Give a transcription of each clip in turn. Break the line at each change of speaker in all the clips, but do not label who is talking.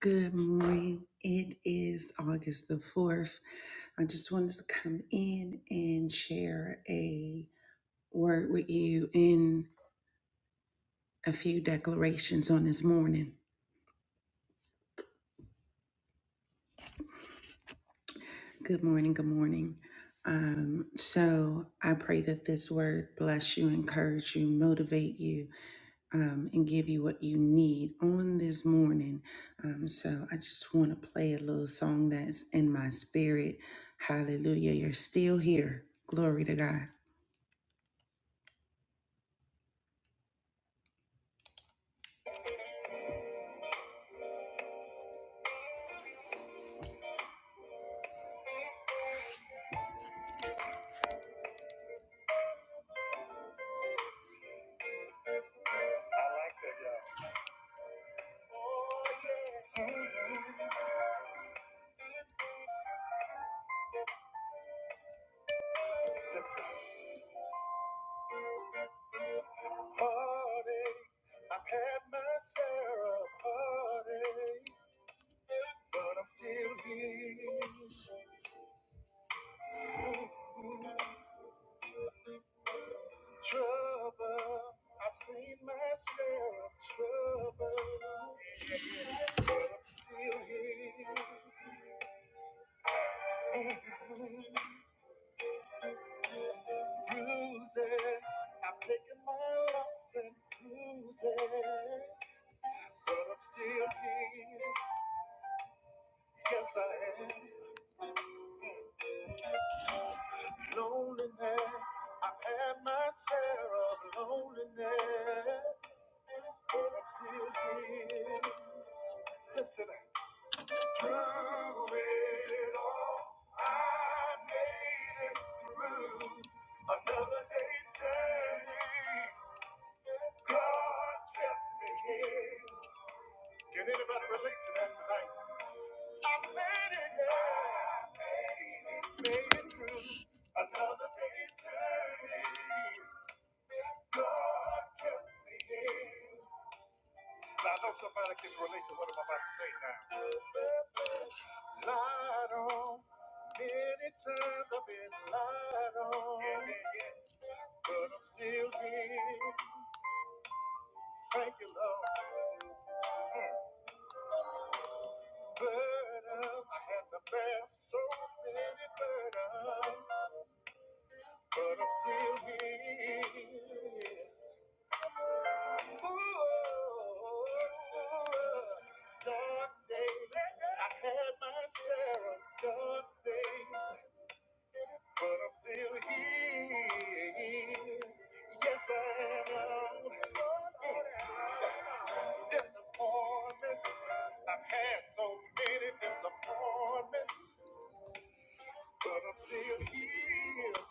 Good morning. It is August the 4th. I just wanted to come in and share a word with you in a few declarations on this morning. Good morning. Good morning. Um, so I pray that this word bless you, encourage you, motivate you, um, and give you what you need on this morning. Um, so I just want to play a little song that's in my spirit. Hallelujah. You're still here. Glory to God.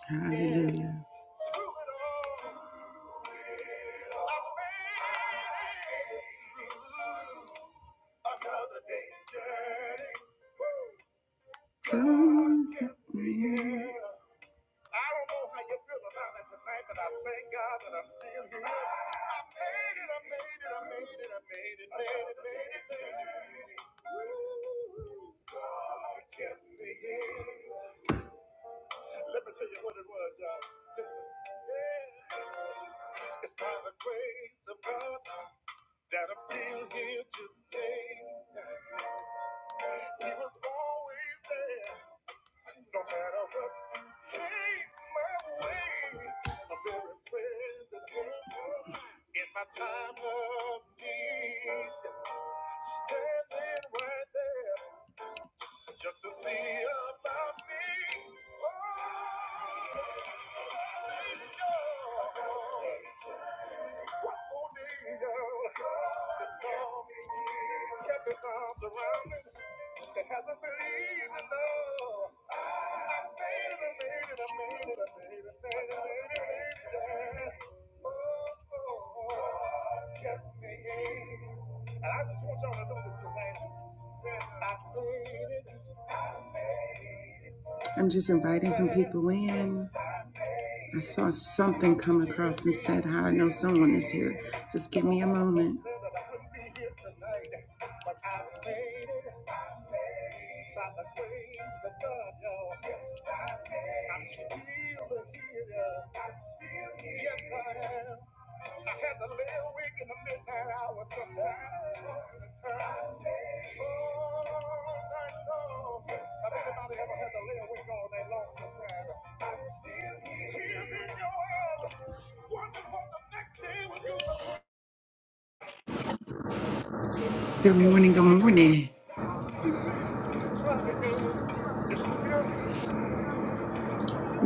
Hallelujah. Glory. I'm just inviting some people in. I saw something come across and said, How I know someone is here. Just give me a moment. Good morning. Good morning.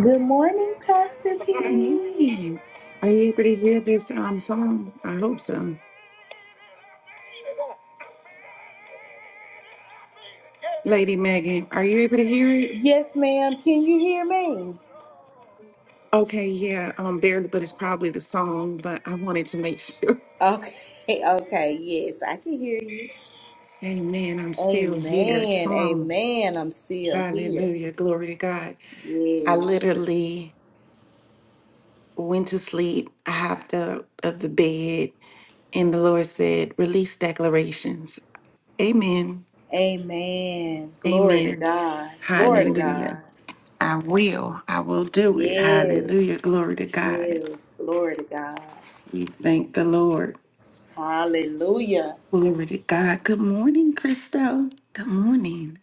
Good morning, Pastor
Good
P.
morning. Are you able to hear this um song? I hope so. Lady Megan, are you able to hear it?
Yes, ma'am. Can you hear me?
Okay, yeah, um barely, but it's probably the song, but I wanted to make sure.
Okay, okay, yes, I can hear you.
Amen. I'm still here.
Amen,
Come on.
amen. I'm still here.
Hallelujah. Glory to God. I
Yes,
literally went to sleep. I hopped up of the bed and the Lord said, release declarations. Amen.
amen. Glory to
Amen.
God. Glory to God.
Hallelujah. I will. I will do it.
Yes,
Hallelujah. Glory to God.
yes. Glory to God.
We thank the Lord.
Hallelujah.
Glory to God. Good morning, Christo. Good morning.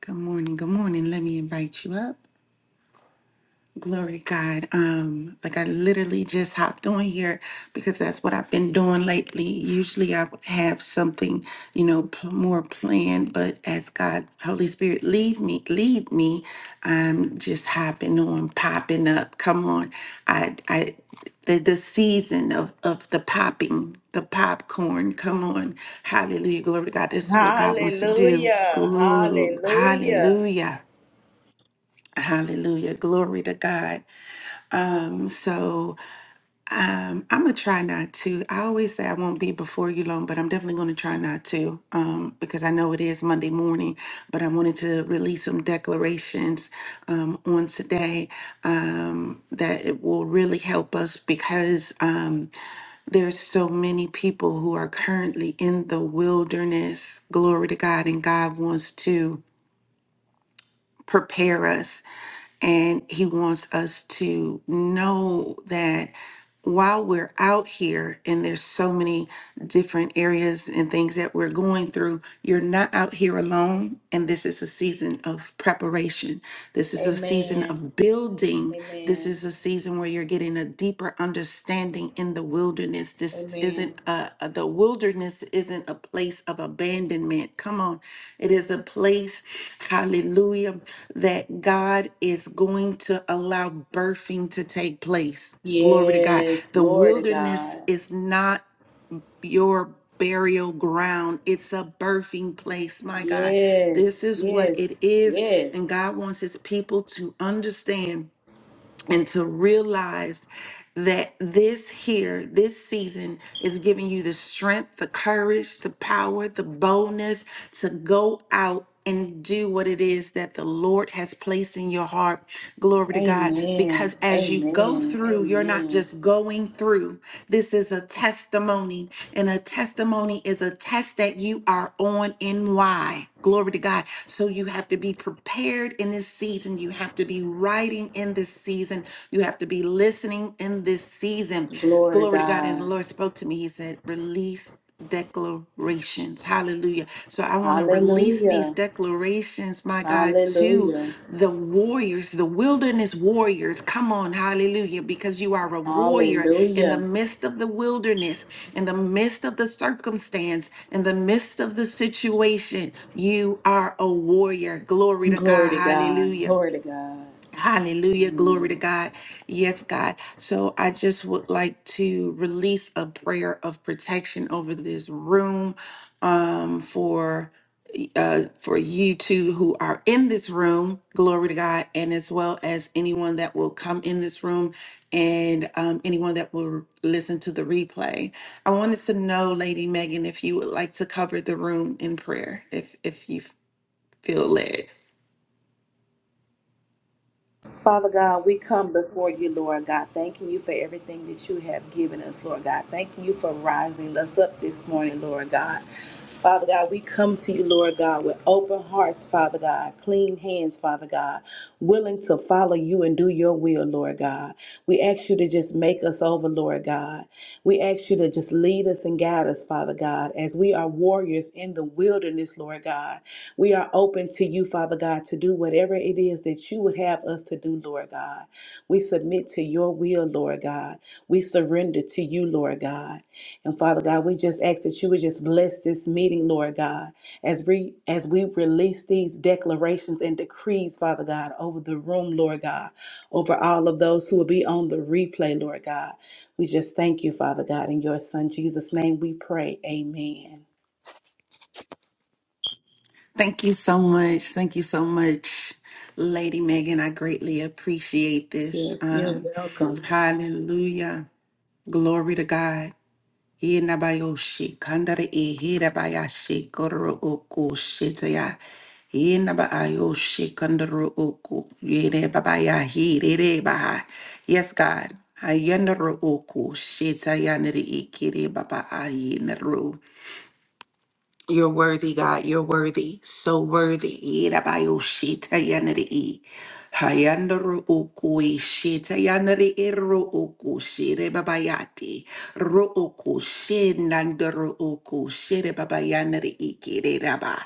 Good morning. Good morning. Let me invite you up. Glory to God. Um, like I literally just hopped on here because that's what I've been doing lately. Usually I would have something, you know, pl- more planned, but as God, Holy Spirit, lead me, lead me. I'm just hopping on, popping up. Come on, I, I, the the season of of the popping, the popcorn. Come on, Hallelujah, glory to God. This is what God wants to do.
Hallelujah.
Glory,
Hallelujah.
Hallelujah. Hallelujah. Glory to God. Um, so um, I'm gonna try not to. I always say I won't be before you long, but I'm definitely gonna try not to um, because I know it is Monday morning. But I wanted to release some declarations um, on today um, that it will really help us because um, there's so many people who are currently in the wilderness. Glory to God, and God wants to prepare us and he wants us to know that while we're out here and there's so many different areas and things that we're going through, you're not out here alone. And this is a season of preparation. This is a season
Amen.
of building. This
Amen.
is a season where you're getting a deeper understanding in the wilderness. This
Amen.
isn't a, a- the wilderness isn't a place of abandonment. Come on. It is a place, hallelujah that God is going to allow birthing to take place. Glory to God.
Yes,
The
glory to
wilderness
God.
is not your burial ground, it's a birthing place, my God. This
Yes,
is what it
yes,
is. And
yes.
God wants his people to understand and to realize that this here, this season is giving you the strength, the courage, the power, the boldness to go out and do what it is that the Lord has placed in your heart. Glory to God.
Amen.
Because as you go
Amen.
through, you're not
Amen.
just going through. This is a testimony, and a testimony is a test that you are on and why. Glory to God. So you have to be prepared in this season. You have to be writing in this season. You have to be listening in this season.
Glory to
Glory to God. And the
God.
Lord spoke to me. He said, release declarations. Hallelujah. So I want to release these
Hallelujah.
declarations, my God, to
Hallelujah.
the warriors, the wilderness warriors. Come on, hallelujah, because you are a warrior in the
Hallelujah.
midst of the wilderness, in the midst of the circumstance, in the midst of the situation. You are a warrior. Glory to
Glory
God.
to God.
Hallelujah.
Glory to God.
Hallelujah. Glory to
Amen.
God. Yes, God. So I just would like to release a prayer of protection over this room um, for uh for you two who are in this room glory to god and as well as anyone that will come in this room and um anyone that will listen to the replay i wanted to know lady megan if you would like to cover the room in prayer if if you feel led
Father God, we come before you, Lord God, thanking you for everything that you have given us, Lord God. Thanking you for rising us up this morning, Lord God. Father God, we come to you, Lord God, with open hearts, Father God, clean hands, Father God, willing to follow you and do your will, Lord God. We ask you to just make us over, Lord God. We ask you to just lead us and guide us, Father God, as we are warriors in the wilderness, Lord God. We are open to you, Father God, to do whatever it is that you would have us to do, Lord God. We submit to your will, Lord God. We surrender to you, Lord God. And Father God, we just ask that you would just bless this meeting, Lord God, as we as we release these declarations and decrees, Father God, over the room, Lord God, over all of those who will be on the replay, Lord God. We just thank you, Father God, in your son Jesus' name we pray. Amen.
Thank you so much. Thank you so much, Lady Megan. I greatly appreciate this.
Yes, you're
Um,
welcome.
hallelujah. Glory to God. Yenabayoshi, kandare ihirabayashi, kororo oko, shetaya. Yenabaayoshi, kandoro oko, yerebabayahi, rerebaha. Yes, God. Ayanaro oko, shetaya, nere ikire, babaayi, nero. You're worthy, God. You're worthy. So worthy. Irabayoshita yanari. Hayandaru okui shita yanari iru oku shire babayati. Ru oku shinandaru oku shire babayanari ikire raba.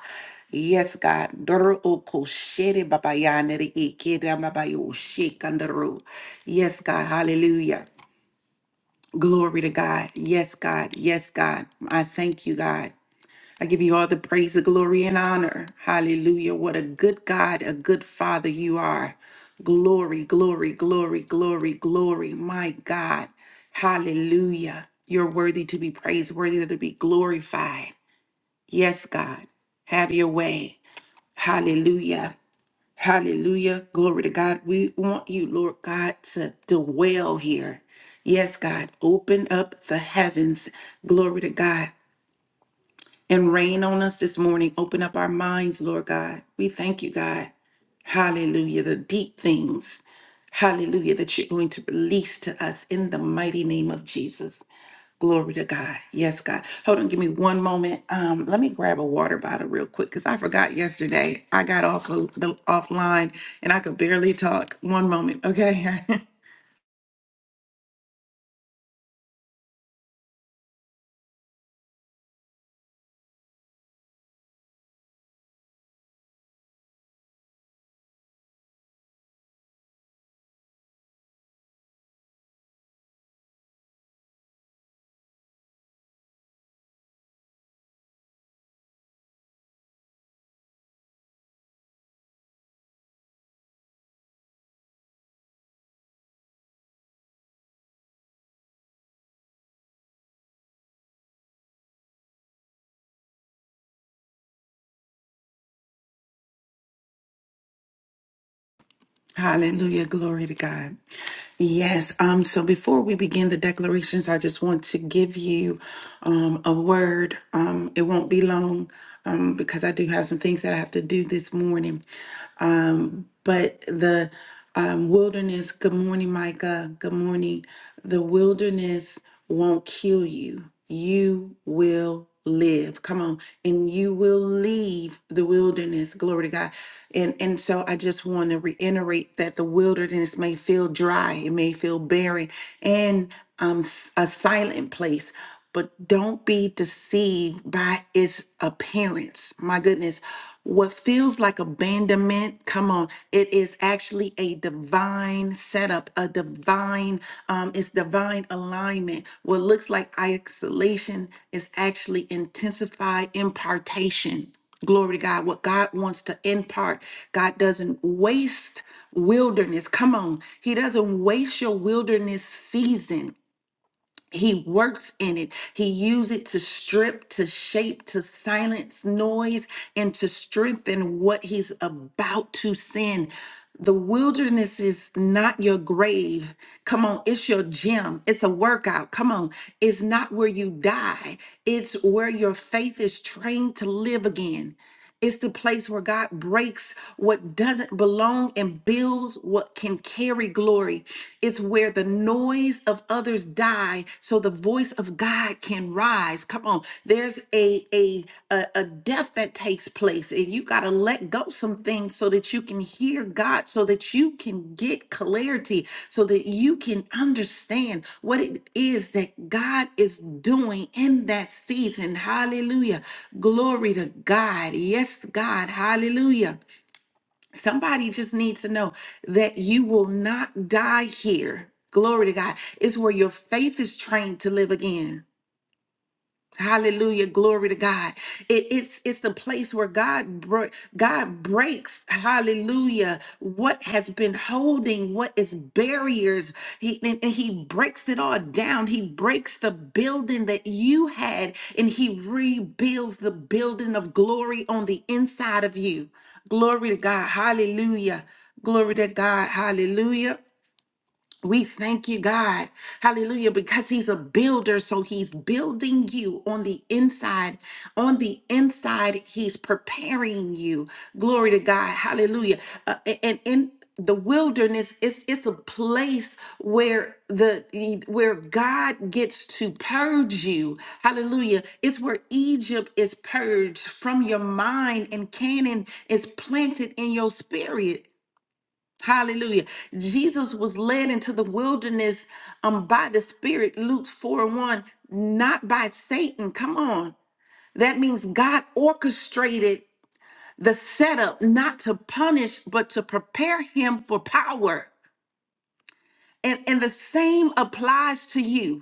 Yes, God. Duru oku shire babayanari ikire babayo shikandaru. Yes, God. Hallelujah. Glory to God. Yes, God. Yes, God. I thank you, God. I give you all the praise, the glory, and honor. Hallelujah. What a good God, a good Father you are. Glory, glory, glory, glory, glory. My God. Hallelujah. You're worthy to be praised, worthy to be glorified. Yes, God. Have your way. Hallelujah. Hallelujah. Glory to God. We want you, Lord God, to dwell here. Yes, God. Open up the heavens. Glory to God and rain on us this morning. Open up our minds, Lord God. We thank you, God. Hallelujah. The deep things, hallelujah, that you're going to release to us in the mighty name of Jesus. Glory to God. Yes, God. Hold on, give me one moment. Um, let me grab a water bottle real quick because I forgot yesterday. I got off uh, the offline and I could barely talk. One moment, okay? Hallelujah. Glory to God. Yes. Um, so before we begin the declarations, I just want to give you um, a word. Um, it won't be long um, because I do have some things that I have to do this morning. Um, but the um, wilderness, good morning, Micah. Good morning. The wilderness won't kill you, you will live. Come on. And you will leave the wilderness. Glory to God. And and so I just want to reiterate that the wilderness may feel dry, it may feel barren and um s- a silent place, but don't be deceived by its appearance. My goodness, what feels like abandonment, come on, it is actually a divine setup, a divine, um, it's divine alignment. What looks like isolation is actually intensified impartation. Glory to God. What God wants to impart, God doesn't waste wilderness. Come on. He doesn't waste your wilderness season. He works in it. He uses it to strip, to shape, to silence noise, and to strengthen what he's about to send. The wilderness is not your grave. Come on, it's your gym. It's a workout. Come on, it's not where you die, it's where your faith is trained to live again. It's the place where God breaks what doesn't belong and builds what can carry glory. It's where the noise of others die so the voice of God can rise. Come on. There's a a a, a death that takes place and you got let go some things so that you can hear God, so that you can get clarity, so that you can understand what it is that God is doing in that season. Hallelujah. Glory to God. Yes, God. Hallelujah. Somebody just needs to know that you will not die here. Glory to God. It's where your faith is trained to live again. Hallelujah. Glory to God. It- it's it's a place where God bro- God breaks, hallelujah, what has been holding, what is barriers. He and, and he breaks it all down. He breaks the building that you had and he rebuilds the building of glory on the inside of you. Glory to God. Hallelujah. Glory to God. Hallelujah. We thank you, God. Hallelujah. Because he's a builder. So he's building you on the inside. On the inside, he's preparing you. Glory to God. Hallelujah. Uh, a- and in the wilderness, it's it's a place where the e, where God gets to purge you. Hallelujah. It's where Egypt is purged from your mind and Canaan is planted in your spirit. Hallelujah. Jesus was led into the wilderness um, by the Spirit, Luke 4 and 1, not by Satan. Come on. That means God orchestrated the setup not to punish, but to prepare him for power. And, and the same applies to you.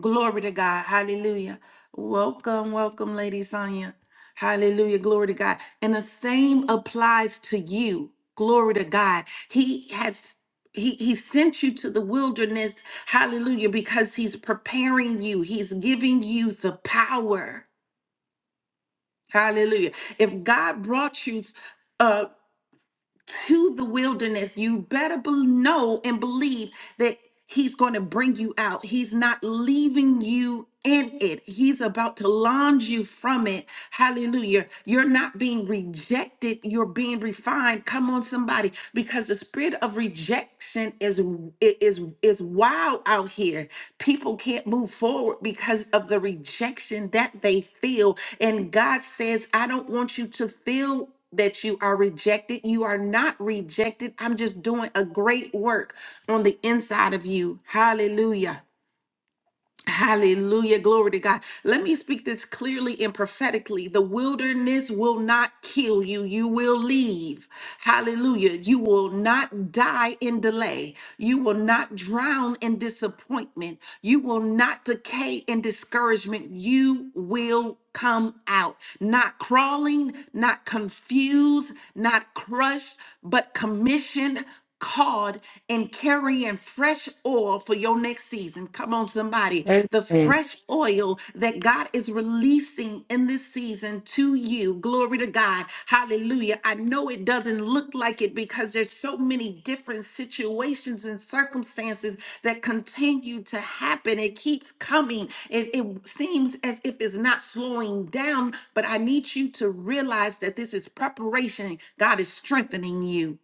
Glory to God. Hallelujah. Welcome, welcome, Lady Sonia. Hallelujah. Glory to God. And the same applies to you. Glory to God. He has he, he sent you to the wilderness, hallelujah, because he's preparing you. He's giving you the power. Hallelujah. If God brought you uh to the wilderness, you better be- know and believe that He's going to bring you out. He's not leaving you in it. He's about to launch you from it. Hallelujah. You're not being rejected, you're being refined. Come on somebody because the spirit of rejection is is is wild out here. People can't move forward because of the rejection that they feel and God says, "I don't want you to feel that you are rejected. You are not rejected. I'm just doing a great work on the inside of you. Hallelujah. Hallelujah. Glory to God. Let me speak this clearly and prophetically. The wilderness will not kill you. You will leave. Hallelujah. You will not die in delay. You will not drown in disappointment. You will not decay in discouragement. You will come out, not crawling, not confused, not crushed, but commissioned called and carrying fresh oil for your next season. Come on, somebody. The
Amen.
fresh oil that God is releasing in this season to you. Glory to God. Hallelujah. I know it doesn't look like it because there's so many different situations and circumstances that continue to happen. It keeps coming. It, it seems as if it's not slowing down, but I need you to realize that this is preparation. God is strengthening you.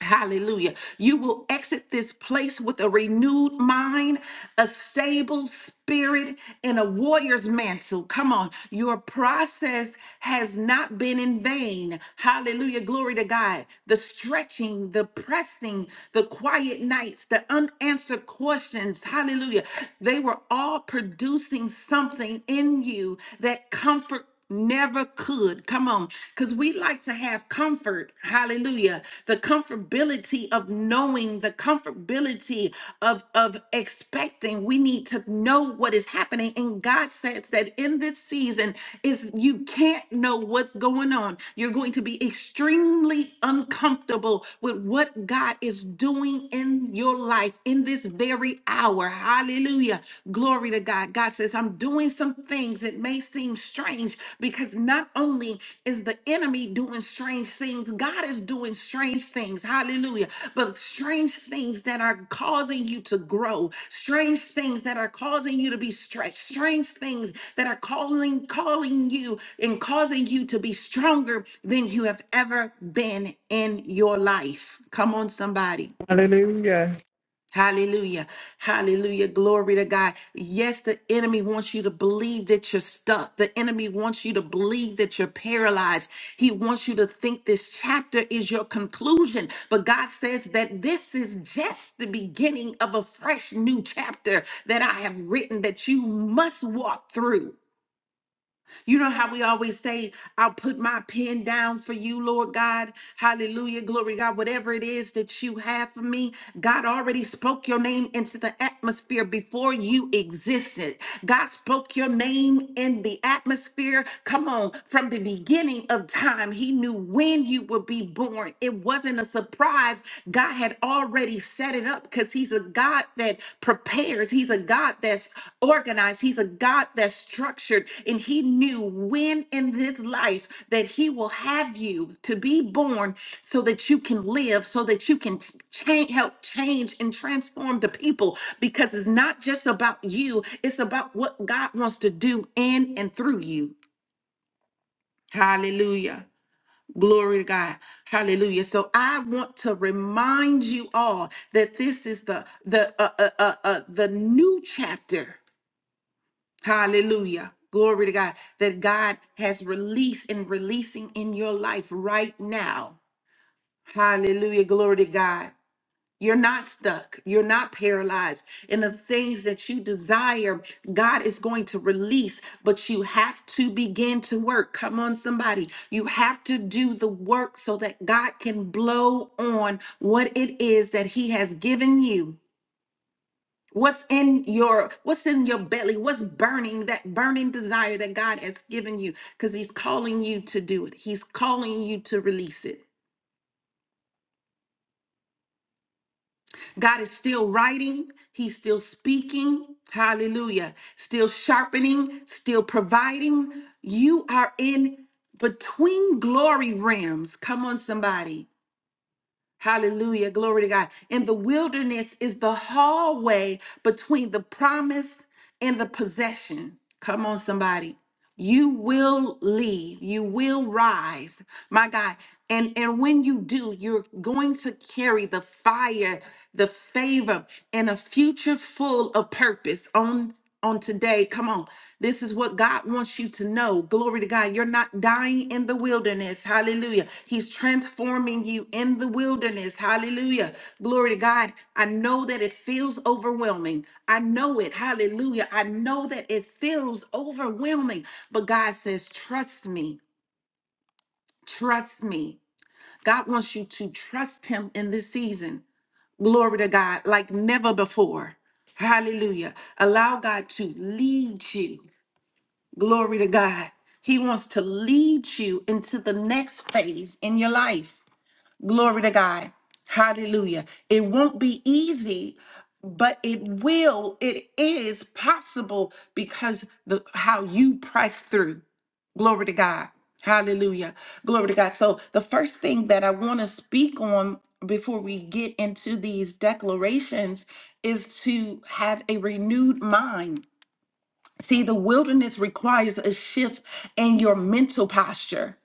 Hallelujah. You will exit this place with a renewed mind, a stable spirit, and a warrior's mantle. Come on. Your process has not been in vain. Hallelujah. Glory to God. The stretching, the pressing, the quiet nights, the unanswered questions. Hallelujah. They were all producing something in you that comfort never could. Come on, because we like to have comfort. Hallelujah. The comfortability of knowing, the comfortability of, of expecting. We need to know what is happening. And God says that in this season is you can't know what's going on. You're going to be extremely uncomfortable with what God is doing in your life in this very hour. Hallelujah. Glory to God. God says, I'm doing some things that may seem strange because not only is the enemy doing strange things, God is doing strange things. Hallelujah. But strange things that are causing you to grow, strange things that are causing you to be stretched, strange things that are calling, calling you and causing you to be stronger than you have ever been in your life. Come on, somebody.
Hallelujah.
Hallelujah. Hallelujah. Glory to God. Yes, the enemy wants you to believe that you're stuck. The enemy wants you to believe that you're paralyzed. He wants you to think this chapter is your conclusion. But God says that this is just the beginning of a fresh new chapter that I have written that you must walk through. You know how we always say, I'll put my pen down for you, Lord God. Hallelujah. Glory to God. Whatever it is that you have for me, God already spoke your name into the atmosphere before you existed. God spoke your name in the atmosphere. Come on. From the beginning of time, He knew when you would be born. It wasn't a surprise. God had already he set it up because he's a God that prepares. He's a God that's organized. He's a God that's structured. And he knew when in this life that he will have you to be born so that you can live, so that you can ch- change, help change and transform the people. Because it's not just about you, it's about what God wants to do in and through you. Hallelujah. Glory to God. Hallelujah. So I want to remind you all that this is the the uh, uh, uh, uh, the new chapter. Hallelujah. Glory to God that God has released and releasing in your life right now. Hallelujah. Glory to God. You're not stuck. You're not paralyzed. And the things that you desire, God is going to release, but you have to begin to work. Come on, somebody. You have to do the work so that God can blow on what it is that He has given you. What's in your what's in your belly? What's burning that burning desire that God has given you? Because He's calling you to do it. He's calling you to release it. God is still writing, He's still speaking. Hallelujah. Still sharpening, still providing. You are in between glory realms. Come on, somebody. Hallelujah. Glory to God. And the wilderness is the hallway between the promise and the possession. Come on, somebody. You will leave, you will rise, my God. And, and when you do, you're going to carry the fire, the favor, and a future full of purpose on on today. Come on. This is what God wants you to know. Glory to God. You're not dying in the wilderness. Hallelujah. He's transforming you in the wilderness. Hallelujah. Glory to God. I know that it feels overwhelming. I know it. Hallelujah. I know that it feels overwhelming. But God says, trust me. Trust me. God wants you to trust Him in this season. Glory to God, like never before. Hallelujah. Allow God to lead you. Glory to God. He wants to lead you into the next phase in your life. Glory to God. Hallelujah. It won't be easy, but it will, it is possible because the how you press through. Glory to God. Hallelujah. Glory to God. So, the first thing that I want to speak on before we get into these declarations is to have a renewed mind See, the wilderness requires a shift in your mental posture.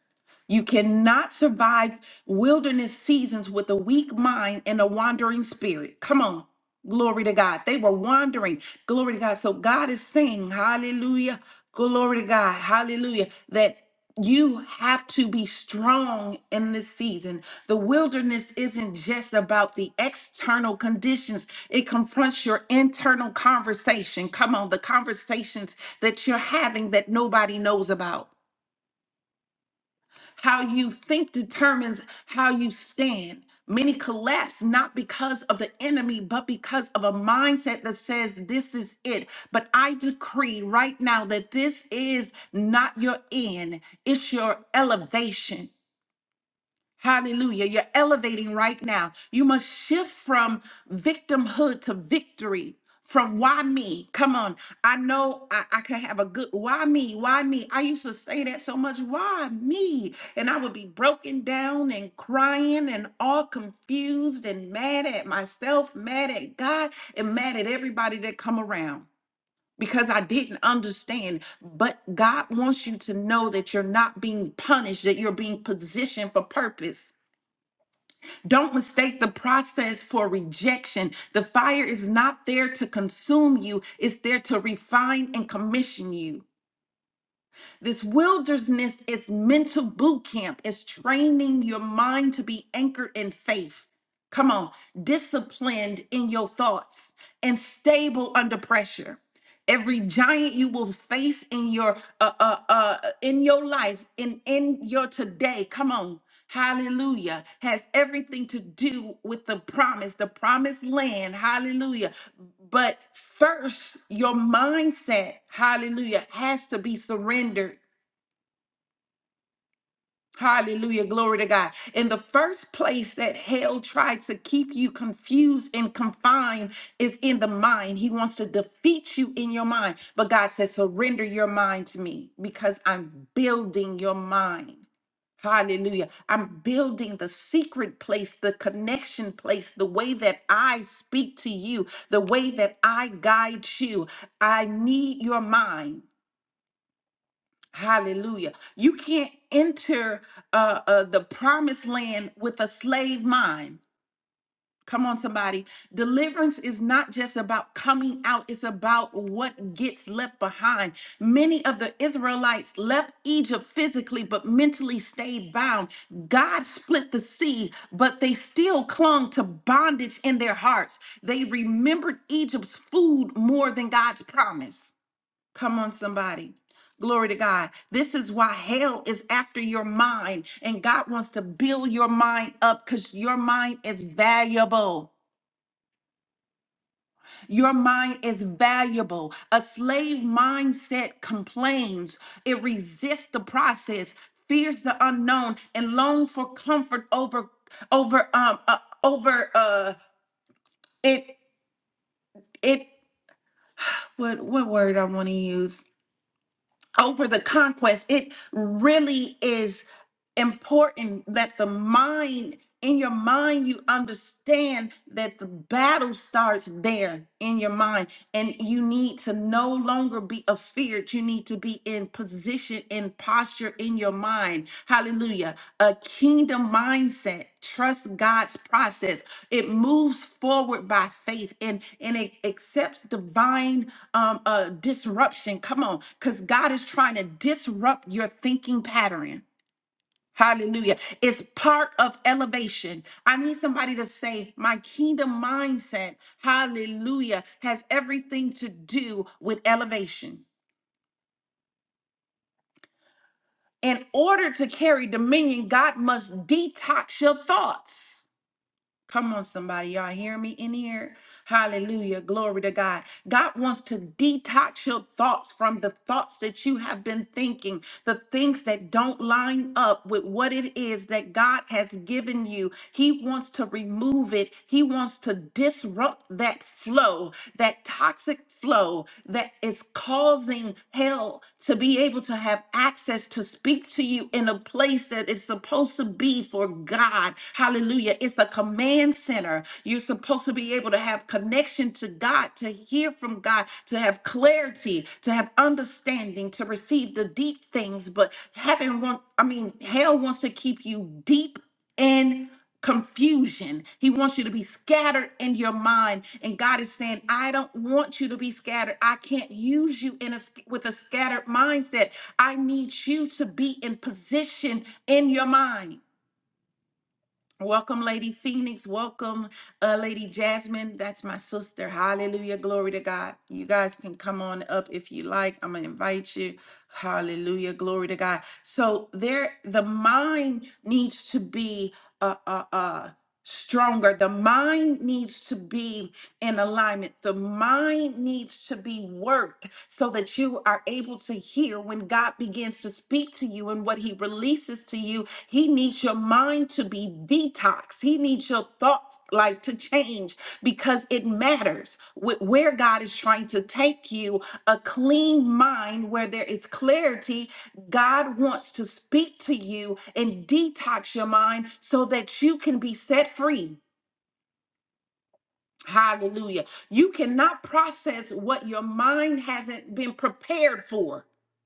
You cannot survive wilderness seasons with a weak mind and a wandering spirit. Come on. Glory to God. They were wandering. Glory to God. So God is saying, Hallelujah. Glory to God. Hallelujah. That you have to be strong in this season. The wilderness isn't just about the external conditions, it confronts your internal conversation. Come on, the conversations that you're having that nobody knows about. How you think determines how you stand. Many collapse not because of the enemy, but because of a mindset that says, This is it. But I decree right now that this is not your end, it's your elevation. Hallelujah. You're elevating right now. You must shift from victimhood to victory. From why me? Come on. I know I, I can have a good why me? Why me? I used to say that so much. Why me? And I would be broken down and crying and all confused and mad at myself, mad at God, and mad at everybody that come around because I didn't understand. But God wants you to know that you're not being punished, that you're being positioned for purpose. Don't mistake the process for rejection. The fire is not there to consume you, it's there to refine and commission you. This wilderness is mental boot camp, it's training your mind to be anchored in faith come on, disciplined in your thoughts and stable under pressure. Every giant you will face in your uh, uh, uh, in your life in in your today, come on, hallelujah, has everything to do with the promise, the promised land, hallelujah. But first, your mindset, hallelujah, has to be surrendered Hallelujah. Glory to God. In the first place that hell tried to keep you confused and confined is in the mind. He wants to defeat you in your mind. But God says, surrender your mind to me because I'm building your mind. Hallelujah. I'm building the secret place, the connection place, the way that I speak to you, the way that I guide you. I need your mind. Hallelujah. You can't enter uh, uh, the promised land with a slave mind. Come on, somebody. Deliverance is not just about coming out, it's about what gets left behind. Many of the Israelites left Egypt physically, but mentally stayed bound. God split the sea, but they still clung to bondage in their hearts. They remembered Egypt's food more than God's promise. Come on, somebody. Glory to God. This is why hell is after your mind, and God wants to build your mind up because your mind is valuable. Your mind is valuable. A slave mindset complains, it resists the process, fears the unknown, and longs for comfort over over um uh, over uh it it what what word I want to use over the conquest. It really is. important that the mind in your mind you understand that the battle starts there in your mind and you need to no longer be afeared you need to be in position in posture in your mind hallelujah a kingdom mindset trust god's process it moves forward by faith and and it accepts divine um uh disruption come on because god is trying to disrupt your thinking pattern Hallelujah. It's part of elevation. I need somebody to say, My kingdom mindset, hallelujah, has everything to do with elevation. In order to carry dominion, God must detox your thoughts. Come on, somebody. Y'all hear me in here? Hallelujah. Glory to God. God wants to detox your thoughts from the thoughts that you have been thinking, the things that don't line up with what it is that God has given you. He wants to remove it, He wants to disrupt that flow, that toxic flow that is causing causing hell to be able to have access to speak to you in a place that it's supposed to be for God. Hallelujah. It's a command center. You're supposed to be able to have connection to God, to hear from God, to have clarity, to have understanding, to receive the deep things. But heaven want I mean, hell wants to keep you deep. in confusion. He wants you to be scattered in your mind. And God is saying, I don't want you to be scattered. I can't use you in a sc- with a scattered mindset. I need you to be in position in your mind. Welcome, Lady Phoenix. Welcome, uh, Lady Jasmine. That's my sister. Hallelujah. Glory to God. You guys can come on up if you like. I'm gonna invite you. Hallelujah. Glory to God. So there, the mind needs to be uh uh uh stronger. The mind needs to be in alignment. The mind needs to be worked so that you are able to hear when God begins to speak to you and what he releases to you he needs your mind to be detoxed. He needs your thoughts life to change because it matters wh- where God is trying to take you. A clean mind where there is clarity, God wants to speak to you and detox your mind so that you can be set free Hallelujah. You cannot process what your mind hasn't been prepared for.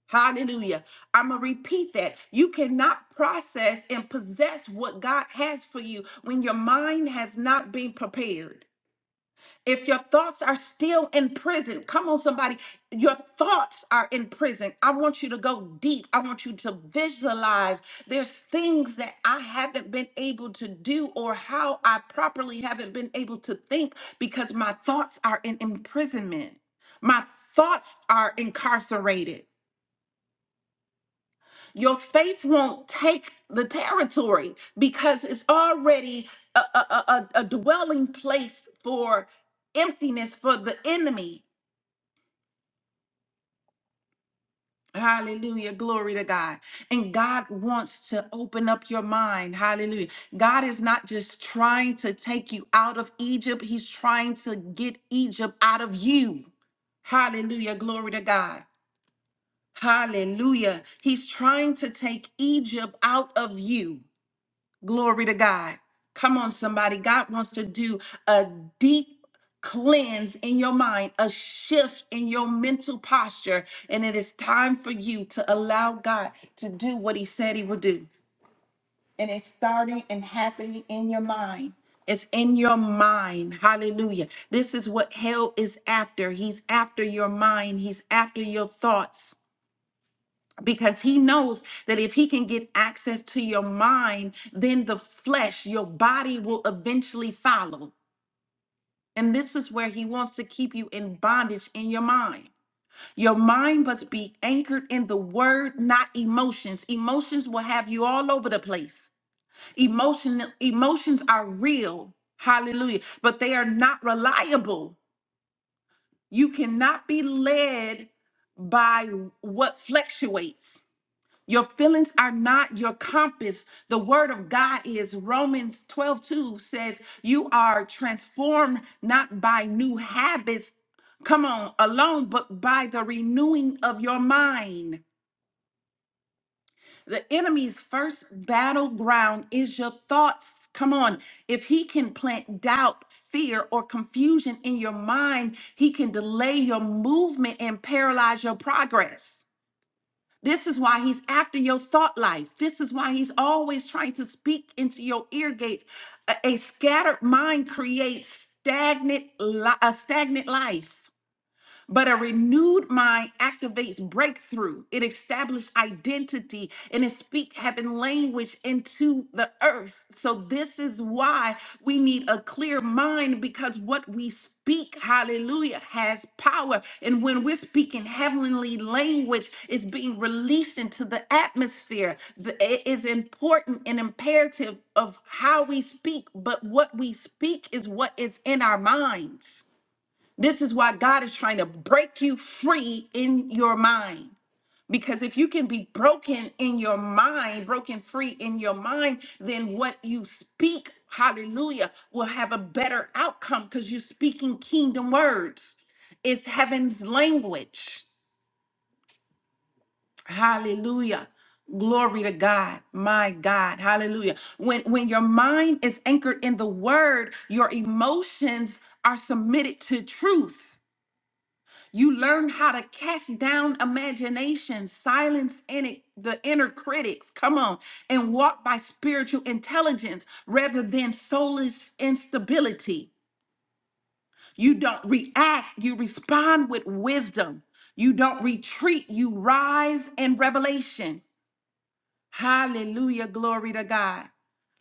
Hallelujah. I'm going to repeat that. You cannot process and possess what God has for you when your mind has not been prepared. If your thoughts are still in prison, come on, somebody, your thoughts are in prison. I want you to go deep. I want you to visualize there's things that I haven't been able to do or how I properly haven't been able to think because my thoughts are in imprisonment. My thoughts are incarcerated. Your faith won't take the territory because it's already a, a, a, a a dwelling place for emptiness for the enemy Hallelujah. Glory to God. And God wants to open up your mind. Hallelujah. God is not just trying to take you out of Egypt, He's trying to get Egypt out of you. Hallelujah. Glory to God. Hallelujah. He's trying to take Egypt out of you. Glory to God. Come on, somebody. God wants to do a deep cleanse in your mind, a shift in your mental posture. And it is time for you to allow God to do what He said He would do. And it's starting and happening in your mind. It's in your mind. Hallelujah. This is what hell is after. He's after your mind, He's after your thoughts because he knows that if he can get access to your mind, then the flesh, your body will eventually follow. And this is where he wants to keep you in bondage in your mind. Your mind must be anchored in the word, not emotions. Emotions will have you all over the place. Emotion, emotions are real, hallelujah, but they are not reliable. You cannot be led by what fluctuates. Your feelings are not your compass. The word of God is Romans 12:2 says, You are transformed not by new habits, come on, alone, but by the renewing of your mind. The enemy's first battleground is your thoughts. Come on. If he can plant doubt, fear, or confusion in your mind, he can delay your movement and paralyze your progress. This is why he's after your thought life. This is why he's always trying to speak into your ear gates. A, a scattered mind creates stagnant li- a stagnant life. But a renewed mind activates breakthrough. It establishes identity and it speak heaven language into the earth. So this is why we need a clear mind because what we speak, hallelujah, has power. And when we're speaking heavenly language, it's being released into the atmosphere. The- It is important and imperative of how we speak, but what we speak is what is in our minds. This is why God is trying to break you free in your mind. Because if you can be broken in your mind, broken free in your mind, then what you speak, hallelujah, will have a better outcome because you're speaking kingdom words. It's heaven's language. Hallelujah. Glory to God. My God. Hallelujah. When when your mind is anchored in the word, your emotions are submitted to truth. You learn how to cast down imagination, silence in it, the inner critics, come on, and walk by spiritual intelligence rather than soulless instability. You don't react, you respond with wisdom. You don't retreat, you rise in revelation. Hallelujah, glory to God.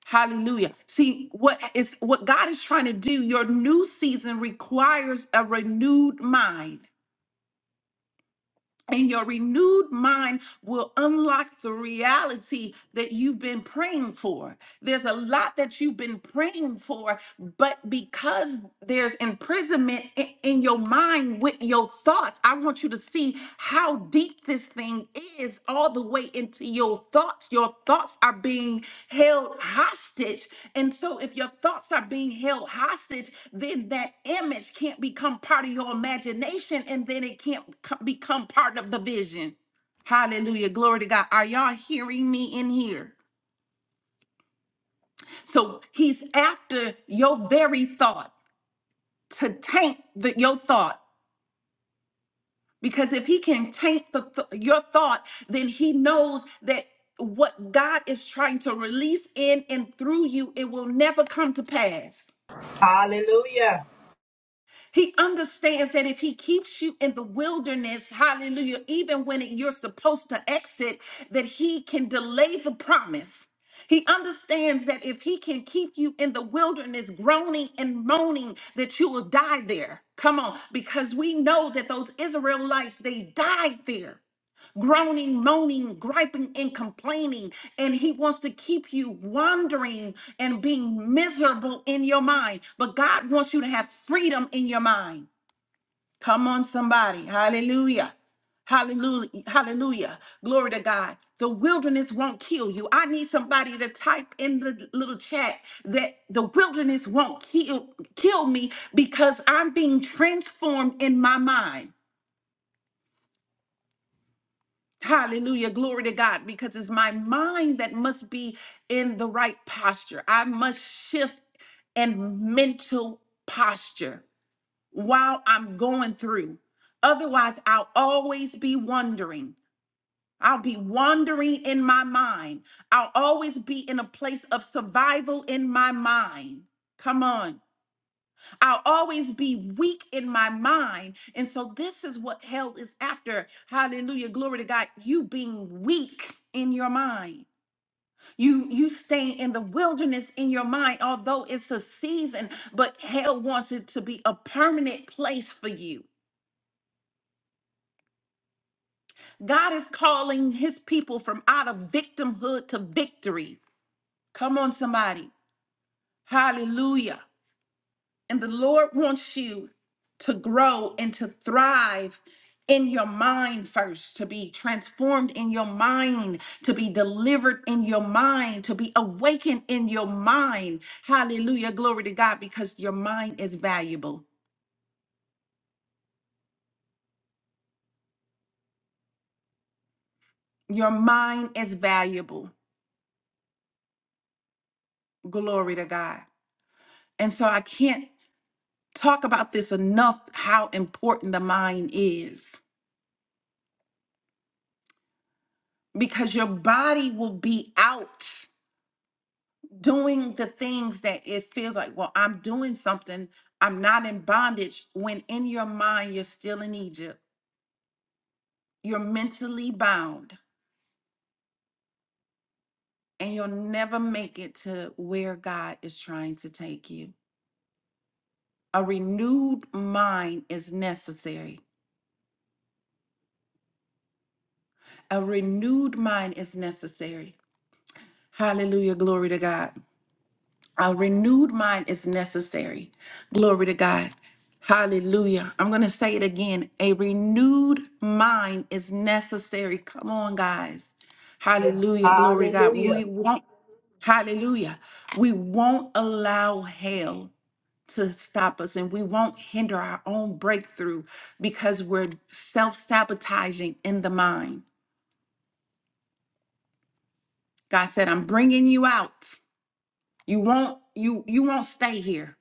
Hallelujah. See what is what God is trying to do. Your new season requires a renewed mind. and your renewed mind will unlock the reality that you've been praying for. There's a lot that you've been praying for, but because there's imprisonment i- in, your mind with your thoughts, I want you to see how deep this thing is all the way into your thoughts. Your thoughts are being held hostage. And so, if your thoughts are being held hostage, then that image can't become part of your imagination and then it can't co- become part of the vision. Hallelujah. Glory to God. Are y'all hearing me in here? So, he's after your very thought to taint the, your thought. Because if he can taint the th- your thought, then he knows that what God is trying to release in and through you, it will never come to pass.
Hallelujah.
He understands that if he keeps you in the wilderness, hallelujah, even when you're supposed to exit, that he can delay the promise. He understands that if he can keep you in the wilderness groaning and moaning, that you will die there. Come on, because we know that those Israelites, they died there groaning, moaning, griping, and complaining. And he wants to keep you wandering and being miserable in your mind. But God wants you to have freedom in your mind. Come on, somebody. Hallelujah. Hallelujah. Hallelujah. Glory to God. The wilderness won't kill you. I need somebody to type in the little chat that the wilderness won't kill kill me because I'm being transformed in my mind. Hallelujah. Glory to God. Because it's my mind that must be in the right posture. I must shift in mental posture while I'm going through. Otherwise, I'll always be wondering. I'll be wandering in my mind. I'll always be in a place of survival in my mind. Come on. I'll always be weak in my mind. And so this is what hell is after. Hallelujah. Glory to God. You being weak in your mind. You you staying in the wilderness in your mind, although it's a season, but hell wants it to be a permanent place for you. God is calling his people from out of victimhood to victory. Come on, somebody. Hallelujah. And the Lord wants you to grow and to thrive in your mind first, to be transformed in your mind, to be delivered in your mind, to be awakened in your mind. Hallelujah. Glory to God, because your mind is valuable. Your mind is valuable. Glory to God. And so I can't talk about this enough how important the mind is because your body will be out. doing the things that it feels like, well, I'm doing something, I'm not in bondage, when in your mind you're still in Egypt, you're mentally bound, and you'll never make it to where God is trying to take you. A renewed mind is necessary. A renewed mind is necessary. Hallelujah. Glory to God. A renewed mind is necessary. Glory to God. Hallelujah. I'm going to say it again. A renewed mind is necessary. Come on, guys. Hallelujah. Glory to God. We
Hallelujah.
won't, hallelujah. We won't allow hell to stop us and we won't hinder our own breakthrough because we're self sabotaging in the mind. God said, I'm bringing you out. You won't, you, you won't stay here.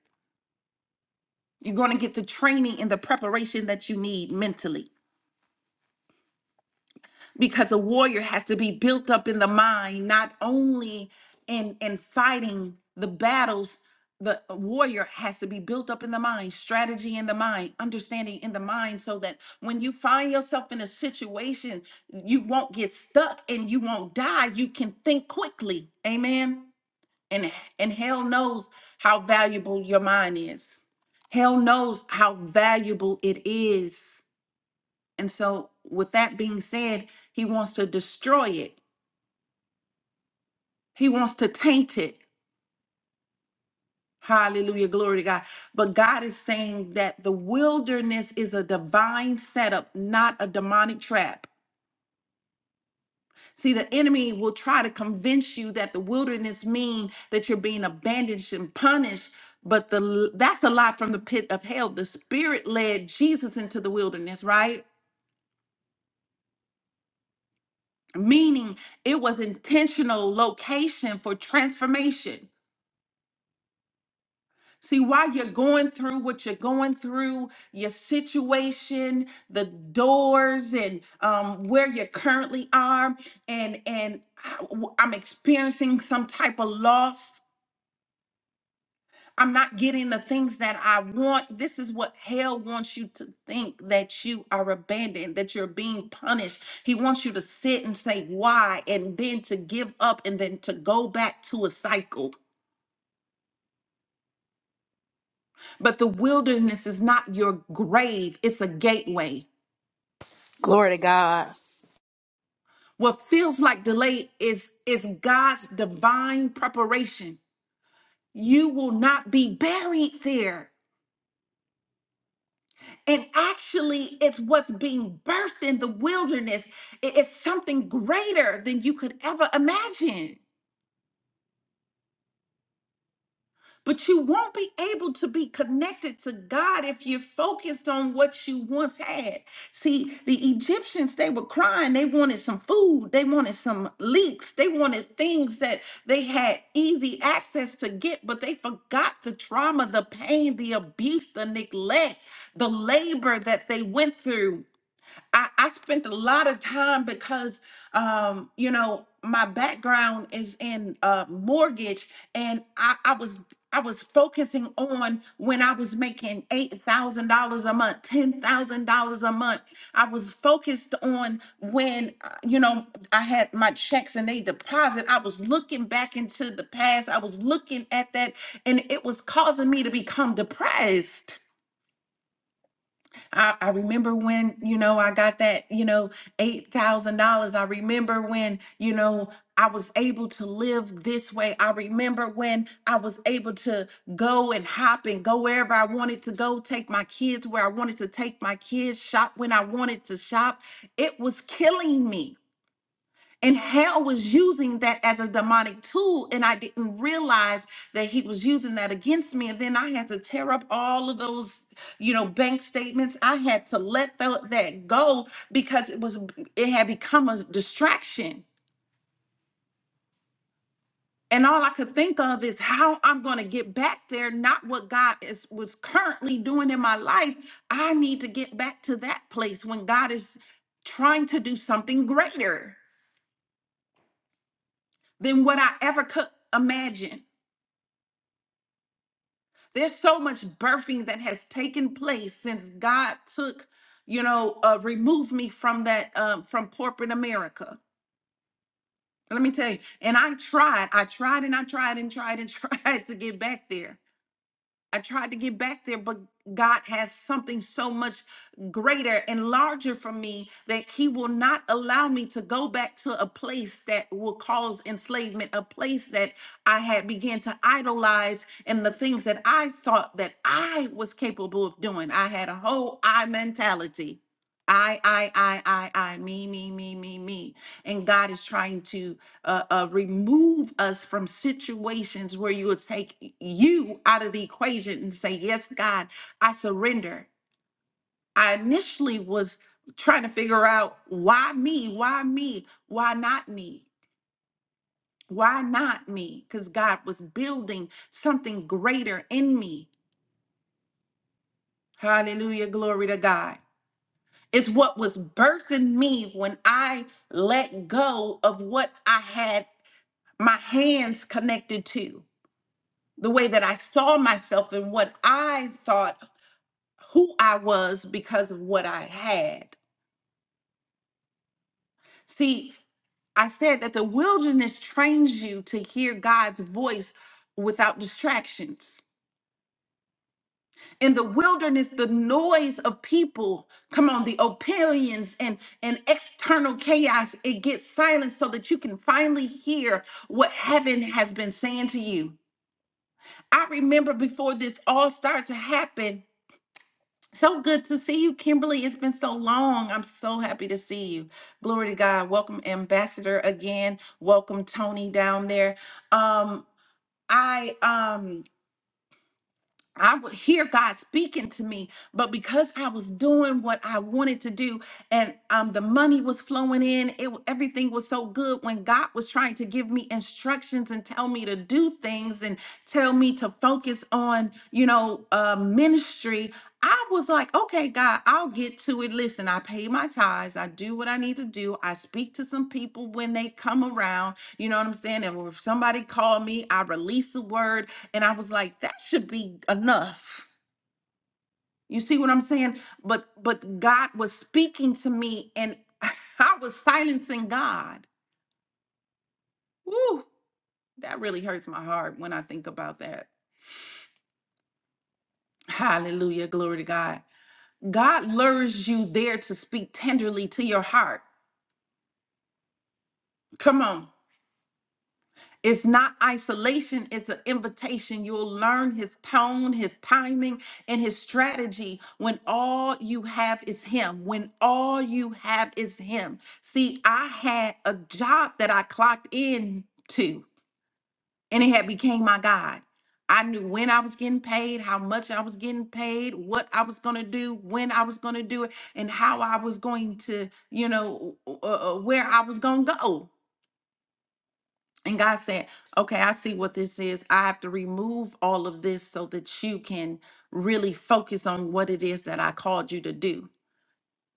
You're going to get the training and the preparation that you need mentally because a warrior has to be built up in the mind, not only in, in fighting the battles. The warrior has to be built up in the mind, strategy in the mind, understanding in the mind, so that when you find yourself in a situation, you won't get stuck and you won't die. You can think quickly. Amen and and hell knows how valuable your mind is hell knows how valuable it is and so with that being said he wants to destroy it he wants to taint it hallelujah glory to god but god is saying that the wilderness is a divine setup not a demonic trap See, the enemy will try to convince you that the wilderness mean that you're being abandoned and punished, but the that's a lie from the pit of hell. The spirit led Jesus into the wilderness, right? Meaning it was intentional location for transformation. See, while you're going through what you're going through, your situation, the doors, and um, where you currently are, and and I- w- I'm experiencing some type of loss I'm not getting the things that I want. This is what hell wants you to think that you are abandoned, that you're being punished. He wants you to sit and say why, and then to give up, and then to go back to a cycle. But the wilderness is not your grave, it's a gateway.
Glory to God.
What feels like delay is, is God's divine preparation. You will not be buried there. And actually, it's what's being birthed in the wilderness. I- It's something greater than you could ever imagine. But you won't be able to be connected to God if you're focused on what you once had. See, the Egyptians, they were crying. They wanted some food. They wanted some leeks. They wanted things that they had easy access to get, but they forgot the trauma, the pain, the abuse, the neglect, the labor that they went through I, I spent a lot of time because, um, you know, my background is in uh, mortgage, and I, I was I was focusing on when I was making eight thousand dollars a month, ten thousand dollars a month. I was focused on when uh, you know I had my checks and they deposit. I was looking back into the past. I was looking at that, and it was causing me to become depressed I, I remember when, you know, I got that, you know, $8,000. I remember when, you know, I was able to live this way. I remember when I was able to go and hop and go wherever I wanted to go, take my kids where I wanted to take my kids, shop when I wanted to shop. It was killing me and Hal was using that as a demonic tool, and I didn't realize that he was using that against me. And then I had to tear up all of those, you know, bank statements. I had to let tho- that go because it was it had become a distraction. And all I could think of is how I'm going to get back there, not what God is was currently doing in my life. I need to get back to that place when God is trying to do something greater than what I ever could imagine. there's so much birthing that has taken place since God took, you know, uh, removed me from that, um, from corporate America. Let me tell you. And I tried, I tried and I tried and tried and tried to get back there. I tried to get back there, but God has something so much greater and larger for me that He will not allow me to go back to a place that will cause enslavement, a place that I had began to idolize and the things that I thought that I was capable of doing. I had a whole I mentality. I, I, I, I, I, me, me, me, me, me. And God is trying to uh, uh, remove us from situations where you will take you out of the equation and say, Yes, God, I surrender. I initially was trying to figure out why me? Why me? Why not me? Why not me? Because God was building something greater in me. Hallelujah. Glory to God. It's what was birthing me when I let go of what I had my hands connected to. the way that I saw myself and what I thought who I was because of what I had. See, I said that the wilderness trains you to hear God's voice without distractions. In the wilderness, the noise of people, come on, the opinions and, and external chaos, it gets silenced so that you can finally hear what heaven has been saying to you. I remember before this all started to happen, So good to see you, Kimberly. It's been so long. I'm so happy to see you. Glory to God. Welcome, Ambassador, again. Welcome, Tony, down there. Um, I um I would hear God speaking to me, but because I was doing what I wanted to do, and um, the money was flowing in, it wa- everything was so good. When God was trying to give me instructions and tell me to do things and tell me to focus on, you know, uh, ministry, I was like, okay, God, I'll get to it. Listen, I pay my tithes, I do what I need to do, I speak to some people when they come around. You know what I'm saying? And if somebody called me, I release the word and i was like that should be enough you see what i'm saying but but god was speaking to me and i was silencing god Woo, that really hurts my heart when i think about that hallelujah glory to god god lures you there to speak tenderly to your heart come on It's not isolation, it's an invitation. You'll learn his tone, his timing, and his strategy when all you have is him. When all you have is him. See, I had a job that I clocked in to, and it had became my God. I knew when I was getting paid, how much I was getting paid, what I was going to do, when I was going to do it, and how I was going to, you know, uh, uh, where I was going to go. And God said, Okay, I see what this is. I have to remove all of this so that you can really focus on what it is that I called you to do.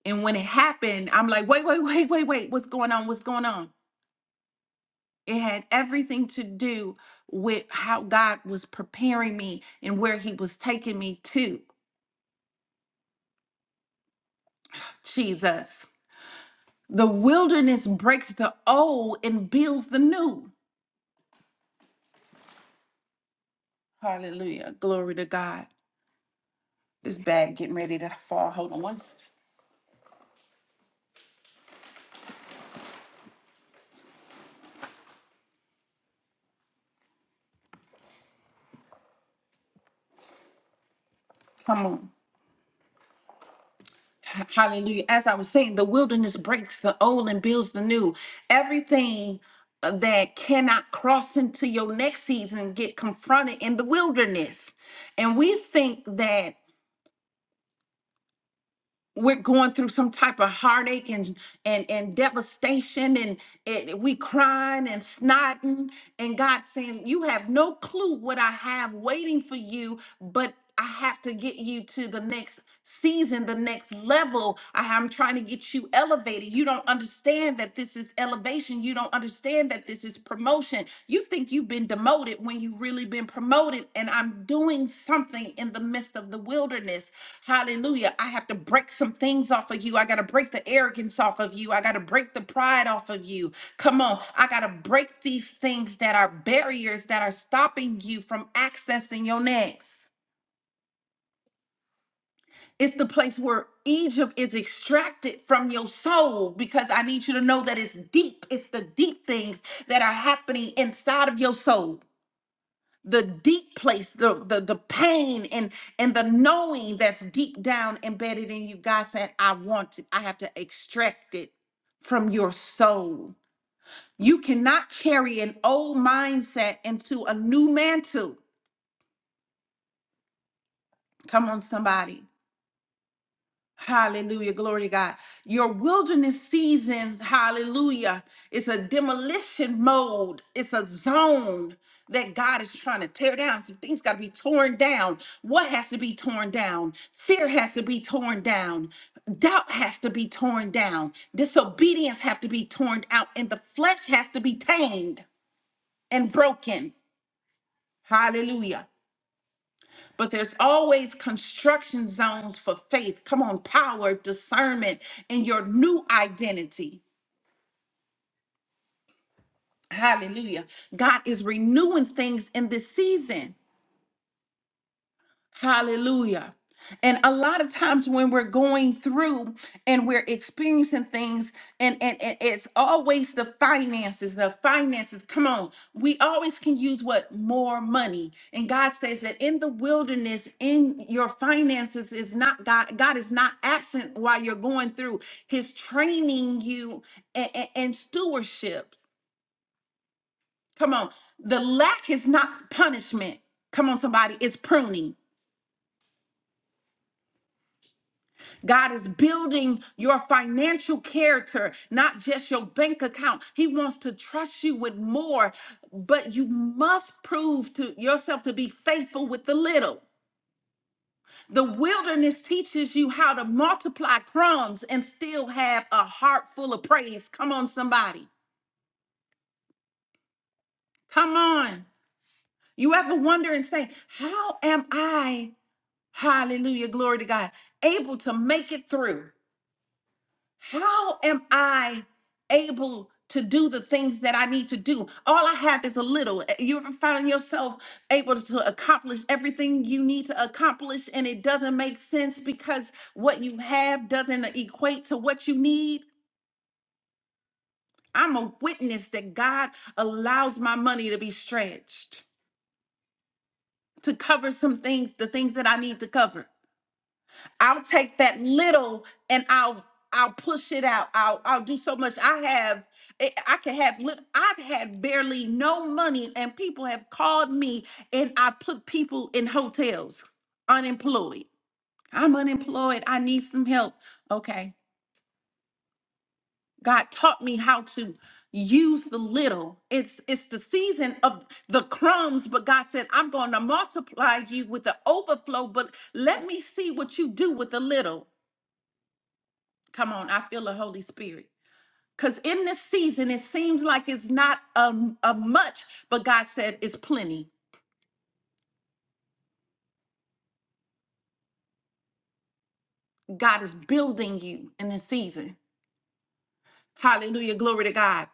And when it happened, I'm like, Wait, wait, wait, wait, wait. What's going on? What's going on? It had everything to do with how God was preparing me and where He was taking me to. Jesus. The wilderness breaks the old and builds the new. Hallelujah. Glory to God. This bag getting ready to fall. Hold on one. s- Come on. H- Hallelujah. As I was saying, the wilderness breaks the old and builds the new. Everything uh, that cannot cross into your next season get confronted in the wilderness. And we think that we're going through some type of heartache and and and devastation and it, we crying and snotting and God saying you have no clue what I have waiting for you but I have to get you to the next season the next level I am trying to get you elevated elevated. You don't understand that this is elevation. You don't understand that this is promotion. You think you've been demoted when you've really been promoted. And I'm doing something in the midst of the wilderness. Hallelujah. I have to break some things off of you. I got to break the arrogance off of you. I got to break the pride off of you. Come on. I got to break these things that are barriers that are stopping you from accessing your next. It's the place where Egypt is extracted from your soul because I need you to know that it's deep. It's the deep things that are happening inside of your soul. The deep place, the the, the pain and and the knowing that's deep down embedded in you. God said, I want it. I have to extract it from your soul. You cannot carry an old mindset into a new mantle. Come on, somebody. Hallelujah. Glory to God. Your wilderness seasons, hallelujah, it's a demolition mode, it's a zone that God is trying to tear down. Some things got to be torn down. What has to be torn down? Fear has to be torn down. Doubt has to be torn down. Disobedience have to be torn out and the flesh has to be tamed and broken. Hallelujah. But there's always construction zones for faith. Come on, power, discernment, and your new identity. Hallelujah. God is renewing things in this season. Hallelujah. And a lot of times when we're going through and we're experiencing things, and, and, and it's always the finances, the finances. Come on. We always can use what? More money. And God says that in the wilderness, in your finances is not God. God is not absent while you're going through. His training you and, and stewardship. Come on. The lack is not punishment. Come on, somebody. It's pruning. God is building your financial character, not just your bank account. He wants to trust you with more, but you must prove to yourself to be faithful with the little. The wilderness teaches you how to multiply crumbs and still have a heart full of praise. Come on, somebody. Come on. You ever wonder and say, How am I, hallelujah, glory to God, able to make it through? How am I able to do the things that I need to do? All I have is a little. Uh, You ever find yourself able to accomplish everything you need to accomplish and it doesn't make sense because what you have doesn't equate to what you need? I'm a witness that God allows my money to be stretched to cover some things, the things that I need to cover. I'll take that little and I'll I'll push it out. I'll I'll do so much. I have I I can have lit- I've had barely no money and people have called me and I put people in hotels unemployed. I'm unemployed. I need some help. Okay. God taught me how to use the little. It's it's the season of the crumbs, but God said, "I'm going to multiply you with the overflow, but let me see what you do with the little." Come on, I feel the Holy Spirit. Because in this season, it seems like it's not um, a much, but God said it's plenty. God is building you in this season. Hallelujah. Glory to God.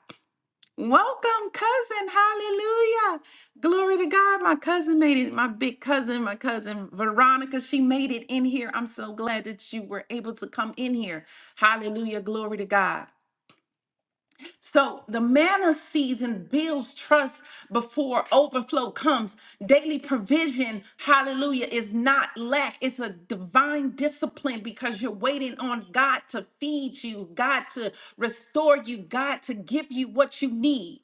Welcome, cousin. Hallelujah. Glory to God. My cousin made it. My big cousin, my cousin Veronica, she made it in here. I'm so glad that you were able to come in here. Hallelujah. Glory to God. So the manna season builds trust before overflow comes. Daily provision, hallelujah, is not lack. It's a divine discipline because you're waiting on God to feed you, God to restore you, God to give you what you need.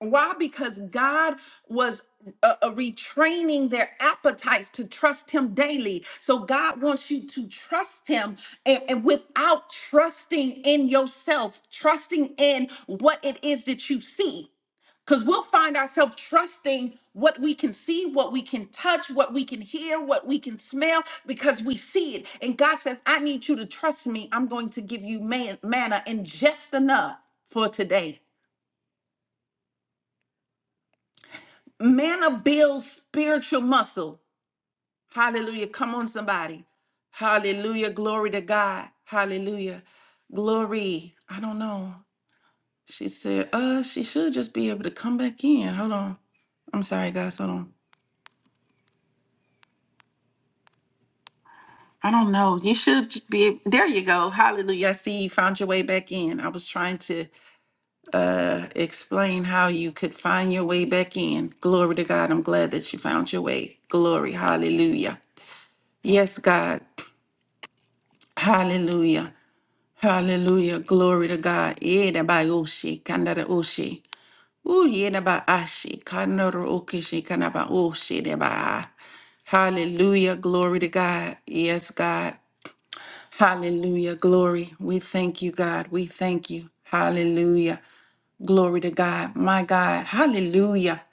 Why? Because God was uh, uh, retraining their appetites to trust Him daily. So God wants you to trust Him and, and without trusting in yourself, trusting in what it is that you see. Because we'll find ourselves trusting what we can see, what we can touch, what we can hear, what we can smell, because we see it. And God says, I need you to trust me. I'm going to give you man- manna and just enough for today. Manna builds spiritual muscle. Hallelujah. Come on, somebody. Hallelujah. Glory to God. Hallelujah. Glory. I don't know. She said, uh, she should just be able to come back in. Hold on. I'm sorry, guys. Hold on. I don't know. You should just be ab- there you go. Hallelujah. I see you found your way back in. I was trying to uh explain how you could find your way back in. Glory to God. I'm glad that you found your way. Glory. Hallelujah. Yes, God. Hallelujah. Hallelujah. Glory to God. Yeda ba yoshi, kandara oshi. Ooh, yeda ba ashi, kandara okishi, kanaba oshi, de ba. ah. Hallelujah. Glory to God. Yes, God. Hallelujah. Glory. We thank you, God. We thank you. Hallelujah. Glory to God. My God. Hallelujah.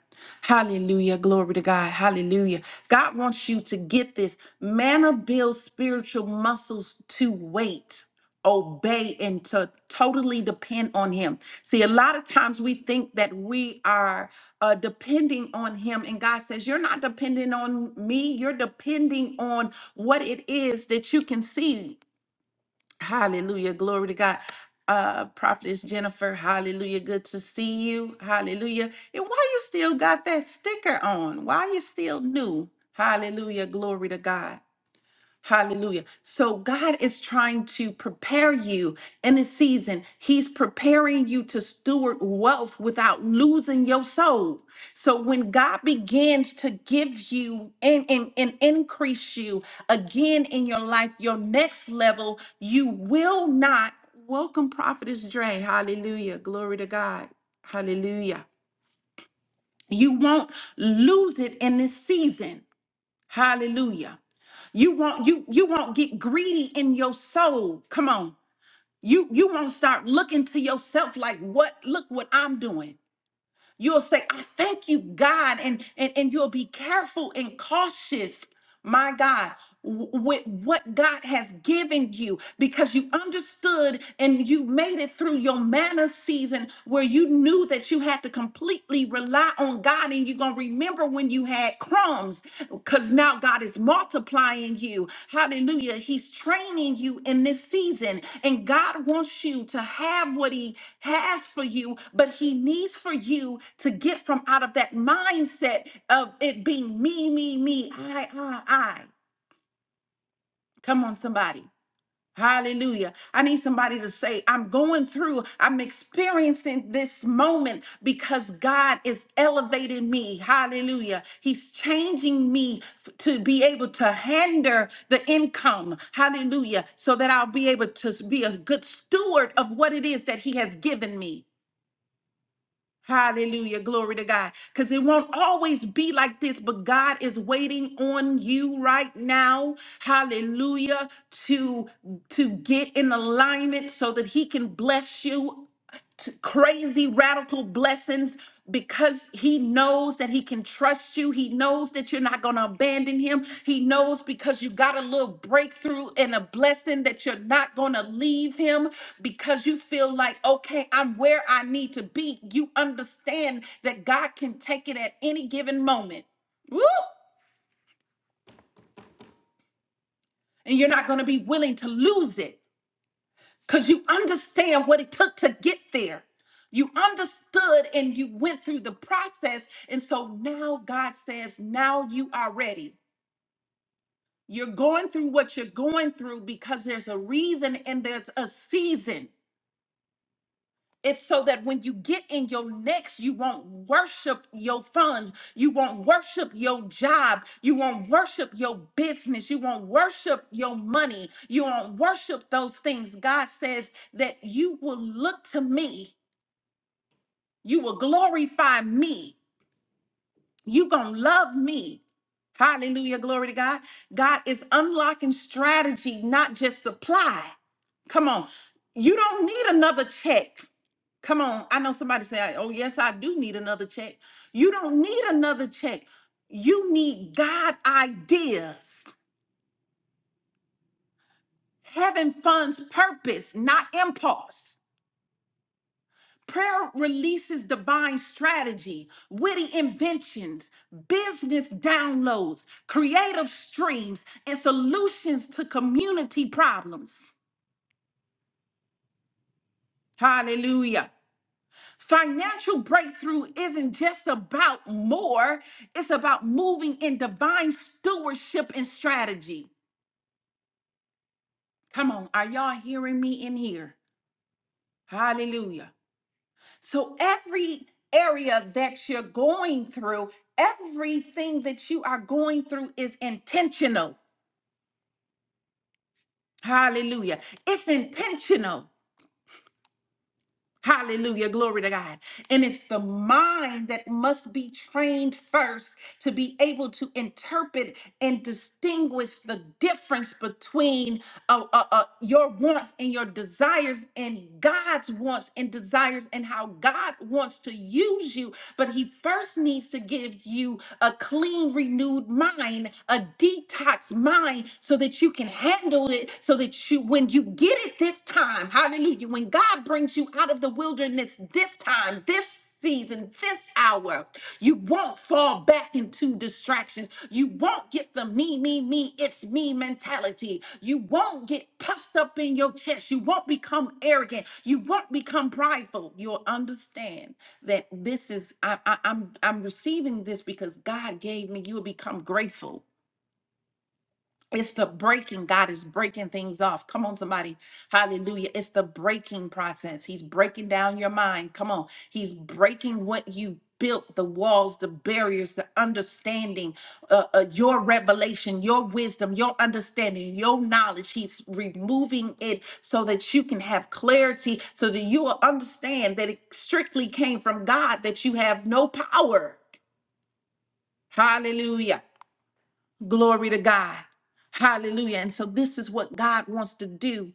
Hallelujah. Glory to God. Hallelujah. God wants you to get this. Manna builds spiritual muscles to wait, obey, and to totally depend on Him. See, a lot of times we think that we are uh, depending on Him, and God says, You're not depending on me. You're depending on what it is that you can see. Hallelujah. Glory to God. Uh, Prophetess Jennifer, hallelujah. Good to see you. Hallelujah. And why you still got that sticker on? Why you still new? Hallelujah. Glory to God. Hallelujah. So God is trying to prepare you in a season. He's preparing you to steward wealth without losing your soul. So when God begins to give you and, and, and increase you again in your life, your next level, you will not welcome Prophetess Dre. Hallelujah. Glory to God. Hallelujah. You won't lose it in this season. Hallelujah. You won't you you won't get greedy in your soul. Come on. You you won't start looking to yourself like what look what I'm doing. You'll say, I thank you, God, and and, and you'll be careful and cautious, my God w- with what God has given you because you understood and you made it through your manna season where you knew that you had to completely rely on God and you're going to remember when you had crumbs because now God is multiplying you. Hallelujah. He's training you in this season and God wants you to have what He has for you, but He needs for you to get from out of that mindset of it being me, me, me, I, I, I. Come on, somebody. Hallelujah. I need somebody to say, I'm going through, I'm experiencing this moment because God is elevating me. Hallelujah. He's changing me f- to be able to handle the income. Hallelujah. So that I'll be able to be a good steward of what it is that He has given me. Hallelujah. Glory to God. Because it won't always be like this, but God is waiting on you right now. Hallelujah. To to get in alignment so that he can bless you t- crazy radical blessings because he knows that he can trust you. He knows that you're not going to abandon him. He knows because you got a little breakthrough and a blessing that you're not going to leave him because you feel like, okay, I'm where I need to be. You understand that God can take it at any given moment. Woo! And you're not going to be willing to lose it. because you understand what it took to get there. You understood and you went through the process. And so now God says, now you are ready. You're going through what you're going through because there's a reason and there's a season. It's so that when you get in your next, you won't worship your funds. You won't worship your job. You won't worship your business. You won't worship your money. You won't worship those things. God says that you will look to me You will glorify me. You gonna love me. Hallelujah. Glory to God. God is unlocking strategy, not just supply. Come on. You don't need another check. Come on. I know somebody say, oh, yes, I do need another check. You don't need another check. You need God ideas. Heaven funds purpose, not impulse. Prayer releases divine strategy, witty inventions, business downloads, creative streams, and solutions to community problems. Hallelujah. Financial breakthrough isn't just about more, it's about moving in divine stewardship and strategy. Come on, are y'all hearing me in here? Hallelujah. So every area that you're going through, everything that you are going through is intentional. Hallelujah. It's intentional. Hallelujah. Glory to God. And it's the mind that must be trained first to be able to interpret and distinguish the difference between uh, uh, uh, your wants and your desires and God's wants and desires and how God wants to use you. But He first needs to give you a clean, renewed mind, a detox mind, so that you can handle it, so that that you, when you get it this time, hallelujah, when God brings you out of the wilderness this time, this season, this hour, you won't fall back into distractions. You won't get the me, me, me, it's me mentality. You won't get puffed up in your chest. You won't become arrogant. You won't become prideful. You'll understand that this is I, I, I'm I'm receiving this because God gave me. You will become grateful it's the breaking. God is breaking things off. Come on, somebody. Hallelujah. It's the breaking process. He's breaking down your mind. Come on. He's breaking what you built the walls, the barriers, the understanding, uh, uh, your revelation, your wisdom, your understanding, your knowledge. He's removing it so that you can have clarity, so that you will understand that it strictly came from God, that you have no power. Hallelujah. Glory to God. Hallelujah. And so this is what God wants to do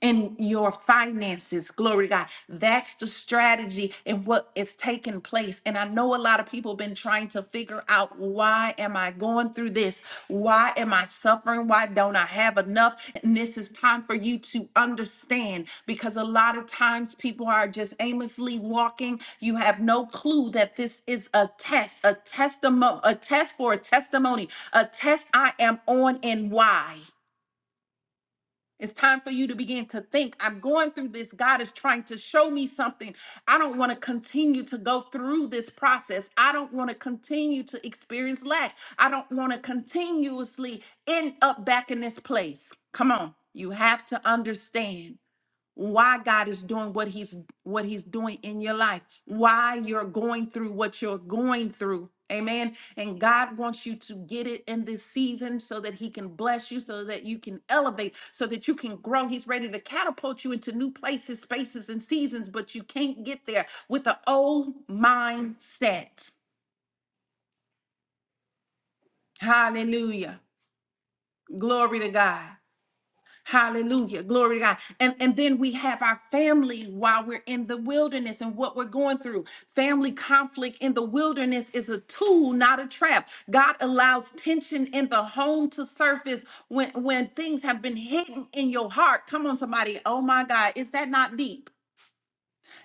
in your finances. Glory to God. That's the strategy and what is taking place. And I know a lot of people been trying to figure out why am I going through this? Why am I suffering? Why don't I have enough? And this is time for you to understand because a lot of times people are just aimlessly walking. You have no clue that this is a test, a testimony, a test for a testimony, a test I am on and why. It's time for you to begin to think. I'm going through this. God is trying to show me something. I don't want to continue to go through this process. I don't want to continue to experience lack. I don't want to continuously end up back in this place. Come on. You have to understand why God is doing what he's what he's doing in your life, why you're going through what you're going through. Amen. And God wants you to get it in this season so that he can bless you, so that you can elevate, so that you can grow. He's ready to catapult you into new places, spaces, and seasons, but you can't get there with an old mindset. Hallelujah. Glory to God. Hallelujah. Glory to God. And, and then we have our family while we're in the wilderness and what we're going through. Family conflict in the wilderness is a tool, not a trap. God allows tension in the home to surface when, when things have been hidden in your heart. Come on, somebody. Oh my God. Is that not deep?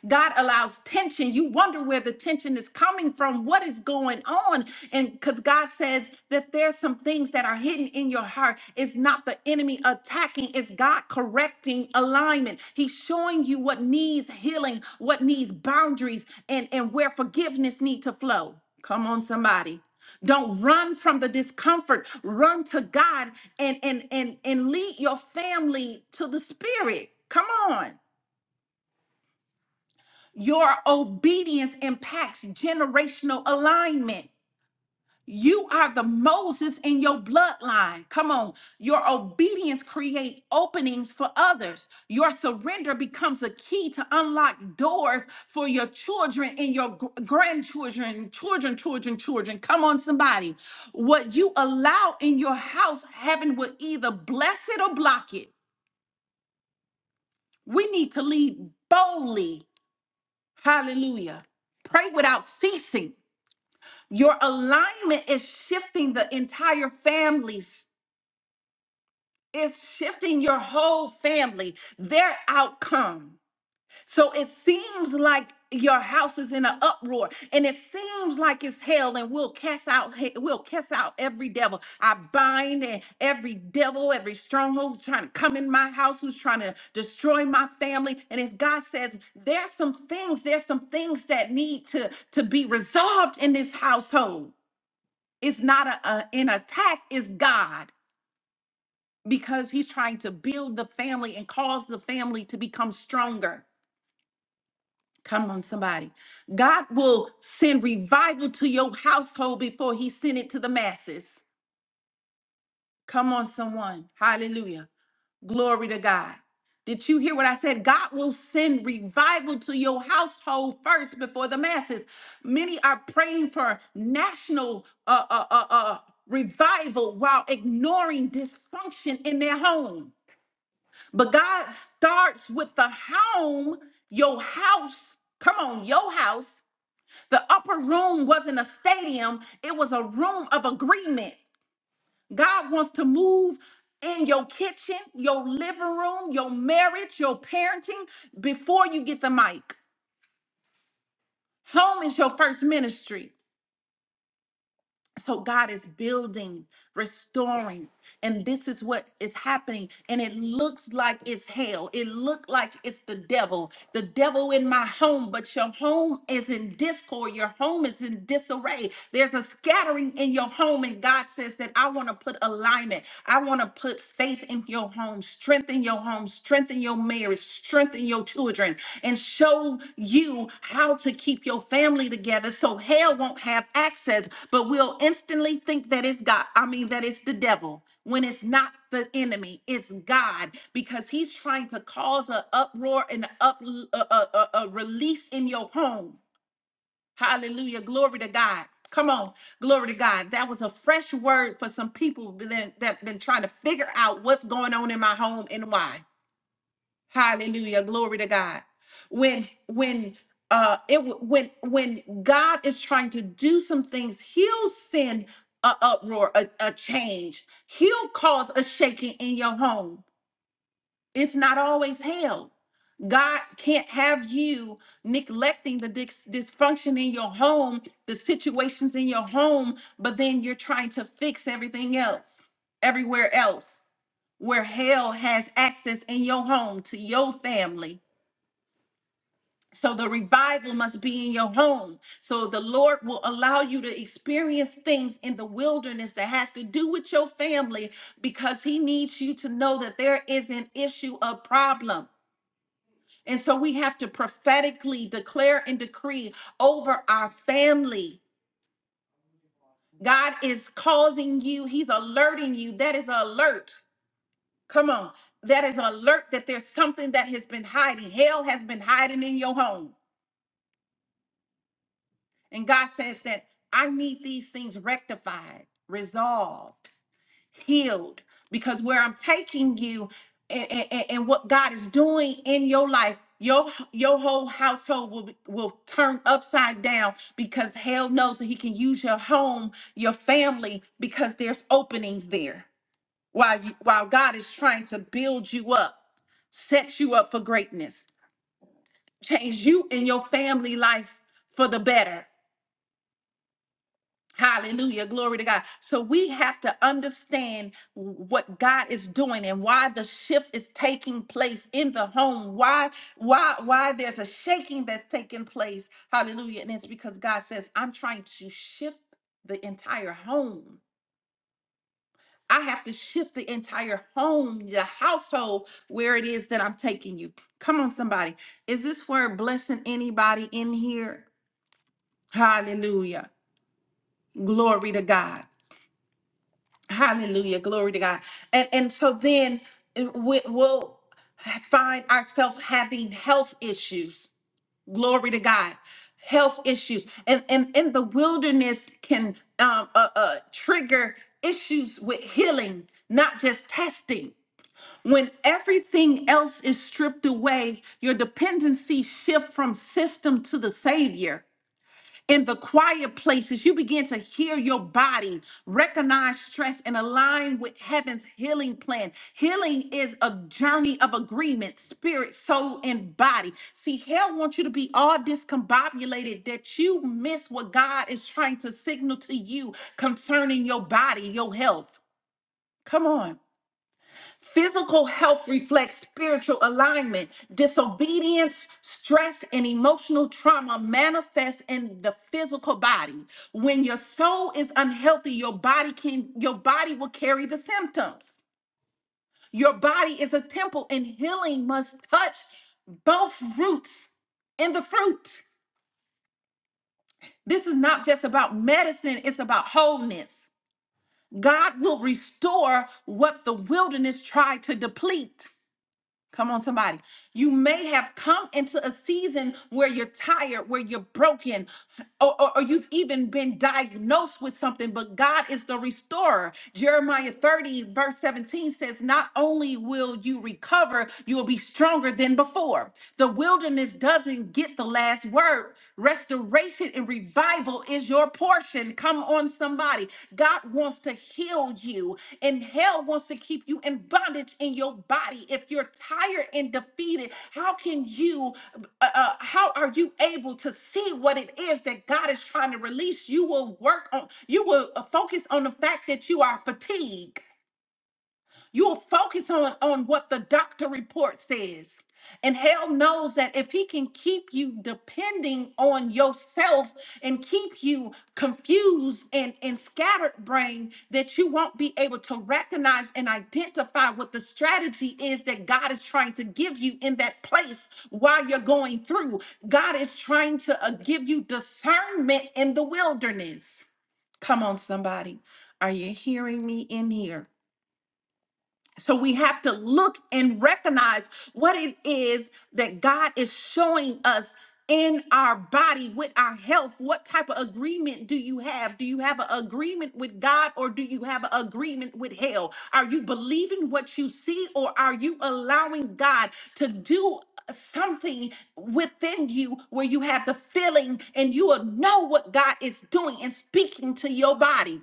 God allows tension. You wonder where the tension is coming from, what is going on. And because God says that there's some things that are hidden in your heart. It's not the enemy attacking, it's God correcting alignment. He's showing you what needs healing, what needs boundaries, and, and where forgiveness need to flow. Come on, somebody. Don't run from the discomfort. Run to God and and and and lead your family to the spirit. Come on. Your obedience impacts generational alignment. You are the Moses in your bloodline. Come on. Your obedience create openings for others. Your surrender becomes a key to unlock doors for your children and your gr- grandchildren, children, children, children. Come on somebody. What you allow in your house, heaven will either bless it or block it. We need to lead boldly. Hallelujah. Pray without ceasing Your alignment is shifting the entire families. It's shifting your whole family, their outcome. So it seems like your house is in an uproar and it seems like it's hell and we'll cast out he- we'll cast out every devil i bind and every devil every stronghold who's trying to come in my house who's trying to destroy my family and as god says there's some things there's some things that need to to be resolved in this household it's not a, a- an attack, it's God because he's trying to build the family and cause the family to become stronger. Come on, somebody. God will send revival to your household before he sent it to the masses. Come on, someone. Hallelujah. Glory to God. Did you hear what I said? God will send revival to your household first before the masses. Many are praying for national uh, uh, uh, uh, revival while ignoring dysfunction in their home. But God starts with the home, your house. Come on, your house. The upper room wasn't a stadium, it was a room of agreement. God wants to move in your kitchen, your living room, your marriage, your parenting before you get the mic. Home is your first ministry. So God is building, restoring, and this is what is happening. And it looks like it's hell. It looked like it's the devil, the devil in my home. But your home is in discord. Your home is in disarray. There's a scattering in your home, and God says that I want to put alignment. I want to put faith in your home, strength strengthen your home, strengthen your marriage, strengthen your children, and show you how to keep your family together so hell won't have access, but we'll instantly think that it's God. I mean, that it's the devil when it's not the enemy, it's God because he's trying to cause an uproar and a up, a, a, a a release in your home. Hallelujah. Glory to God. Come on. Glory to God. That was a fresh word for some people that that have been trying to figure out what's going on in my home and why. Hallelujah. Glory to God. When when uh it w- when when God is trying to do some things, he'll send a uproar, a, a change. He'll cause a shaking in your home. It's not always hell. God can't have you neglecting the dis- dysfunction in your home, the situations in your home, but then you're trying to fix everything else, everywhere else, where hell has access in your home to your family so the revival must be in your home. So the Lord will allow you to experience things in the wilderness that has to do with your family because he needs you to know that there is an issue, a problem. And so we have to prophetically declare and decree over our family. God is causing you, he's alerting you. That is an alert. Come on. That is an alert that there's something that has been hiding. Hell has been hiding in your home. And God says that I need these things rectified, resolved, healed, because where I'm taking you and, and- and- what God is doing in your life, your your whole household will be- will turn upside down because hell knows that He can use your home, your family, because there's openings there. While you, while God is trying to build you up, set you up for greatness, change you and your family life for the better Hallelujah. Glory to God. So we have to understand what God is doing and why the shift is taking place in the home. Why, why, why there's a shaking that's taking place. Hallelujah. And it's because God says, I'm trying to shift the entire home. I have to shift the entire home, the household, where it is that I'm taking you. Come on, somebody. Is this word blessing anybody in here? Hallelujah. Glory to God. Hallelujah. Glory to God. And and so then uh, we, we'll find ourselves having health issues. Glory to God. Health issues. And and in the wilderness can um, uh, uh, trigger issues with healing, not just testing. When everything else is stripped away, your dependency shift from system to the savior in the quiet places, you begin to hear your body, recognize stress, and align with heaven's healing plan. Healing is a journey of agreement, spirit, soul, and body. See, hell wants you to be all discombobulated that you miss what God is trying to signal to you concerning your body, your health. Come on. Physical health reflects spiritual alignment. Disobedience, stress, and emotional trauma manifest in the physical body. When your soul is unhealthy, your body can your body will carry the symptoms. Your body is a temple and healing must touch both roots and the fruit. This is not just about medicine, it's about wholeness. God will restore what the wilderness tried to deplete. Come on, somebody. You may have come into a season where you're tired, where you're broken, or, or, or you've even been diagnosed with something, but God is the restorer. Jeremiah 30, verse 17 says, Not only will you recover, you will be stronger than before. The wilderness doesn't get the last word. Restoration restoration and revival is your portion. Come on, somebody. God wants to heal you, and hell wants to keep you in bondage in your body. If you're tired and defeated, how can you, uh, uh, how are you able to see what it is that God is trying to release? You will work on, you will uh, focus on the fact that you are fatigued. You'll focus on, on what the doctor report says. And hell knows that if he can keep you depending on yourself and keep you confused and, and scattered brain, that you won't be able to recognize and identify what the strategy is that God is trying to give you in that place while you're going through. God is trying to uh, give you discernment in the wilderness. Come on, somebody. Are you hearing me in here? So we have to look and recognize what it is that God is showing us in our body with our health. What type of agreement do you have? Do you have an agreement with God or do you have an agreement with hell? Are you believing what you see or are you allowing God to do? Something within you where you have the feeling and you will know what God is doing and speaking to your body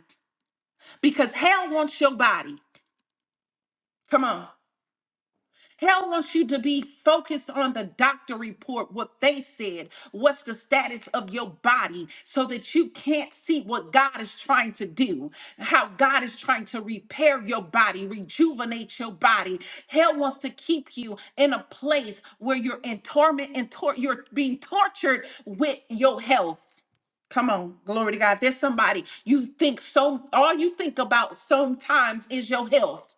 because hell wants your body. Come on. Hell wants you to be focused on the doctor report, what they said, what's the status of your body, so that you can't see what God is trying to do, how God is trying to repair your body, rejuvenate your body. Hell wants to keep you in a place where you're in torment and tor- you're being tortured with your health. Come on, glory to God. There's somebody you think so, all you think about sometimes is your health.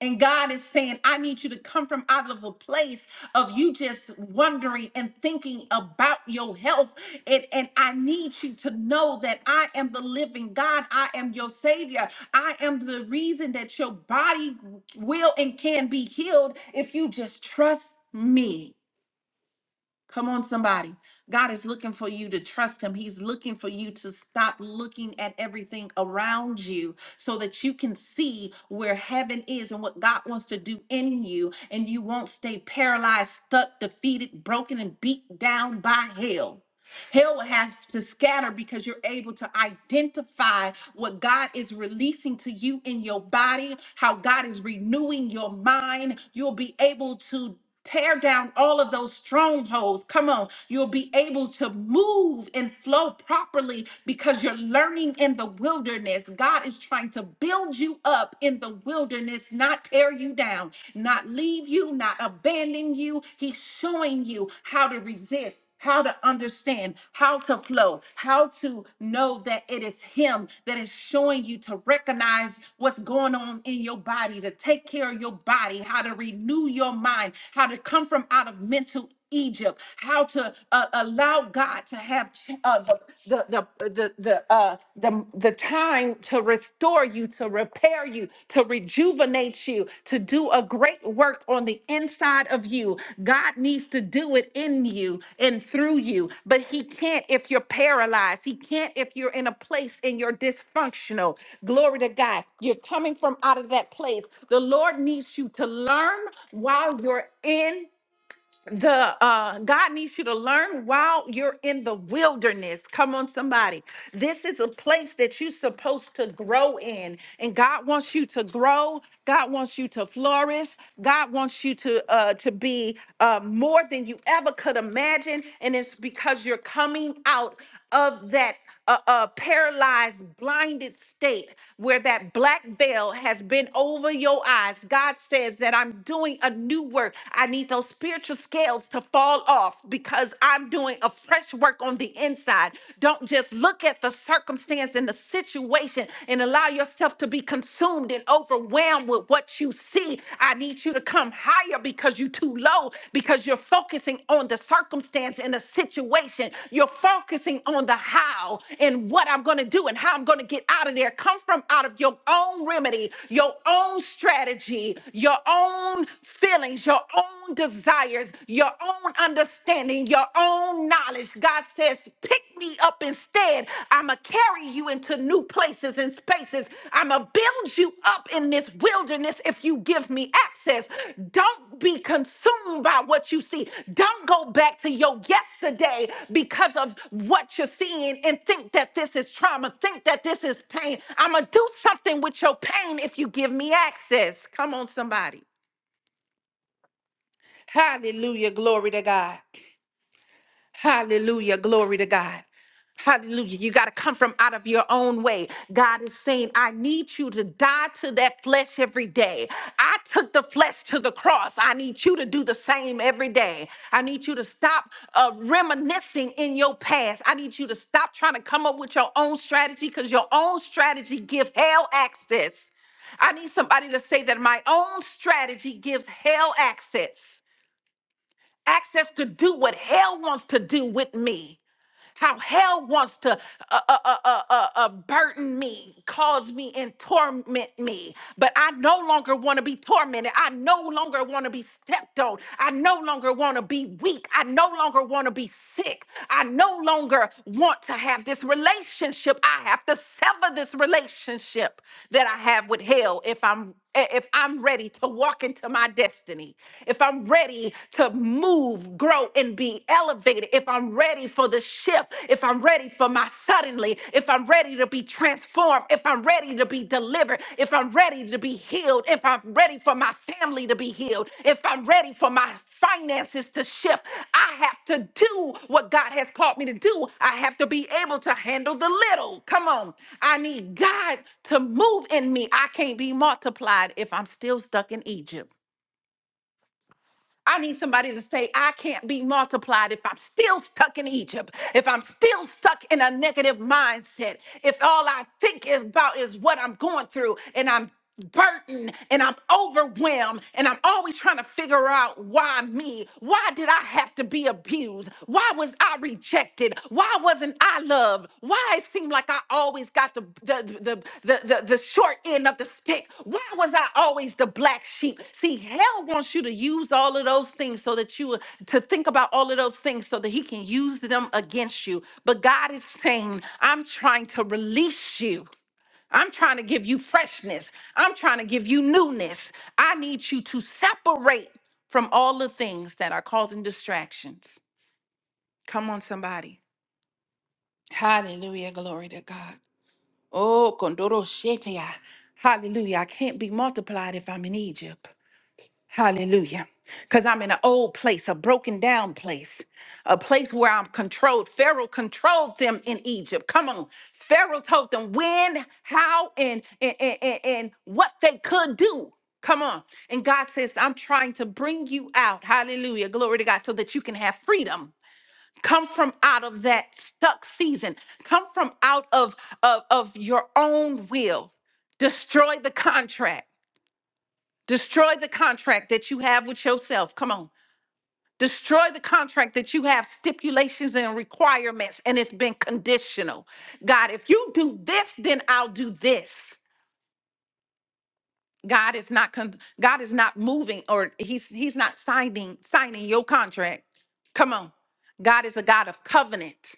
And God is saying, I need you to come from out of a place of you just wondering and thinking about your health. And, and I need you to know that I am the living God. I am your Savior. I am the reason that your body will and can be healed if you just trust me. Come on, somebody. God is looking for you to trust Him. He's looking for you to stop looking at everything around you so that you can see where heaven is and what God wants to do in you. And you won't stay paralyzed, stuck, defeated, broken, and beat down by hell. Hell has to scatter because you're able to identify what God is releasing to you in your body, how God is renewing your mind. You'll be able to tear down all of those strongholds. Come on, you'll be able to move and flow properly because you're learning in the wilderness. God is trying to build you up in the wilderness, not tear you down, not leave you, not abandon you. He's showing you how to resist how to understand, how to flow, how to know that it is Him that is showing you to recognize what's going on in your body, to take care of your body, how to renew your mind, how to come from out of mental. Egypt, how to uh, allow God to have ch- uh, the, the the the the uh, the the time to restore restore you, to repair you, to rejuvenate you, to do a great work on the inside of you. God needs to do it in you and through you, but He can't if you're paralyzed. He can't if you're in a place and you're dysfunctional. Glory to God. You're coming from out of that place. The Lord needs you to learn while you're in the uh God needs you to learn while you're in the wilderness. Come on, somebody. This is a place that you're supposed to grow in, and God wants you to grow. God wants you to flourish. God wants you to uh to be uh more than you ever could imagine, and it's because you're coming out of that a, a paralyzed, blinded state where that black veil has been over your eyes. God says that I'm doing a new work. I need those spiritual scales to fall off because I'm doing a fresh work on the inside. Don't just look at the circumstance and the situation and allow yourself to be consumed and overwhelmed with what you see. I need you to you to come higher because you're too low, because you're focusing on the circumstance and the situation. You're focusing on the how and what I'm going to do and how I'm going to get out of there. Come from out of your own remedy, your own strategy, your own feelings, your own desires, your own understanding, your own knowledge. God says, pick me up and. Instead, I'm going to carry you into new places and spaces. I'm going to build you up in this wilderness if you give me access. Don't be consumed by what you see. Don't go back to your yesterday because of what you're seeing and think that this is trauma, think that this is pain. I'm going to do something with your pain if you give me access. Come on, somebody. Hallelujah. Glory to Hallelujah. You got to come from out of your own way. God is saying, I need you to die to that flesh every day. I took the flesh to the cross. I need you to do the same every day. I need you to stop uh, reminiscing in your past. I need you to stop trying to come up with your own strategy because your own strategy gives hell access. I need somebody to say that my own strategy gives hell access, access to do what hell wants to do with me how hell wants to uh, uh, uh, uh, uh, uh, burden me, cause me, and torment me. But I no longer want to be tormented. I no longer want to be stepped on. I no longer want to be weak. I no longer want to be sick. I no longer want to have this relationship. I have to sever this relationship that I have with hell if I'm if I'm ready to walk into my destiny, if I'm ready to move, grow, and be elevated, if I'm ready for the shift, if I'm ready for my suddenly, if I'm ready to be transformed, if I'm ready to be delivered, if I'm ready to be healed, if I'm ready for my family to be healed, if I'm ready for my finances to shift. I have to do what God has called me to do. I have to be able to handle the little. Come on. I need God to move in me. I can't be multiplied if I'm still stuck in Egypt. I need somebody to say, I can't be multiplied if I'm still stuck in Egypt, if I'm still stuck in a negative mindset, if all I think is about is what I'm going through and I'm burdened and I'm overwhelmed and I'm always trying to figure out why me? Why did I have to be abused? Why was I rejected? rejected? Why wasn't I loved? Why it seemed like I always got the the, the the the the short end of the stick? Why was I always the black sheep? See, hell wants you to use all of those things so that you to think about all of those things so that he can use them against you. But God is saying, I'm trying to release you. I'm trying to give you freshness. I'm trying to give you newness. I need you to separate from all the things that are causing distractions. Come on, somebody. Hallelujah. Glory to God. Oh, Kondoro Shetia. Hallelujah. I can't be multiplied if I'm in Egypt. Hallelujah. Because I'm in an old place, a broken down place, a place where I'm controlled. Pharaoh controlled them in Egypt. Come on. Pharaoh told them when, how, and, and, and, and and what they could do. Come on. And God says, I'm trying to bring you out. Hallelujah. Glory to God. So that you can have freedom come from out of that stuck season come from out of of, of your own will destroy the contract destroy the contract that you have with yourself come on destroy the contract that you have stipulations and requirements and it's been conditional god if you do this then i'll do this god is not con- god is not moving or he's he's not signing signing your contract come on god is a god of covenant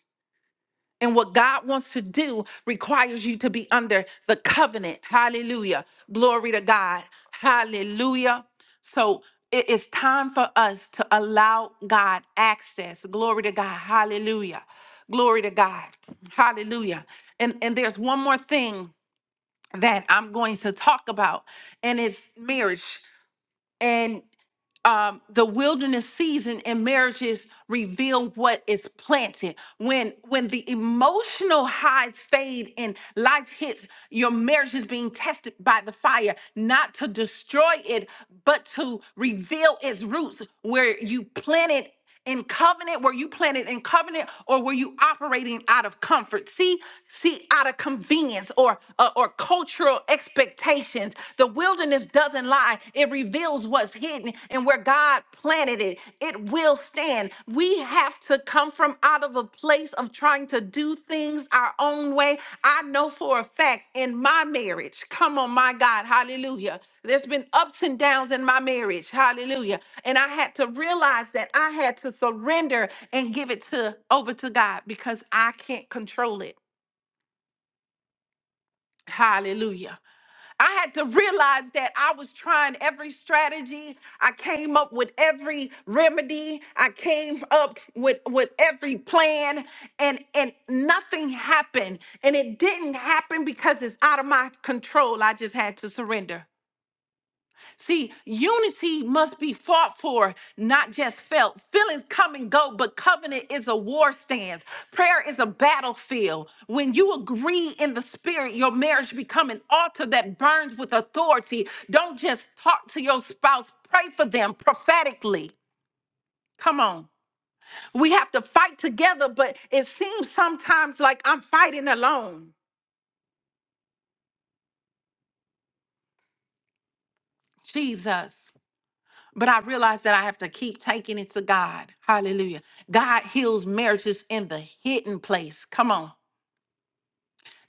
And what God wants to do requires you to be under the covenant. Hallelujah. Glory to God. Hallelujah. So it is time for us to allow God access. Glory to God. Hallelujah. Glory to God. Hallelujah. And and there's one more thing that I'm going to talk about and it's marriage and um, the wilderness season and marriages reveal what is planted. When when the emotional highs fade and life hits, your marriage is being tested by the fire, not to destroy it, but to reveal its roots where you planted in covenant? Were you planted in covenant or were you operating out of comfort? See, see, out of convenience or uh, or cultural expectations. The wilderness doesn't lie. It reveals what's hidden and where God planted it, it will stand. We have to come from out of of a place of trying to do things our own way. I know for a fact in my marriage, come on, my God, hallelujah. There's been ups and downs in my marriage, hallelujah. And I had to realize that I had to surrender and give it to over to God because I can't control it. Hallelujah. I had to realize that I was trying every strategy. I came up with every remedy. I came up with, with every plan and, and nothing happened. And it didn't happen because it's out of my control. I just had to surrender. See, unity must be fought for, not just felt. Feelings come and go, but covenant is a war stance. Prayer is a battlefield. When you agree in the spirit, your marriage become an altar that burns with authority. Don't just talk to your spouse, pray for them prophetically. Come on. We have to fight together, but it seems sometimes like I'm fighting alone. Jesus. But I realize that I have to keep taking it to God. Hallelujah. God heals marriages in the hidden place. Come on.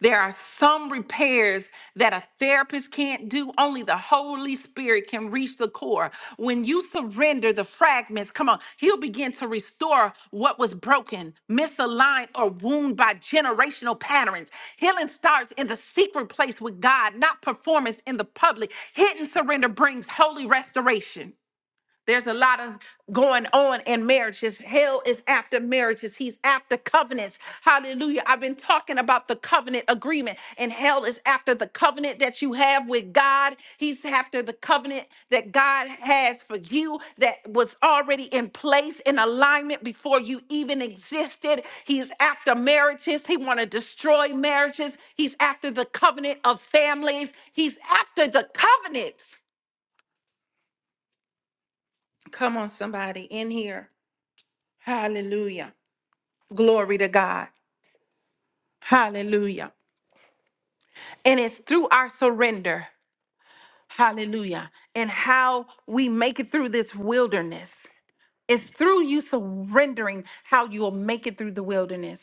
There are some repairs that a therapist can't do. Only the Holy Spirit can reach the core. When you surrender the fragments, come on, He'll begin to restore what was broken, misaligned, or wounded by generational patterns. Healing starts in the secret place with God, not performance in the public. Hidden surrender brings holy restoration. There's a lot of going on in marriages. Hell is after marriages. He's after covenants. Hallelujah. I've been talking about the covenant agreement, and hell is after the covenant that you have with God. He's after the covenant that God has for you that was already in place in alignment before you even existed. He's after marriages. He want to destroy marriages. He's after the covenant of families. He's after the covenants. Come on, somebody in here. Hallelujah. Glory to God. Hallelujah. And it's through our surrender, hallelujah, and how we make it through this wilderness. It's through you surrendering how you will make it through the wilderness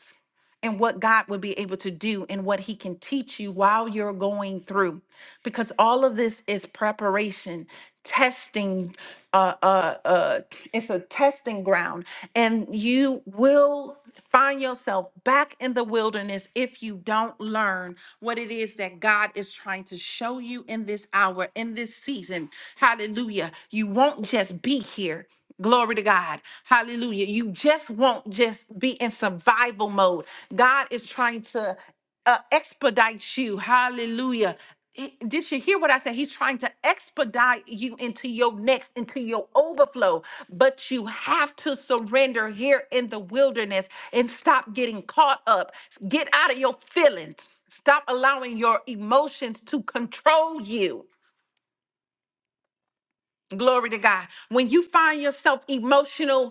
and what God will be able to do and what He can teach you while you're going through. Because all of this is preparation, testing, uh, uh, uh, it's a testing ground. And you will find yourself back in the wilderness if you don't learn what it is that God is trying to show you in this hour, in this season. Hallelujah. You won't just be here. Glory to God. Hallelujah. You just won't just be in survival mode. God is trying to uh, expedite you. Hallelujah. I- Did you hear what I said? He's trying to expedite you into your next, into your overflow. But you have to surrender here in the wilderness and stop getting caught up. Get out of your feelings. Stop allowing your emotions to control you. Glory to God. When you find yourself emotional,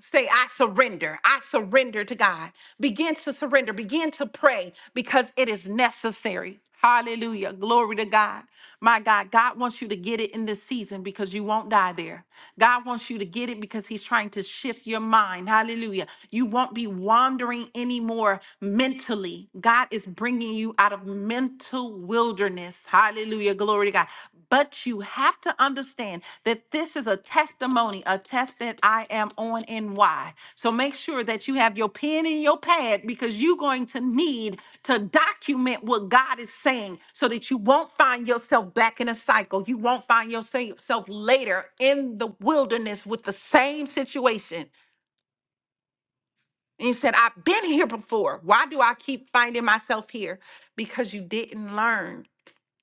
Say, I surrender. I surrender to God. Begin to surrender. Begin to pray because it is necessary. Hallelujah. Glory to God. My God, God wants you to get it in this season because you won't die there. God wants you to get it because He's trying to shift your mind. Hallelujah. You won't be wandering anymore mentally. God is bringing you out of mental wilderness wilderness. Hallelujah. Glory to God. But you have to understand that this is a testimony, a test that I am on and why. So make sure that you have your pen and your pad because you're going to need to document what God is saying so that you won't find yourself back in a cycle. You won't find yourself later in the wilderness with the same situation. And you said, I've been here before. Why do I keep finding myself here? Because you didn't learn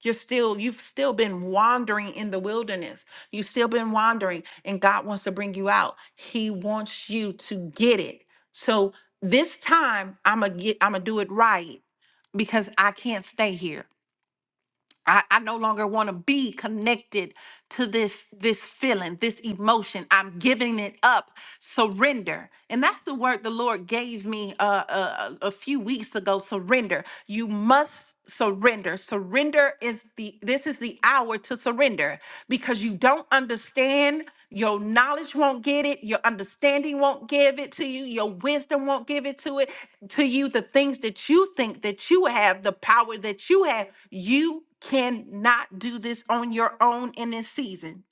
you're still, you've still been wandering in the wilderness. You've still been wandering, and God wants to bring you out. He wants you to get it. So this time I'm gonna get, I'm gonna do it right because I can't stay here. I, I no longer want to be connected to this this feeling, this emotion. I'm giving it up. Surrender, and that's the word the Lord gave me uh, uh, a few weeks ago. Surrender. You must surrender. Surrender is the this is the hour to surrender because you don't understand. Your knowledge won't get it. Your understanding won't give it to you. Your wisdom won't give it to it to you the things that you think that you have, the power that you have. You cannot do this on your own in this season.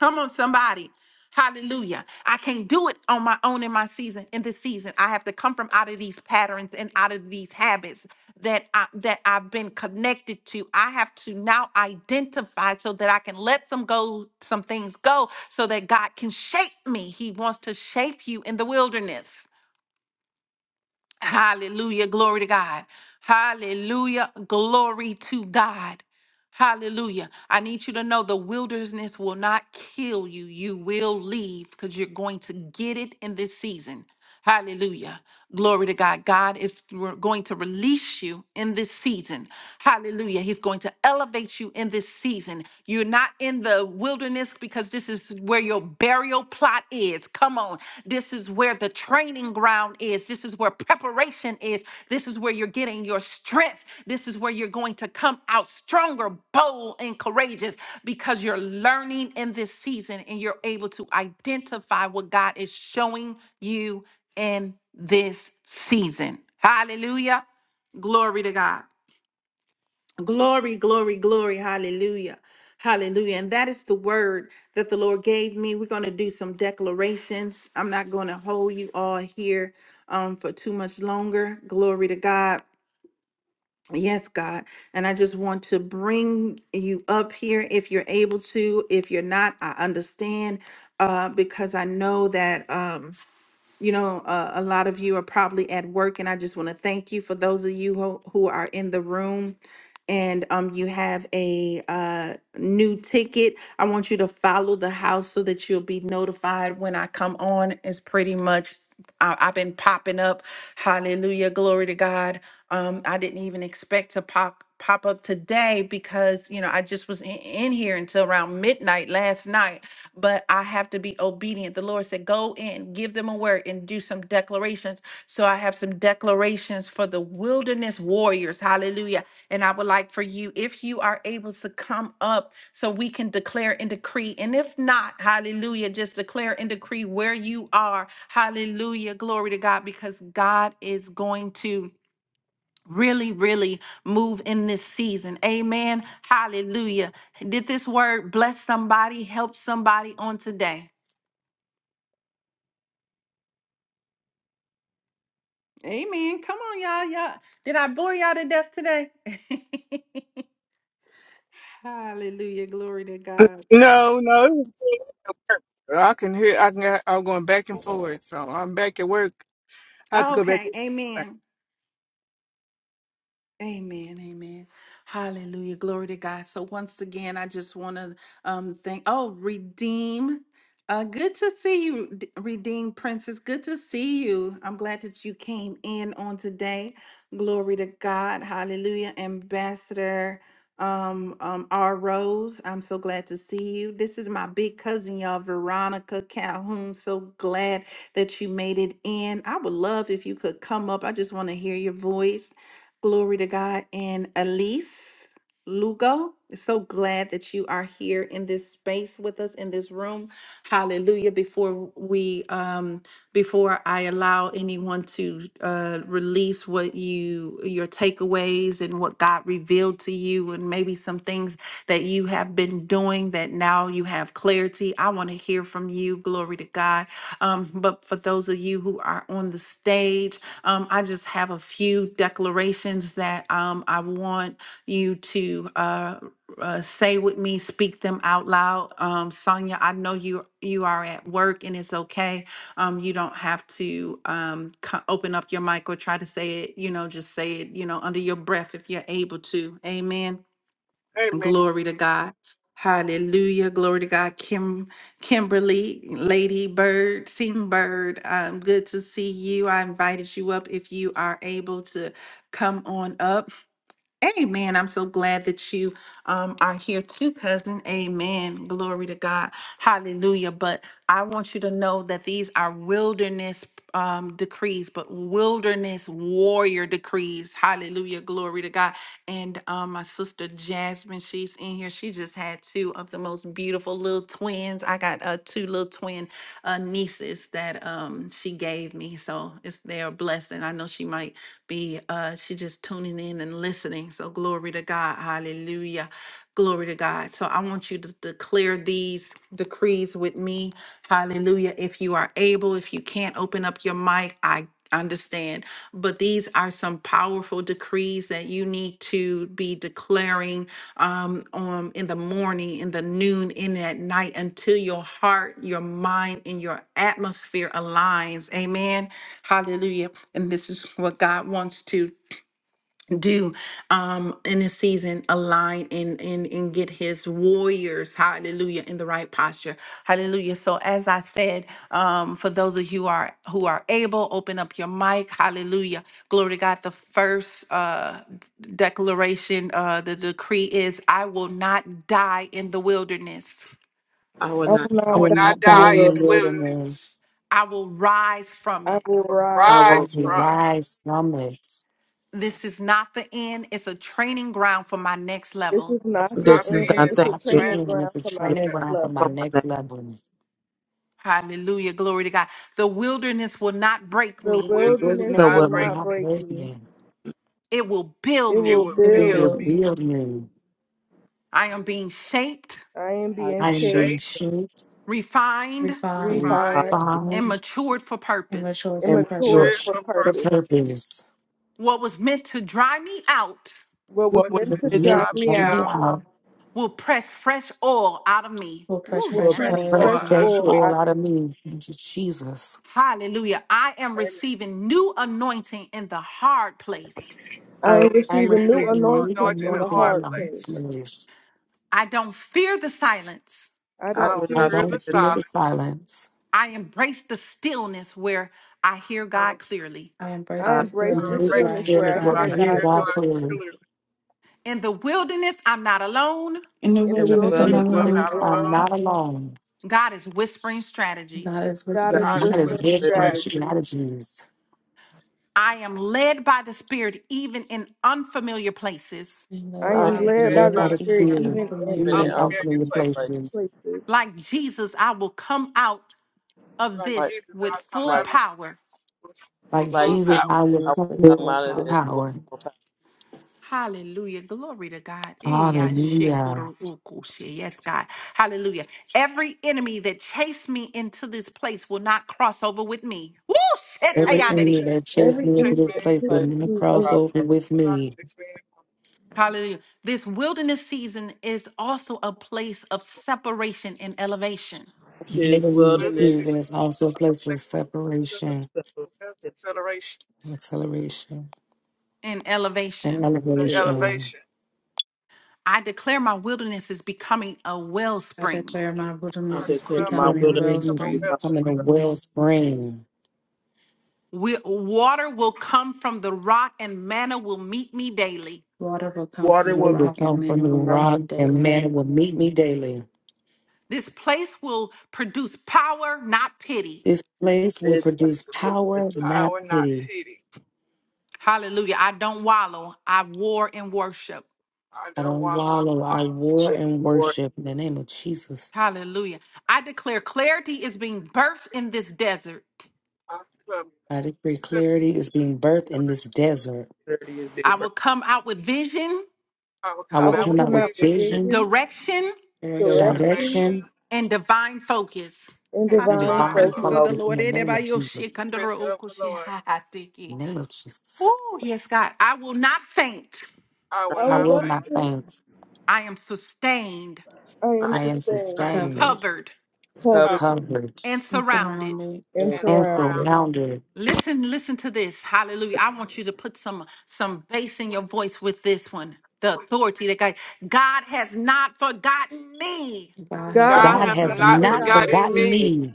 Come on, somebody. Hallelujah. I can't do it on my own in my season, in this season. I have to come from out of these patterns and out of these habits that I that I've been connected to. I have to now identify so that I can let some go, some things go, so that God can shape me. He wants to shape you in the wilderness. Hallelujah. Glory to God. Hallelujah. Glory to God. Hallelujah. I need you to know the wilderness will not kill you. You will leave because you're going to get it in this season. Hallelujah. Glory to God. God is re- going to release you in this season. Hallelujah. He's going to elevate you in this season. You're not in the wilderness because this is where your burial plot is is. Come on. This is where the training ground is. This is where preparation is. This is where you're getting your strength. This is where you're going to come out stronger, bold, and courageous because you're learning in this season and you're able to identify what God is showing you in this season. Hallelujah. Glory to God. Glory, glory, glory. Hallelujah. Hallelujah. And that is the word that the Lord gave me. We're going to do some declarations. I'm not going to hold you all here um, for too much longer. Glory to God. Yes, God. And I just want to bring you up here if you're able to. If you're not, I understand uh, because I know that. Um, you know, uh, a lot of you are probably at work, and I just want to thank you for those of you who, who are in the room. And um, you have a uh, new ticket. I want you to follow the house so that you'll be notified when I come on. It's pretty much I, I've been popping up. Hallelujah, glory to God. Um, I didn't even expect to pop pop up today because you know I just was in, in here until around midnight last night but I have to be obedient. The Lord said, Go in, give them a word, and do some declarations. So I have some declarations for the wilderness warriors. Hallelujah. And I would like for you, if you are able to come up so we can declare and decree. And if not, hallelujah, just declare and decree where you are. Hallelujah. Glory to God, because God is going to really, really move in this season. Amen. Hallelujah. Did this word bless somebody, help somebody on today? Amen. Come on, y'all. Y'all. Did I bore y'all to death today? Hallelujah. Glory to God.
No, no. I can hear. I can. I'm going back and forth, so I'm back at work. I have to go back.
Okay.
To,
Amen. Amen, amen. Hallelujah. Glory to God. So once again, I just want to um thank oh, redeem. Uh good to see you, D- redeem princess. Good to see you. I'm glad that you came in on today. Glory to God. Hallelujah. Ambassador um um R Rose, I'm so glad to see you. This is my big cousin, y'all, Veronica Calhoun. So glad that you made it in. I would love if you could come up. I just want to hear your voice. Glory to God. And Elise Lugo, so glad that you are here in this space with us in this room. Hallelujah. Before we um before I allow anyone to uh release what you your takeaways and what God revealed to you and maybe some things that you have been doing that now you have clarity. I want to hear from you. Glory to God. Um, but for those of you who are on the stage, um, I just have a few declarations that um, I want you to uh, uh, say with me, speak them out loud. Um, Sonia, I know you you are at work and it's okay. Um, you don't have to um, co- open up your mic or try to say it. You know, just say it. You know, under your breath if you're able to. Amen.
amen.
Glory to God. Hallelujah. Glory to God. Kim Kimberly, Lady Bird, Sing Bird. Um, good to see you. I invited you up if you are able to come on up. Amen. I'm so glad that you um, are here too, cousin. Amen. Glory to God. Hallelujah. But I want you to know that these are wilderness um, decrees, but wilderness warrior decrees. Hallelujah. Glory to God. And um, my sister Jasmine, she's in here. She just had two of the most beautiful little twins. I got uh, two little twin uh, nieces that um, she gave me. So it's their blessing. I know she might be uh she just tuning in and listening. So glory to God. Hallelujah. Glory to God. So I want you to declare these decrees with me. Hallelujah. If you are able, if you can't open up your mic, I understand. But these are some powerful decrees that you need to be declaring um, on in the morning, in the noon, in at night until your heart, your mind, and your atmosphere aligns. Amen. Hallelujah and this is what God wants to do um in this season align and and and get his warriors hallelujah in the right posture hallelujah so as i said um for those of you who are who are able open up your mic hallelujah glory to god the first uh d- declaration uh the decree is i will not die in the wilderness
I will
I
not.
will
I
I
not
will
will
die
not
not
in
die
the
die
in
in
the
the
wilderness.
wilderness.
wilderness.
i will rise from
I
it
I
will
will
rise
I
I
will.
rise
from
will
it.
from it.
rise from it.
this is not the end it's a training ground for my next
This
level
is
It's
not the
not
This
the
is
end.
end.
I will
not
It's a
thank
not
It's
be
you
training
trying.
in.
ground
It's a
for my
training
The
next
ground for my
for
level.
my name.
next level.
Hallelujah. Glory to God. The wilderness will not break
The
the
me,
The
wilderness
wilderness
The
wilderness
will
not
will
break
wilderness
not
not
me.
break
break
me.
me.
it will build
It
It
will
me.
will
It will
It
build
build
it was
will
me.
build me,
me,
build me.
I am being shaped,
I am
I
being
I am
shaped,
being
shape,
shaped,
refined,
am
refine,
refined,
refined,
refined
and
found,
matured for
and
purpose.
mature
and
for
and
and
and
mature.
mature
matured
purpose.
for
for
matured for
purpose.
purpose.
purpose.
What was meant to dry me out
What was
What
What's
was
meant
It
meant
to
was
to
meant
meant
dry
drive
to
me
me
bring
out
me
out
out.
will press fresh oil out of me.
Will press
Woo,
will
will
will
fresh
press
pray.
press
oil
forward
Shandariki.
fresh
out
Press
of
out
me.
fresh
oil
of
oil
out of
out of
me.
me. Thank you, Jesus.
Hallelujah. I am
me.
receiving new anointing in the hard place.
I
I
I'm
am
am
I am
receiving
receiving
new
news for
receiving new
anointing
anointing in
in
a
the
today.
anointing
hard
in
hard
my
place.
place.
place.
I don't fear the silence.
I
I
I
don't
do
will
I
fear
not
fear
this.
the
fear
don't
the
fear the
silence.
silence.
I embrace the stillness where I hear
I
God
will,
clearly.
I embrace
I
eyes
the
embrace
I
the
will
stillness
of
Embrace
break
where
this
the
I
stillness
hear
skin
where I
is
stairs
God
where
what
I
hear
I
can
hear
God
darkness.
hear
clearly.
God
clearly.
God
clearly.
clearly.
In the wilderness, I'm not alone.
In the
In the
In
In
the
the
wilderness, I'm
In
world,
the
wilderness,
not
wilderness,
I'm
I'm
alone.
not
wilderness,
not
I'm
alone.
alone.
not alone.
God is whispering strategies.
God is
God
God
is
whispering
God
God
is
is
with
whispering
me,
strategy
is
whispering
strength.
with
strategies.
me.
strategies.
I am led by the Spirit even in unfamiliar places.
and
I
led
I am
I
by
am
am
the
I'm
led
led
by
led
the
by
by
Spirit,
the
the
even
Spirit
in
Spirit
Spirit,
even
in
in
unfamiliar
even
even
in
in
places.
unfamiliar
unfamiliar
unfamiliar place.
places.
places.
places.
Like Jesus, I will come out of
Like
Like,
this
Jesus,
with
I come
full
like,
out
power.
with, with
Like
full
like
Jesus,
Jesus,
power.
I will
I will
Models
come
with
with
come
full
out of this
power.
with
power.
full power.
Hallelujah. Glory to God. Eh, ya
Hallelujah.
shekuru ukushe. Yes, God. Hallelujah. Every enemy that chased me into this place will not cross over with me. Woo!
Every enemy
Every
Every
enemy
enemy
shetayanity.
that
that
chase me,
takes
chased
Every
me into
enemy
chase me,
this
that
place will
place
pisses
never
me off,
cross
across
over
over.
with
God
me.
chase me.
Hallelujah. This wilderness season is also a place of separation and elevation.
It's
This
This
literally a
wilderness is
wilderness.
season. It's
is
also a
a
place for
place
separation,
of consideration
acceleration,
And
and
elevation.
and
and elevate.
elevation.
elevation.
I declare my wilderness is becoming a
I
wellspring.
declare my
I
I
wilderness is
declare
declare my
my
And
becoming a
my
wilderness
image of a
witness
to
is
wellspring.
become
becoming a
wellspring
a
wellspring.
We, water will come from the rock and manna will meet me daily.
Water will come from
water
the
Water
will
will
come
rock, and
come
men
from the
will
out of
meet
rock,
me
and
daily.
from
man will meet me daily.
This place will produce power, not pity.
This place will
this
this place
produce
space of
will
your
power,
produce
not
power, not
pity.
pity.
Hallelujah. I don't wallow. I war in worship.
I
I
don't
don't
want our
wallow,
one
I war
fruit
and
for its
worship in the name of Jesus.
Hallelujah.
this
I
time.
declare clarity is being birthed in this desert.
I declare
I decree
city
clarity is being birthed in this
productivity.
desert.
thirty is due
I will come out with vision,
I will
I
I
come
I
will
will
will
out
come
with
out
come
with
out with
vision,
continue to
vision,
vision,
direction,
direct
Direction
direction,
direction,
direction,
and divine focus.
and
and
and
I
and
feel
divine
the
divine
divine
presence
focus.
of the
help
focus in
Lord.
the name of
Everybody, oh, shit,
Jesus.
under
focus of
oh,
the Lord.
In the name of Jesus.
Oh, yes, God. I will not faint.
I will
I
I
will
not
will
not
not
think
faint.
faint.
I am sustained,
I
I
am
I
I
am
am
am
sustained,
sustained,
sustained,
covered
covered,
covered
covered,
covered,
covered,
and
and
surrounded.
surrounded.
and
and
and
and
surrounded.
surrounded.
surrounded.
Listen, listen to this. Hallelujah. I want you to put some some bass in your voice with this one. The authority that God, God has not forgotten me.
God has
God
God
not
has
God
hath
has
not
not
forgotten
not
me.
forgotten
forgotten
forgotten
me.
forgotten.
me.
me.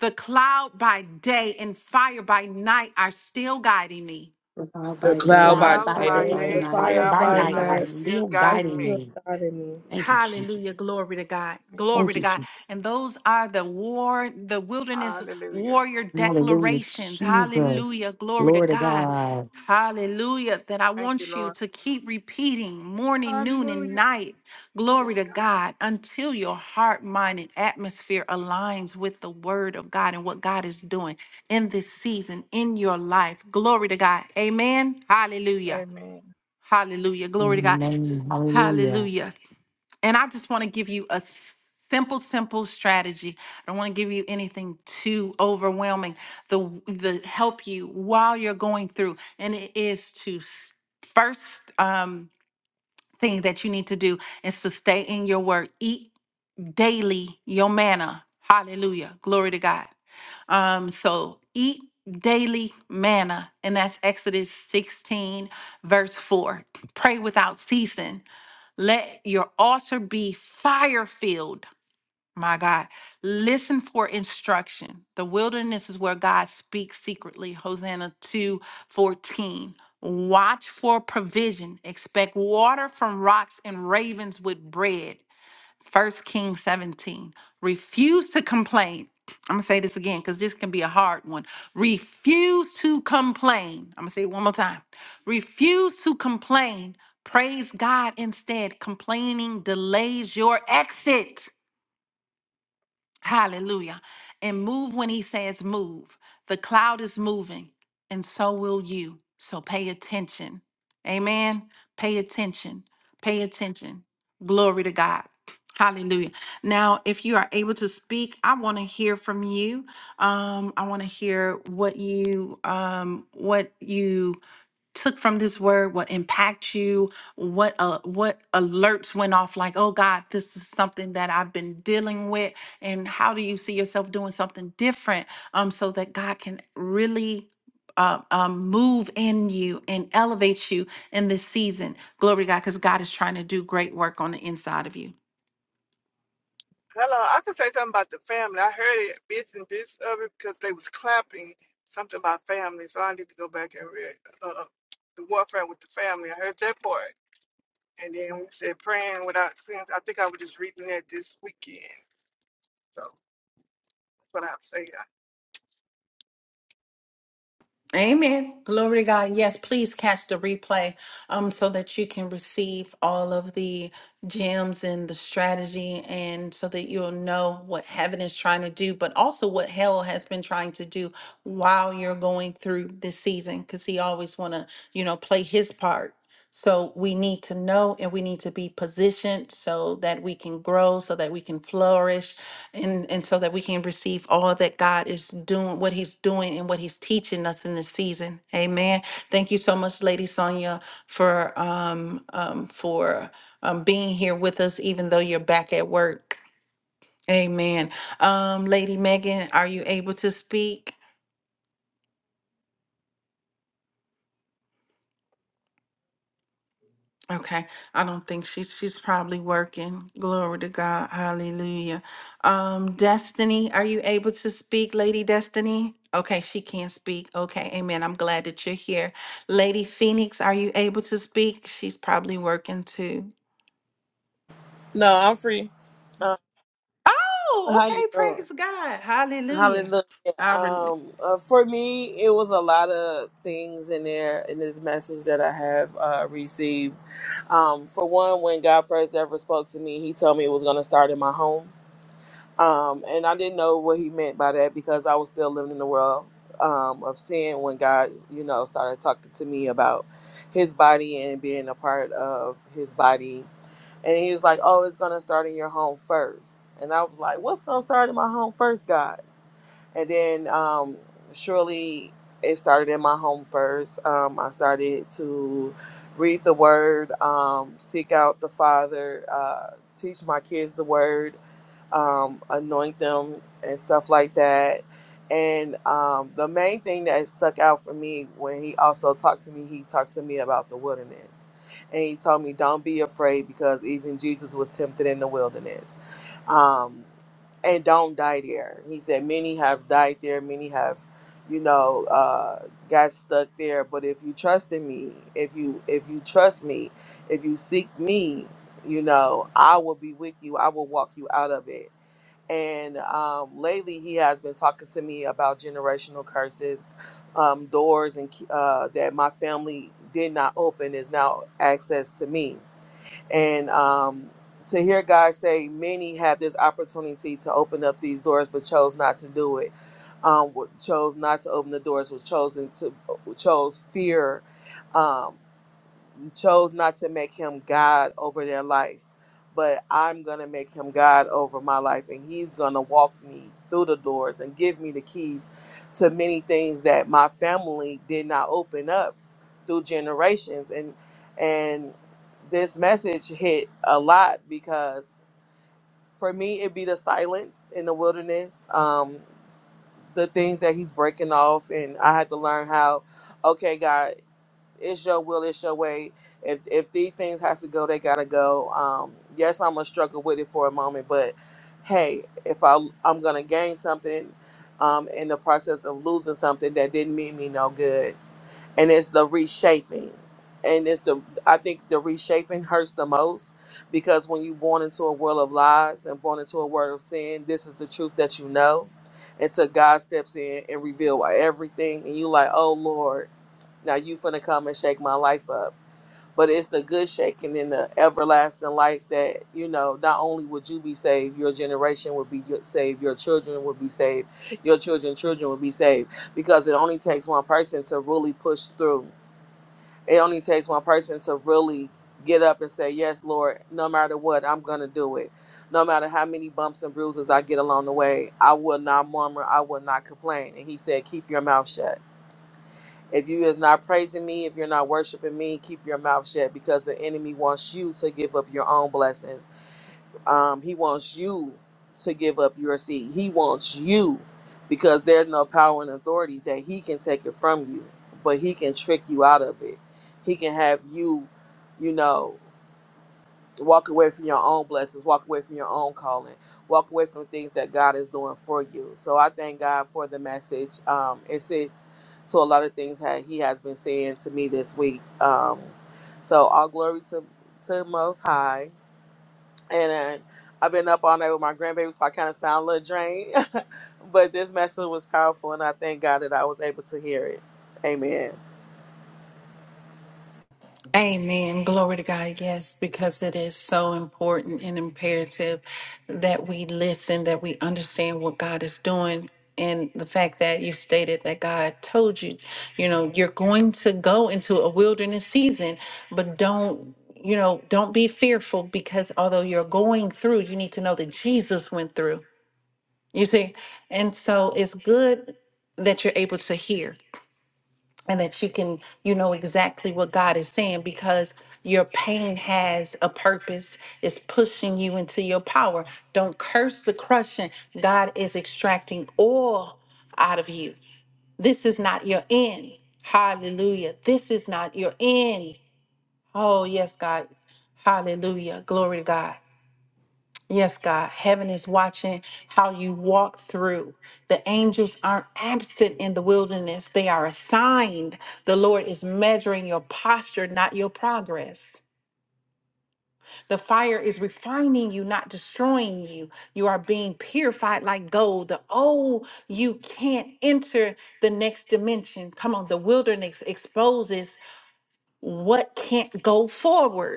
The cloud by day and fire by night are still guiding me.
A cloud
The
by
The
And
day
cloud
and
by
a
All
cloud
cloud
by
by
day.
fire
by
day
day
by
and the
day
and
and the
night
fire
fire
is
cloud
by
by
by
still
night
night
are
is
night,
guiding me.
still
still
I
guiding
guiding
me.
still
me.
God in me.
Thank you,
Hallelujah.
Jesus.
Glory to God.
Thank you,
Thank
Glory to
you,
God.
Jesus.
Jesus.
And those are the war, the wilderness
Hallelujah.
warrior
Hallelujah,
declarations. Hallelujah.
Jesus.
Glory to
Glory to
God.
God.
Hallelujah. That I
Thank you,
want you
Lord.
to keep repeating morning, noon, and
Hallelujah.
night. Glory
Yes,
to
God.
God until your heart, mind, and atmosphere aligns with the word of God and what God is doing in this season in your life. Glory to God. Amen. Hallelujah.
Amen.
Hallelujah. Glory to God.
Amen. Hallelujah.
Hallelujah. And I just want to give you a simple, simple strategy. I don't want to give you anything too overwhelming. The the help you while you're going through, and it is to s- first um, thing that you need to do is to stay in your word. Eat daily your manna. Hallelujah. Glory to God. Um, so eat daily manna, and that's Exodus 16, verse 4. Pray without ceasing. Let your altar be fire filled. My God, listen for instruction. The wilderness is where God speaks secretly. Hosanna 2 14. Watch for provision. Expect water from rocks and ravens with bread. First Kings 17. Refuse to complain. I'm gonna say this again because this can be a hard one. Refuse to complain. I'm gonna say it one more time. Refuse to complain. Praise God instead. Complaining delays your exit. Hallelujah. And move when he says move. The cloud is moving, and so will you. So pay attention. Amen. Pay attention. Pay attention. Glory to God. Hallelujah. Now, if you are able to speak, I want to hear from you. Um, I want to hear what you um, what you took from this word what impacts you what uh, what alerts went off like oh god this is something that i've been dealing with and how do you see yourself doing something different um so that god can really uh, um, move in you and elevate you in this season glory to god because god is trying to do great work on the inside of you
Hello. I can say something about the family. I heard it bits and bits of it because they was clapping something about family. So I need to go back and read uh, the warfare with the family. I heard that part. And then we said praying without sins. I think I was just reading that this weekend. So that's what I'll say. I,
Amen. Glory to God. Yes, please catch the replay um so that you can receive all of the gems and the strategy and so that you'll know what heaven is trying to do, but also what hell has been trying to do while you're going through this season cuz he always want to, you know, play his part. So we need to know and we need to be positioned so that we can grow, so that we can flourish, and and so that we can receive all that God is doing, what He's doing, and what He's teaching us in this season. Amen. Thank you so much, Lady Sonia, for um, um for um being here with us, even though you're back at work. Amen. Um, Lady Megan, are you able to speak? Okay, I don't think she's she's probably working. Glory to God. Hallelujah. Um, Destiny, are you able to speak, Lady Destiny? Okay, she can't speak. Okay, amen. I'm glad that you're here. Lady Phoenix, are you able to speak? She's probably working too.
No, I'm free. Uh,
Oh,
how you
okay,
doing?
praise God. Hallelujah.
Hallelujah. Um, uh, for me, it was a lot of things in there in this message that I have uh, received. Um, for one, when God first ever spoke to me, He told me it was going to start in my home, um, and I didn't know what He meant by that because I was still living in the world um, of sin when God, you know, started talking to me about His body and being a part of His body. And he was like, "Oh, it's gonna start in your home first," And I was like, "What's gonna start in my home first, God?" And then um, surely it started in my home first. Um, I started to read the word, um, seek out the Father, uh, teach my kids the word um, anoint them and stuff like that. And um, the main thing that stuck out for me when he also talked to me, he talked to me about the wilderness. And he told me, don't be afraid because even Jesus was tempted in the wilderness. Um, and don't die there. He said, many have died there, many have, you know, uh, got stuck there. But if you trust in me, if you if you trust me, if you seek me, you know, I will be with you. I will walk you out of it. And um, lately, he has been talking to me about generational curses, um, doors, and key- uh, that my family did not open is now access to me. And um, to hear God say, many had this opportunity to open up these doors, but chose not to do it. Um, wa- chose not to open the doors was chosen to uh, chose fear. um, chose not to make him God over their life, but I'm going to make him God over my life, and he's going to walk me through the doors and give me the keys to many things that my family did not open up through generations and and this message hit a lot because for me it'd be the silence in the wilderness um the things that he's breaking off and i had to learn how okay god it's your will, it's your way. If if these things has to go, they gotta go. Um, yes, I'm gonna struggle with it for a moment, but hey, if I I'm gonna gain something, um, in the process of losing something that didn't mean me no good, and it's the reshaping, and it's the I think the reshaping hurts the most because when you born into a world of lies and born into a world of sin, this is the truth that you know, until God steps in and reveal everything, and you like, oh Lord. Now you finna come and shake my life up. But it's the good shaking in the everlasting life that, you know, not only would you be saved, your generation would be saved, your children would be saved, your children's children would be saved. Because it only takes one person to really push through. It only takes one person to really get up and say, Yes, Lord, no matter what, I'm gonna do it. No matter how many bumps and bruises I get along the way, I will not murmur, I will not complain. And he said, Keep your mouth shut if you is not praising me, if you're not worshiping me, keep your mouth shut because the enemy wants you to give up your own blessings. Um, he wants you to give up your seed. He wants you because there's no power and authority that he can take it from you, but he can trick you out of it. He can have you, you know. Walk away from your own blessings. Walk away from your own calling. Walk away from things that God is doing for you. So I thank God for the message. Um, it sits to a lot of things that He has been saying to me this week. Um, so all glory to to Most High. And uh, I've been up all night with my grandbaby, so I kind of sound a little drained. but this message was powerful, and I thank God that I was able to hear it. Amen.
Amen. Glory to God. Yes, because it is so important and imperative that we listen, that we understand what God is doing. And the fact that you stated that God told you, you know, you're going to go into a wilderness season, but don't, you know, don't be fearful because although you're going through, you need to know that Jesus went through. You see? And so it's good that you're able to hear and that you can you know exactly what God is saying because your pain has a purpose it's pushing you into your power don't curse the crushing God is extracting all out of you this is not your end hallelujah this is not your end oh yes God hallelujah glory to God Yes, God. Heaven is watching how you walk through. The angels aren't absent in the wilderness, they are assigned. The Lord is measuring your posture, not your progress. The fire is refining you, not destroying you. You are being purified like gold. The oh, you can't enter the next dimension. Come on, the wilderness exposes what can't go forward.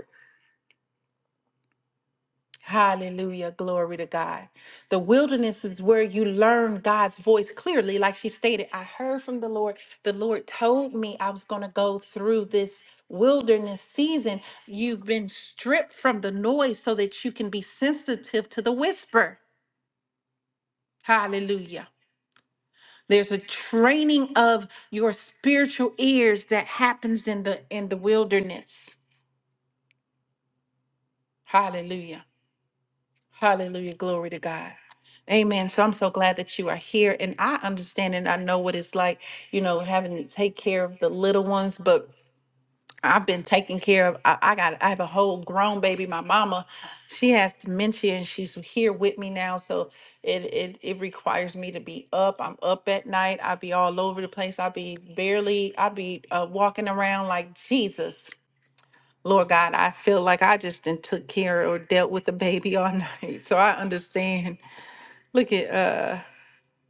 Hallelujah. Glory to God. The wilderness is where you learn God's voice clearly. Like she stated, I heard from the Lord. The Lord told me I was going to go through this wilderness season. You've been stripped from the noise so that you can be sensitive to the whisper. Hallelujah. There's a training of your spiritual ears that happens in the in the wilderness. Hallelujah. Hallelujah. Glory to God. Amen. So I'm so glad that you are here. And I understand and I know what it's like, you know, having to take care of the little ones, but I've been taking care of I, I got I have a whole grown baby. My mama, she has dementia and she's here with me now. So it it it requires me to be up. I'm up at night. I'll be all over the place. I'll be barely I'll be uh, walking around like Jesus. Lord God, I feel like I just did took care or dealt with the baby all night. So I understand. Look at uh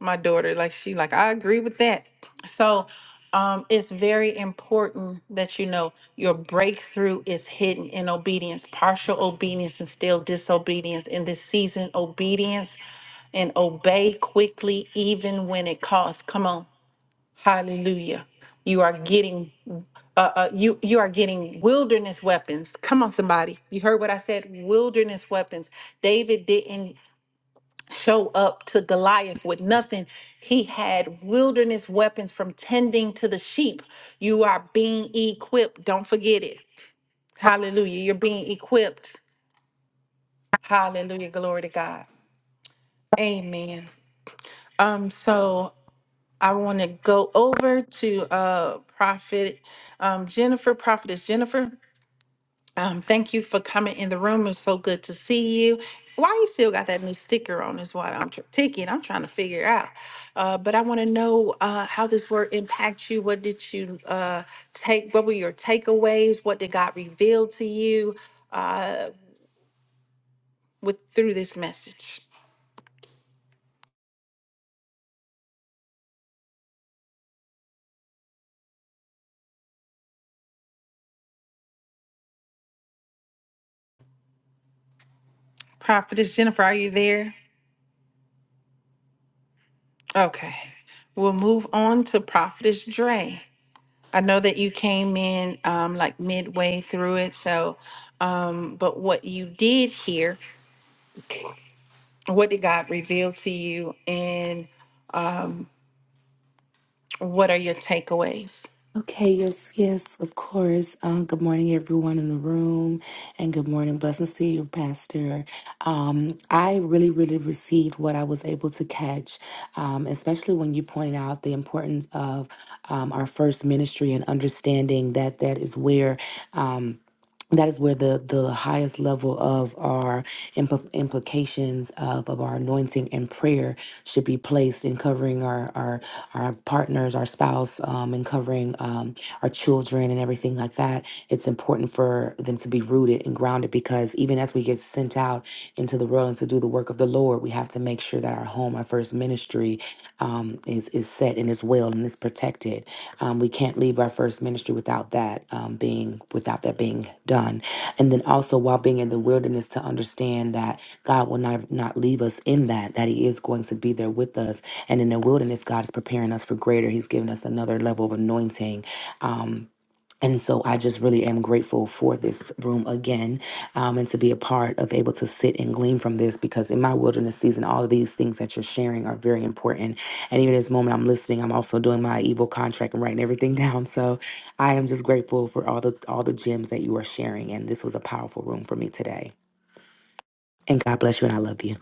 my daughter, like she like, I agree with that. So um it's very important that you know your breakthrough is hidden in obedience, partial obedience and still disobedience. In this season, obedience and obey quickly, even when it costs. Come on. Hallelujah. You are getting uh, uh, you you are getting wilderness weapons. Come on, somebody. You heard what I said. Wilderness weapons. David didn't show up to Goliath with nothing. He had wilderness weapons from tending to the sheep. You are being equipped. Don't forget it. Hallelujah. You're being equipped. Hallelujah. Glory to God. Amen. Um. So I want to go over to uh Prophet um Jennifer. Prophetess Jennifer. Um, thank you for coming in the room. It's so good to see you. Why you still got that new sticker on is what I'm tr- ticket. I'm trying to figure out. Uh, but I want to know uh, how this word impacts you. What did you uh, take? What were your takeaways? What did God reveal to you uh, with through this message? Prophetess Jennifer, are you there? Okay, we'll move on to Prophetess Dre. I know that you came in um, like midway through it. So, um, but what you did here, what did God reveal to you, and um, what are your takeaways?
Okay, yes, yes, of course. Uh, good morning, everyone in the room, and good morning. Blessings to you, Pastor. Um, I really, really received what I was able to catch, um, especially when you pointed out the importance of um, our first ministry and understanding that that is where. Um, that is where the the highest level of our impl- implications of, of our anointing and prayer should be placed in covering our, our our partners, our spouse, um, and covering um, our children and everything like that, it's important for them to be rooted and grounded because even as we get sent out into the world and to do the work of the Lord, we have to make sure that our home, our first ministry, um, is is set and is well and is protected. Um, we can't leave our first ministry without that um, being without that being done. And then also while being in the wilderness, to understand that God will not not leave us in that; that He is going to be there with us and in the wilderness, God is preparing us for greater. He's given us another level of anointing. Um, and so I just really am grateful for this room again um, and to be a part of able to sit and glean from this because in my wilderness season, all of these things that you're sharing are very important. And even this moment I'm listening, I'm also doing my evil contract and writing everything down. So I am just grateful for all the all the gems that you are sharing. And this was a powerful room for me today. And God bless you and I love you.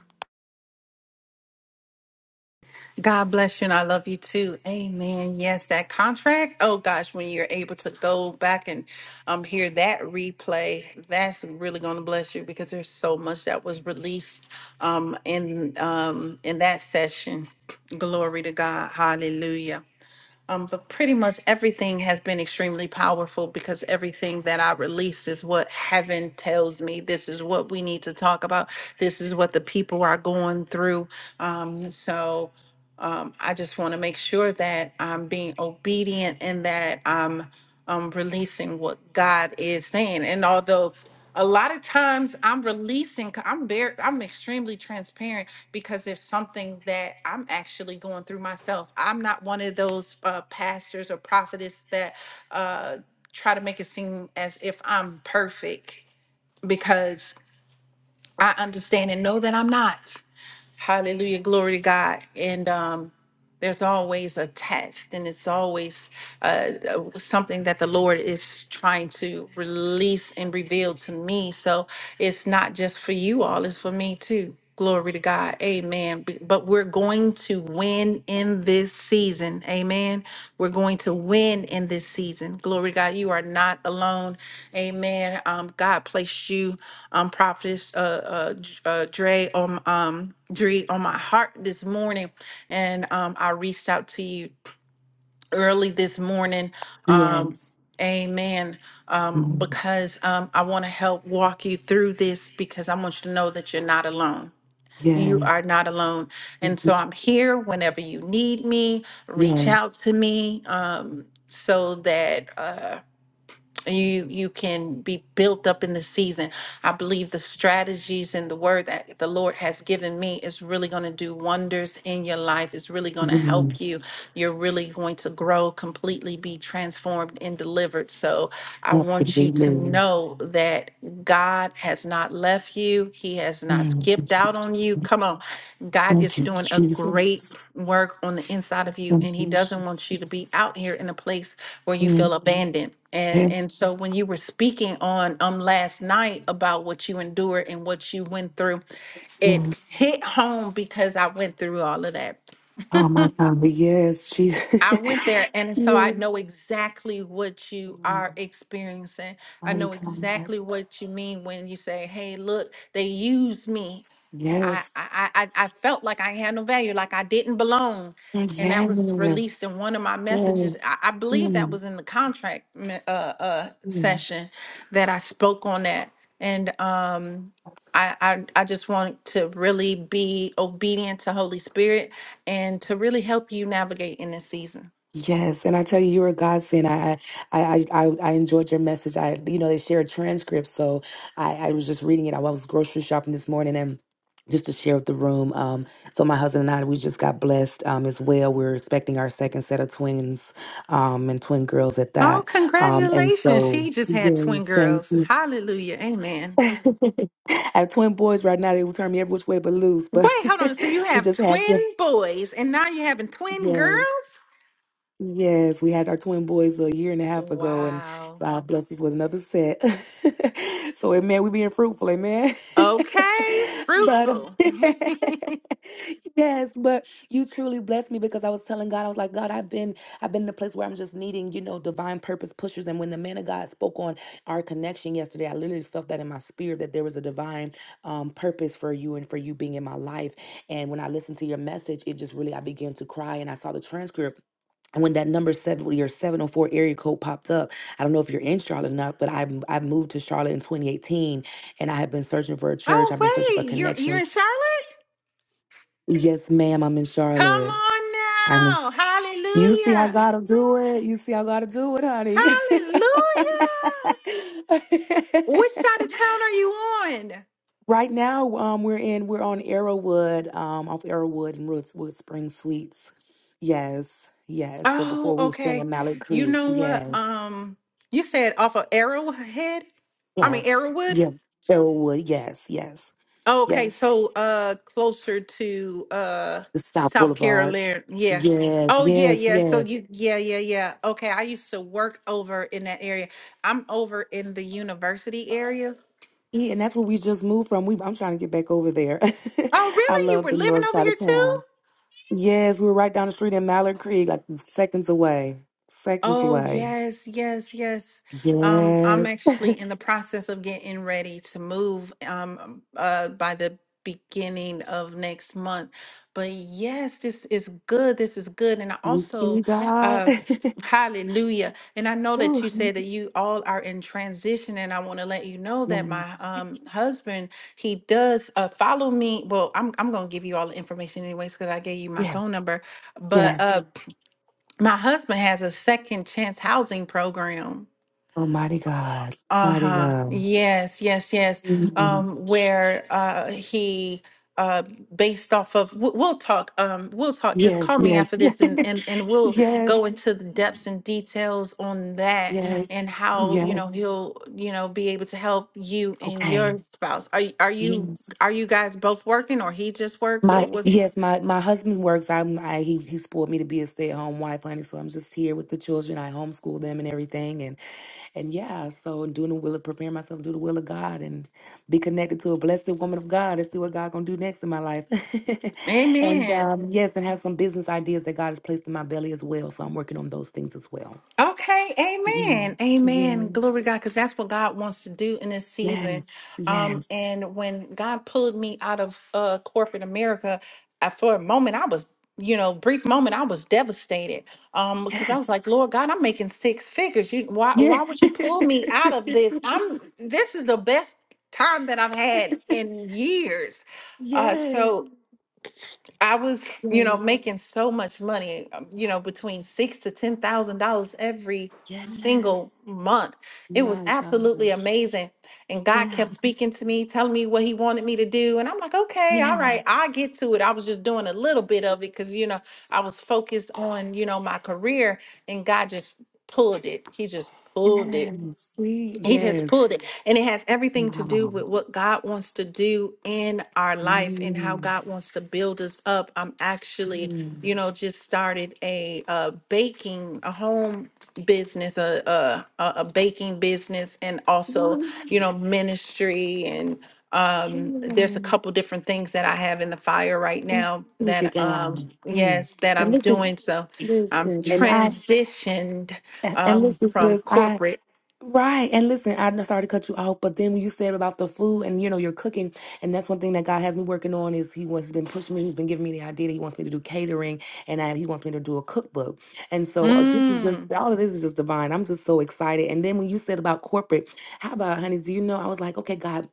God bless you, and I love you too. Amen. Yes, that contract. Oh gosh, when you're able to go back and um, hear that replay, that's really going to bless you because there's so much that was released um, in um, in that session. Glory to God. Hallelujah. Um, but pretty much everything has been extremely powerful because everything that I release is what heaven tells me. This is what we need to talk about. This is what the people are going through. Um, so um, I just want to make sure that I'm being obedient and that I'm um, releasing what God is saying. And although a lot of times I'm releasing, I'm very, I'm extremely transparent because there's something that I'm actually going through myself. I'm not one of those uh, pastors or prophetess that uh, try to make it seem as if I'm perfect because I understand and know that I'm not. Hallelujah. Glory to God. And um, there's always a test, and it's always uh, uh, something that the Lord is trying to release and reveal to me. So it's not just for you all, it's for me too. Glory to God. Amen. B- But we're going to win in this season. Amen. We're going to win in this season. Glory to God. You are not alone. Amen. Um, God placed you, um, prophetess uh, uh, J- uh, Dre, on um, Dre on my heart this morning, and um, I reached out to you early this morning. Um,
Yes.
Amen. Um,
Mm.
because um, I want to help walk you through this because I want you to know that you're not alone. You are
Yes.
not alone.
Thank
And
you,
so I'm
Jesus.
here whenever you need me. Reach out
Yes,
to me um, so that. Uh, you you can be built up in the season i believe the strategies and the word that the lord has given me is really going to do wonders in your life it's really going to help you
yes,
you're really going to grow completely be transformed and delivered so i want you to
absolutely.
know that god has not left you he has not
Mm,
skipped
Thank you,
out on you come
Jesus.
on god is
Thank you,
doing a great
Jesus.
work on the inside of you and
Thank
he
you,
doesn't want you to be
Jesus.
out here in a place where you feel
Mm,
abandoned and and so
Yes,
when you were speaking on um last night about what you endured and what you went through, it
yes.
hit home because I went through all of that.
Oh my God, but yes, Jesus.
I went there and so I know
yes.
exactly what you
Mm,
are experiencing. I
Mighty
know
God.
exactly what you mean when you say, "Hey, look, they used me. I, I
Yes.
I I felt like I had no value, like I didn't belong,
Yes.
and that was released in one of my messages.
Yes.
I, I believe that
Mm,
was in the contract me- uh, uh,
mm.
session that I spoke on that, and um, I, I I just want to really be obedient to Holy Spirit and to really help you navigate in this season.
Yes, and I tell you, you were a godsend. I, I, I, I I enjoyed your message. I, you know, they shared transcripts, so I, I was just reading it. I was grocery shopping this morning, and just to share with the room. Um, so my husband and I, we just got blessed um, as well. We're expecting our second set of twins um, and twin girls at
Oh,
that. Um, and
congratulations!
so,
She just had twin
yes, thank
girls.
you.
Hallelujah, Amen.
I have twin boys right now. They will turn me every which way but loose.
Wait,
But
hold on. So you
we
have
just have
twin boys, and now you're having twin
yes.
girls?
Yes, we had our twin boys a year and a half ago, and
Wow.
God bless us with another set. so, amen, we being fruitful, amen.
Okay.
but
Fruitful.
yes, but you truly blessed me because I was telling God, I was like, God, I've been, I've been in a place where I'm just needing, you know, divine purpose pushers. And when the man of God spoke on our connection yesterday, I literally felt that in my spirit that there was a divine um, purpose for you and for you being in my life. And when I listened to your message, it just really, I began to cry, and I saw the transcript and when that number seven, your 704 area code popped up, I don't know if you're in Charlotte enough, but I I moved to Charlotte in 2018, and I have been searching for a church. I've been searching
oh
for
wait, you're you're
connections.
in Charlotte?
Yes, ma'am, I'm in
Come
Charlotte.
on
I'm. in-
now.
You see I
Hallelujah.
gotta do it. You see I gotta do it, honey.
Hallelujah. Which side of town are you on?
right now, um, we're in we're on Arrowwood, um, off Arrowwood and Woodswood Spring Suites. Yes, yes. But
Oh,
before we were staying
okay.
in Mallet
You
Creek.
know what?
Yes.
Um, you said off of Arrowhead? I mean
Yes.
Arrowwood?
Yes. Elwood. Yes. Yes.
Oh, okay,
Yes.
so uh closer to uh
The South
South
Boulevard.
Carolina. Yeah.
Yes.
Oh yeah,
Yes.
yeah. So
Yes.
you yeah, yeah, yeah. Okay, I used to work over in that area. I'm over in the university area.
Yeah, and that's where we just moved from. We I'm trying to get back over there.
Oh,
I
really? You
love
were
the
living
north
over
side
here
of
too?
town. Yes, we were right down the street in Mallard Creek, like seconds away. Seconds
Oh,
away.
yes, yes, yes. Um, I'm
Yes.
actually in the process of getting ready to move um uh by the beginning of next month. But yes, this is good. This is good. And I
You see
also
God.
uh hallelujah. And I know that you
Ooh.
said that you all are in transition and I want to let you know that my
yes.
um husband, he does uh follow me. Well, I'm I'm going to give you all the information anyways because I gave you my phone
Yes.
number. But uh
Yes.
my husband has a second chance housing program.
Almighty God. Mighty
Uh-huh.
God.
Yes, yes, yes.
Mhm.
Um, where uh he uh based off of we- we'll talk um we'll talk just
Yes,
call me after
yes,
this and and and we'll go
yes.
into the depths and details on that
Yes.
and how, you know,
Yes.
he'll, you know, be able to help you and your
Okay.
spouse. Are y- are you
Yes.
are you guys both working or he just works or
My
was
yes, my my husband works. I'm I he he spoiled me to be a stay at home wife, honey. So I'm just here with the children. I homeschool them and everything, and and yeah. So doing the will of preparing myself to do the will of God and be connected to a blessed woman of God and see what God gonna do next in my life. and
Amen.
um, yes, and have some business ideas that God has placed in my belly as well. So I'm working on those things as well.
Okay, amen.
Yes.
Amen. Glory
Yes.
to God, because that's what God wants to do in this season.
Yes.
Um,
Yes.
and when God pulled me out of uh corporate America, I, for a moment I was, you know, brief moment I was devastated. Um, because I was
Yes.
like, Lord God, I'm making six figures. You why
Yes.
why would you pull me out of this? I'm this is the best time that I've had in years. Uh
yes.
so I was, you know,
Yes.
making so much money, um, you know, between six to ten thousand dollars every single
Yes.
month. It was
My
absolutely
gosh.
amazing. And God
Yeah.
kept speaking to me, telling me what he wanted me to do. And I'm like, okay, all
Yeah.
right, I get to it. I was just doing a little bit of it because, you know, I was focused on, you know, my career and God just pulled it. He just pulled it
Yes. Sweet.
he just
Yes.
pulled it. And it has everything to do
Wow.
with what God wants to do in our life and how
Mm.
God wants to build us up. I'm actually,
Mm.
you know, just started a, uh baking, a home business, a, a, a a baking business, and also,
What?
you know,
Yes.
ministry. And um, there's a
Mm.
couple different things that I have in the fire right now
Look at
that, um,
God. Mm.
yes, that
And
I'm
look at
doing. So I'm
listen. And I
transitioned
and
um,
listen,
from
sis. I
corporate.
Right. And listen, I'm sorry to cut you off, but then when you said about the food and you know you're cooking, and that's one thing that God has me working on is he wants been pushing me, he's been giving me the idea that he wants me to do catering and I, he wants me to do a cookbook. And so uh, this is
Mm.
just all of this is just divine. I'm just so excited. And then when you said about corporate, how about honey, do you know I was like, okay, God,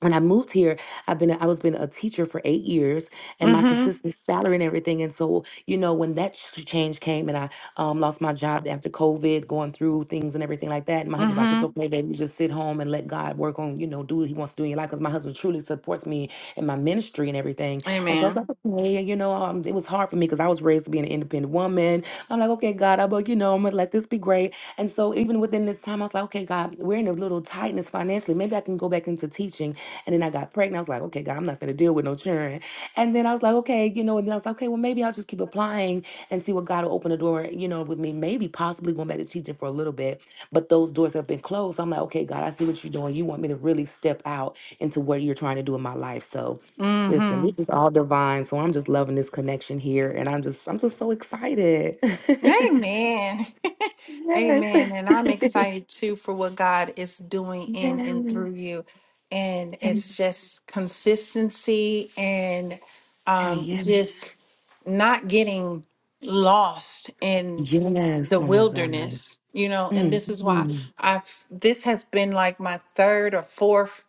when I moved here, I've been a- I was been a teacher for eight years, and my
Mm-hmm.
consistent salary and everything. And so, you know, when that ch- change came and I um, lost my job after COVID, going through things and everything like that, and my husband's like, it's
Mm-hmm.
okay, baby, just sit home and let God work on, you know, do what he wants to do in your life. Because my husband truly supports me in my ministry and everything. And so I was
Amen.
like, okay, you know, um, it was hard for me because I was raised to be an independent woman. I'm like, okay, God, I'm, like, you know, I'm going to let this be great. And so even within this time, I was like, okay, God, we're in a little tightness financially. Maybe I can go back into teaching. And then I got pregnant. I was like, okay, God, I'm not going to deal with no children. And then I was like, okay, you know, and then I was like, okay, well, maybe I'll just keep applying and see what God will open the door, you know, with me. Maybe possibly going back to teaching for a little bit, but those doors have been closed. So I'm like, okay, God, I see what you're doing. You want me to really step out into what you're trying to do in my life. So listen, this
Mm-hmm.
is all divine. So I'm just loving this connection here. And I'm just, I'm just so excited.
Amen.
yes.
Amen. And I'm excited too for what God is
yes.
doing in and through
Yes.
you. And it's just consistency and
Hey,
um,
yes.
just not getting lost in
Yes,
the
woman of God.
wilderness, you know, and
Mm,
this is why
mm,
I've this has been like my third or fourth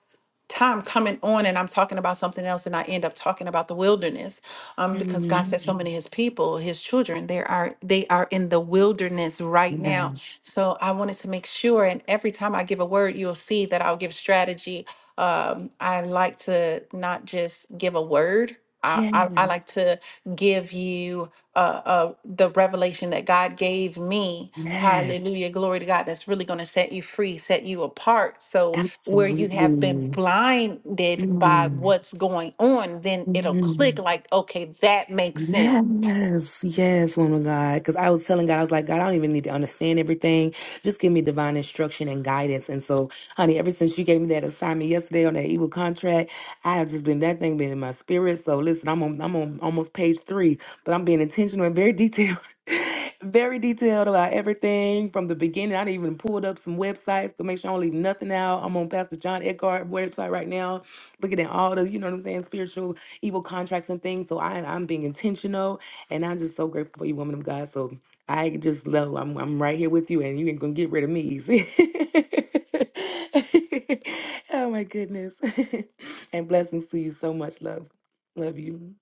time coming on and I'm talking about something else and I end up talking about the wilderness. Um, because God said so
mm.
many of his people, his children, they are they are in the wilderness right now.
Yes.
So I wanted to make sure and every time I give a word, you'll see that I'll give strategy. Um, I like to not just give a word. I, I, I like
Yes.
to give you uh, uh, the revelation that God gave me.
Yes.
Hallelujah. Glory to God. That's really going to set you free, set you apart. So, where you have been
Absolutely.
blinded by
Mm.
what's going on, then it'll
Mm.
click like, okay, that makes sense.
Yes, yes, woman of God. Because I was telling God, I was like, God, I don't even need to understand everything. Just give me divine instruction and guidance. And so, honey, ever since you gave me that assignment yesterday on that evil contract, I have just been that thing been in my spirit. So listen, I'm on I'm on almost page three, but I'm being intentional and very detailed. Very detailed about everything from the beginning. I done even pulled up some websites to make sure I don't leave nothing out. I'm on Pastor John Eckhart website right now, looking at all the, you know what I'm saying, spiritual evil contracts and things. So I, I'm being intentional, and I'm just so grateful for you, woman of God. So I just love. I'm I'm right here with you, and you ain't gonna get rid of me easy. oh my goodness, and blessings to you so much. Love, love you.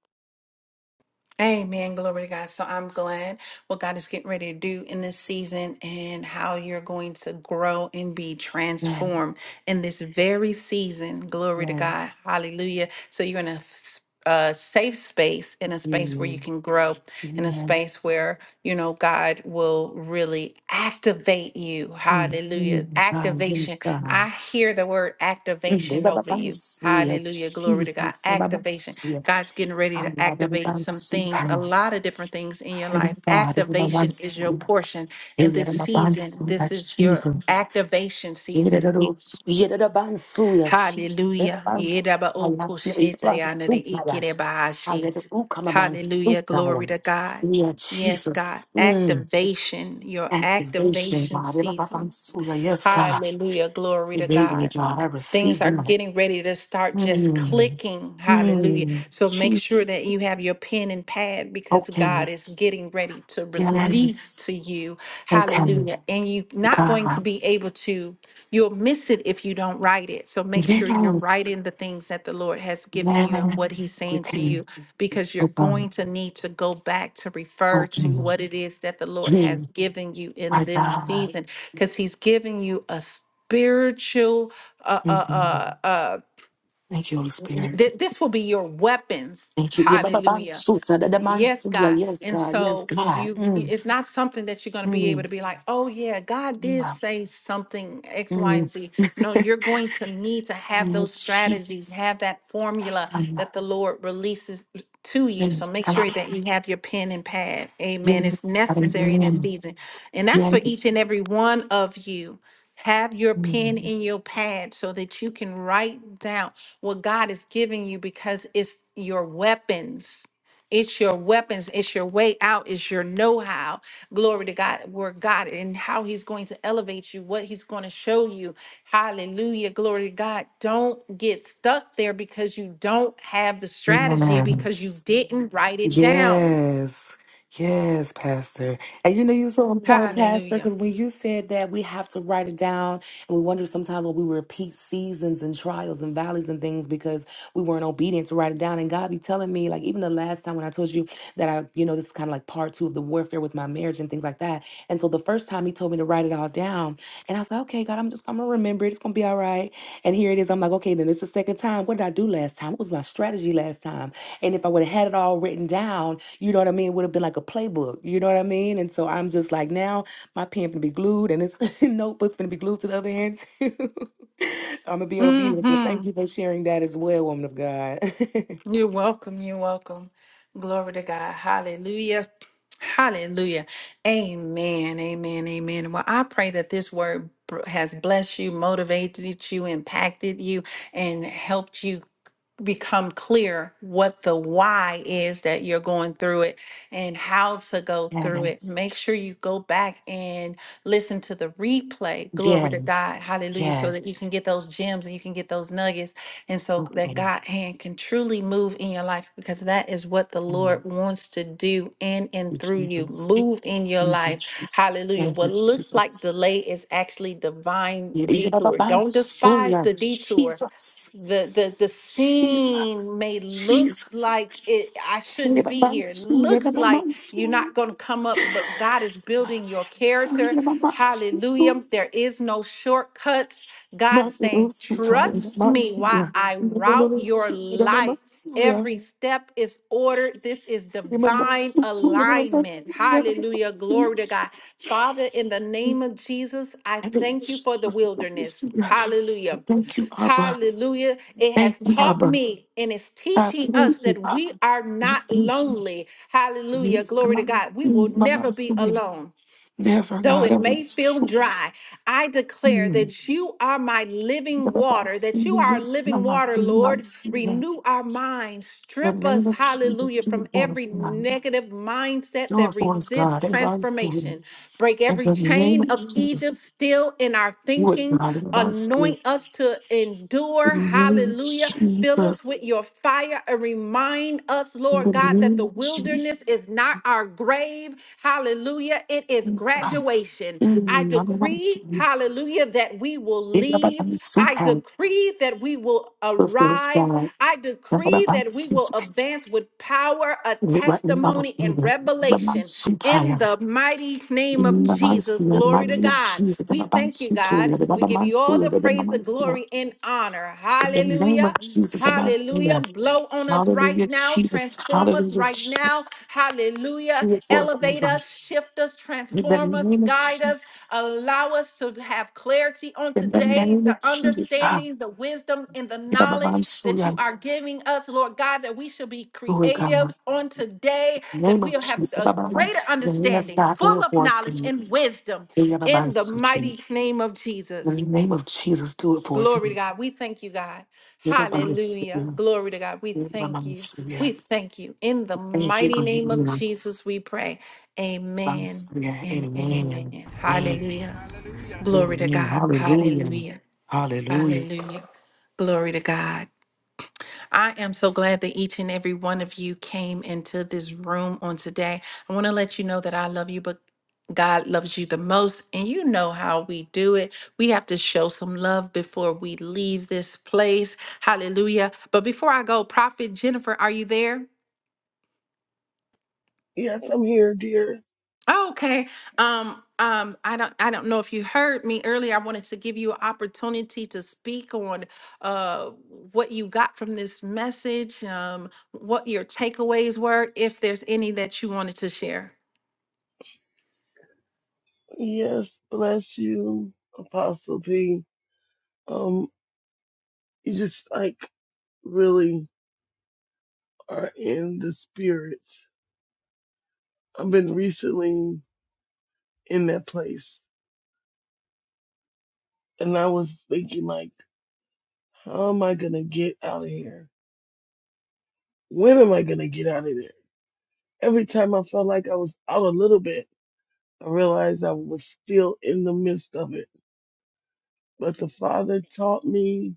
Amen. Glory to God. So I'm glad what God is getting ready to do in this season and how you're going to grow and be
Yes,
transformed in this very season. Glory to
yes,
God. Hallelujah. So you're in a s- a safe space, in a space where you
you,
can grow, in a space
yes,
where, you know, God will really activate you.
mm,
Hallelujah.
mm, ah, yes,
Activation. I
God.
hear the word
Mm, da-
activation
da- da-
over
da-
you.
so, yeah,
Hallelujah. Glory to
Jesus,
God.
da- da- da-
Activation.
so, yeah.
God's getting ready
Ah,
to
yeah, da- da-
activate
da-
some
so,
things, a
yeah.
lot of different things in your life.
Heavenly Father, we love and
Activation is
serve
your portion
you.
in
We
this
love and
season.
serve you,
This is your
Jesus.
activation
We love
season.
and serve you, Jesus. We love
Hallelujah.
and serve you, Jesus. We love and serve you. I
Yedabaokoshetayanadeikerebahashi.
let it all come among so
Hallelujah. Glory
tired.
to God.
Yeah,
Yes, God.
Jesus. Mm.
Activation, your
Activation,
activation
God. We love and
season.
serve you. Yes, God.
Hallelujah. Glory to
Activate me,
God.
God. I receive
Things are
them. Lord.
getting ready to start just
Mm.
clicking. Hallelujah.
Mm.
So make sure that
Jesus.
you have your pen and pad because
Okay.
God is getting ready to release
Yes.
to you.
Okay.
Hallelujah. And you're not going to
God.
be able to, you'll miss it if you don't write it. So make sure you're
Yes.
writing the things that the Lord has given you and what He's
Yes, we
saying to
can
you because you're
open,
going to need to go back to refer to
open,
what it is that the Lord has
you
given you in
I
this
die.
season because He's giving you a spiritual uh, uh,
Mhm.
uh, uh,
Thank you, Holy Spirit.
th- this will be your weapons.
Thank you. Yeah, Baba Ban
Hallelujah.
Suta, the man
Yes,
Suya.
God.
Yes,
And
God. Yes,
so
God.
you,
Mm,
it's not something that you're going to be able
mm,
to be like, oh, yeah, God did
yeah.
say something X, Y, and
Mm.
Z. No, you're going to need to have
Oh,
those strategies,
Jesus.
have that formula
Um,
that the Lord releases to you. So
yes,
make
God.
sure that you have your pen and pad. Amen. It's
Yes, God.
necessary in this
Yes.
season. And that's for each and
Yes.
every one of you. Have your pen in your pad so that you can write down what God is giving you because it's your weapons it's your weapons, it's your way out, it's your know how. Glory to God, where God and how He's going to elevate you, what He's going to show you. Hallelujah. Glory to God. Don't get stuck there because you don't have the strategy
Mm.
because
Yes.
you didn't write it down.
Yes, yes, Pastor. And you know, you're so on point, Pastor, because
Hallelujah.
when you said that, we have to write it down. And we wonder sometimes when we repeat seasons and trials and valleys and things because we weren't obedient to write it down. And God be telling me, like, even the last time when I told you that I, you know, this is kind of like part two of the warfare with my marriage and things like that. And so the first time He told me to write it all down. And I was like, okay, God, I'm just, I'm going to remember it. It's going to be all right. And here it is. I'm like, okay, then it's the second time. What did I do last time? What was my strategy last time? And if I would have had it all written down, you know what I mean, it would have been like a playbook. You know what I mean? And so I'm just like, now my pen to be glued and this notebook's gonna be glued to the other hand too. I'm gonna be obedient. So
Mm-hmm.
thank you for sharing that as well, woman of God.
You're welcome. You're welcome. Glory to God. Hallelujah. Hallelujah. Amen. Amen. Amen. Well, I pray that this word br- has blessed you, motivated you, impacted you, and helped you become clear what the why is that you're going through it and how to go through it.
Yes,
Make sure you go back and listen to the replay. Glory to God.
yes,
Hallelujah. So that you
yes.
can get those gems and you can get those nuggets. And so
Okay.
that God hand can truly move in your life because that is what the
Thank
Lord wants to do in
you,
and through you.
Jesus.
Move in your
Thank you,
life.
Jesus.
Hallelujah.
Thank you,
What looks like
Jesus.
delay is actually divine detour. Don't despise
Yerababansuya.
the detour
Jesus,
the the the
Jesus,
scene may looks
Jesus.
like it I shouldn't be here.
Yerabansu,
looks like you're not
Yerabansu,
going to come up, but God is building your character.
Yerabansu,
Hallelujah. There is no shortcuts. God's saying,
Mansu Tai,
"Trust me
Mansu
while
Ya.
I route your
Yerabansu,
life."
Yerabansu Ya,
Every step is ordered. This is divine
Yerabansu,
alignment.
Yerabansu,
Hallelujah.
Yerabansu Ya,
Glory to God.
Jesus.
Father, in the name of Jesus, I
And it-
thank you for the
Jesus,
wilderness.
Yerabansu Ya.
Hallelujah.
Thank you, Abba.
Hallelujah. It
Thank
has
you,
taught
Abba.
me and it's
I
teaching us
Thank you,
that we
Abba.
are
We
not
Thank you.
lonely. Hallelujah.
Yes,
Glory to
God.
God. We will
Mm, Mama,
never be
Suya.
alone.
Never,
Though
God,
it may
I'm
feel
so.
dry, I declare that you are my
The
living water, that you are living water, Lord. Renew our minds, strip
name
us,
of Jesus,
hallelujah,
do
from
it for us,
every
God.
negative mindset
Do it
that
for us,
resists
God. Everybody see it.
transformation. Break
In
every
the name
chain
of
of Egypt
Jesus,
still in our
do it,
thinking.
God. Everybody see it.
Anoint us to endure,
In the name of
hallelujah. Fill us with
Jesus.
your fire and remind us,
In the
Lord God. God, that
name
the
of Jesus.
wilderness is not our grave. Hallelujah. It is
Yes, God.
graduation.
In the
I
name of Jesus.
decree,
In
hallelujah, that we will
the name of
leave. I
Jesus.
decree that we will
Do it for us,
arise.
God.
I
In the name
decree
of
that we will
Jesus.
advance with power, a testimony, and
In the name of
revelation
Jesus.
in the mighty name of
In the mighty
Jesus.
and
Glory
mighty
to
name of
God.
Jesus, the
We thank you,
Babansu,
God.
the
We give you all
Babansu,
the
the
praise, the
Babansu,
glory, and honor honor.
in the name of
Hallelujah.
Jesus, the
Hallelujah.
Babansu,
Blow on us right
hallelujah,
now.
Jesus,
Transform us
hallelujah,
right
Jesus,
now. Hallelujah.
do it for us, oh
Elevate
God.
us, shift us,
in the
transform us,
name of
guide us,
Jesus,
allow us to have clarity on
in the
today,
name
the
of Jesus, ah,
understanding, the wisdom, and the
in the
knowledge that you
Babansu,
are giving us, Lord God, that we should be
do it,
creative
God.
on today,
In the
that
name of
we'll have
Jesus, the
a greater
Babansu, yes,
understanding,
God, do
full
it
of
for us,
knowledge
God.
and wisdom
In the
in the
Babansu, in
mighty name of Jesus.
the name of Jesus, do it for us,
Glory to
God.
God. We thank you, God.
In the Babansu,
Hallelujah.
in
Glory to God. We
the
thank you. We
Babansu,
thank you. In the
thank you,
mighty name of
God.
Jesus, we pray. Amen
Hallelujah.
and
Amen.
amen.
Amen.
Hallelujah. Glory to
Amen.
God.
Hallelujah.
Hallelujah.
Hallelujah.
Hallelujah. Glory to God. I am so glad that each and every one of you came into this room on today. I want to let you know that I love you, but God loves you the most, and you know how we do it. We have to show some love before we leave this place. Hallelujah. But before I go, Prophet Jennifer, are you there?
Yes, I'm here, dear.
Oh, okay. Um, um, I don't, I don't know if you heard me earlier. I wanted to give you an opportunity to speak on uh, what you got from this message, um, what your takeaways were, if there's any that you wanted to share.
Yes, bless you, Apostle P. Um, you just like really are in the spirit. I've been recently in that place, and I was thinking like, how am I gonna get out of here? When am I gonna get out of there? Every time I felt like I was out a little bit, I realized I was still in the midst of it. But the Father taught me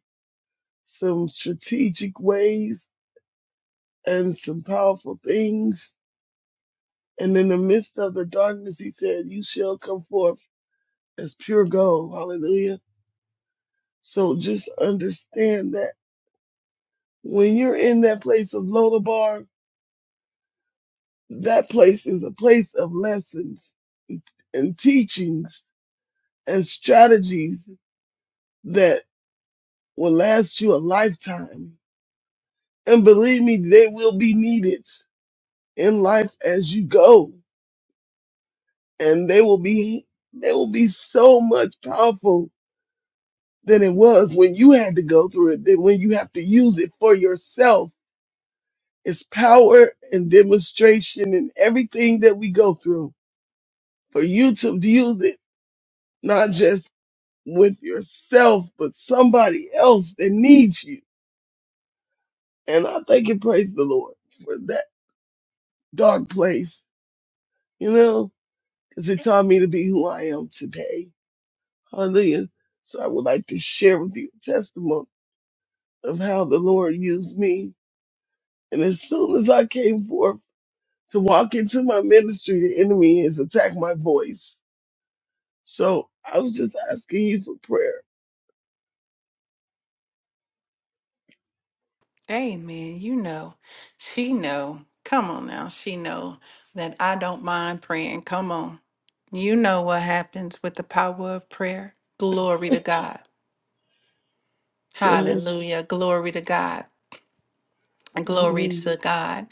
some strategic ways and some powerful things And in the midst of the darkness, he said, You shall come forth as pure gold. Hallelujah. So just understand that when you're in that place of Lodabar, that place is a place of lessons and teachings and strategies that will last you a lifetime. And believe me, they will be needed in life as you go. And they will be, they will be so much powerful than it was when you had to go through it, than when you have to use it for yourself. It's power and demonstration and everything that we go through for you to use it, not just with yourself, but somebody else that needs you. And I thank and praise the Lord for that dark place, you know, because it taught me to be who I am today. Hallelujah. So I would like to share with you a testimony of how the Lord used me. And as soon as I came forth, to walk into my ministry, the enemy has attacked my voice. So I was just asking you for prayer.
Amen. You know, she know. Come on now, she know that I don't mind praying. Come on, you know what happens with the power of prayer. Glory to God.
Yes.
Hallelujah. Glory to God. Glory
Hallelujah.
to God.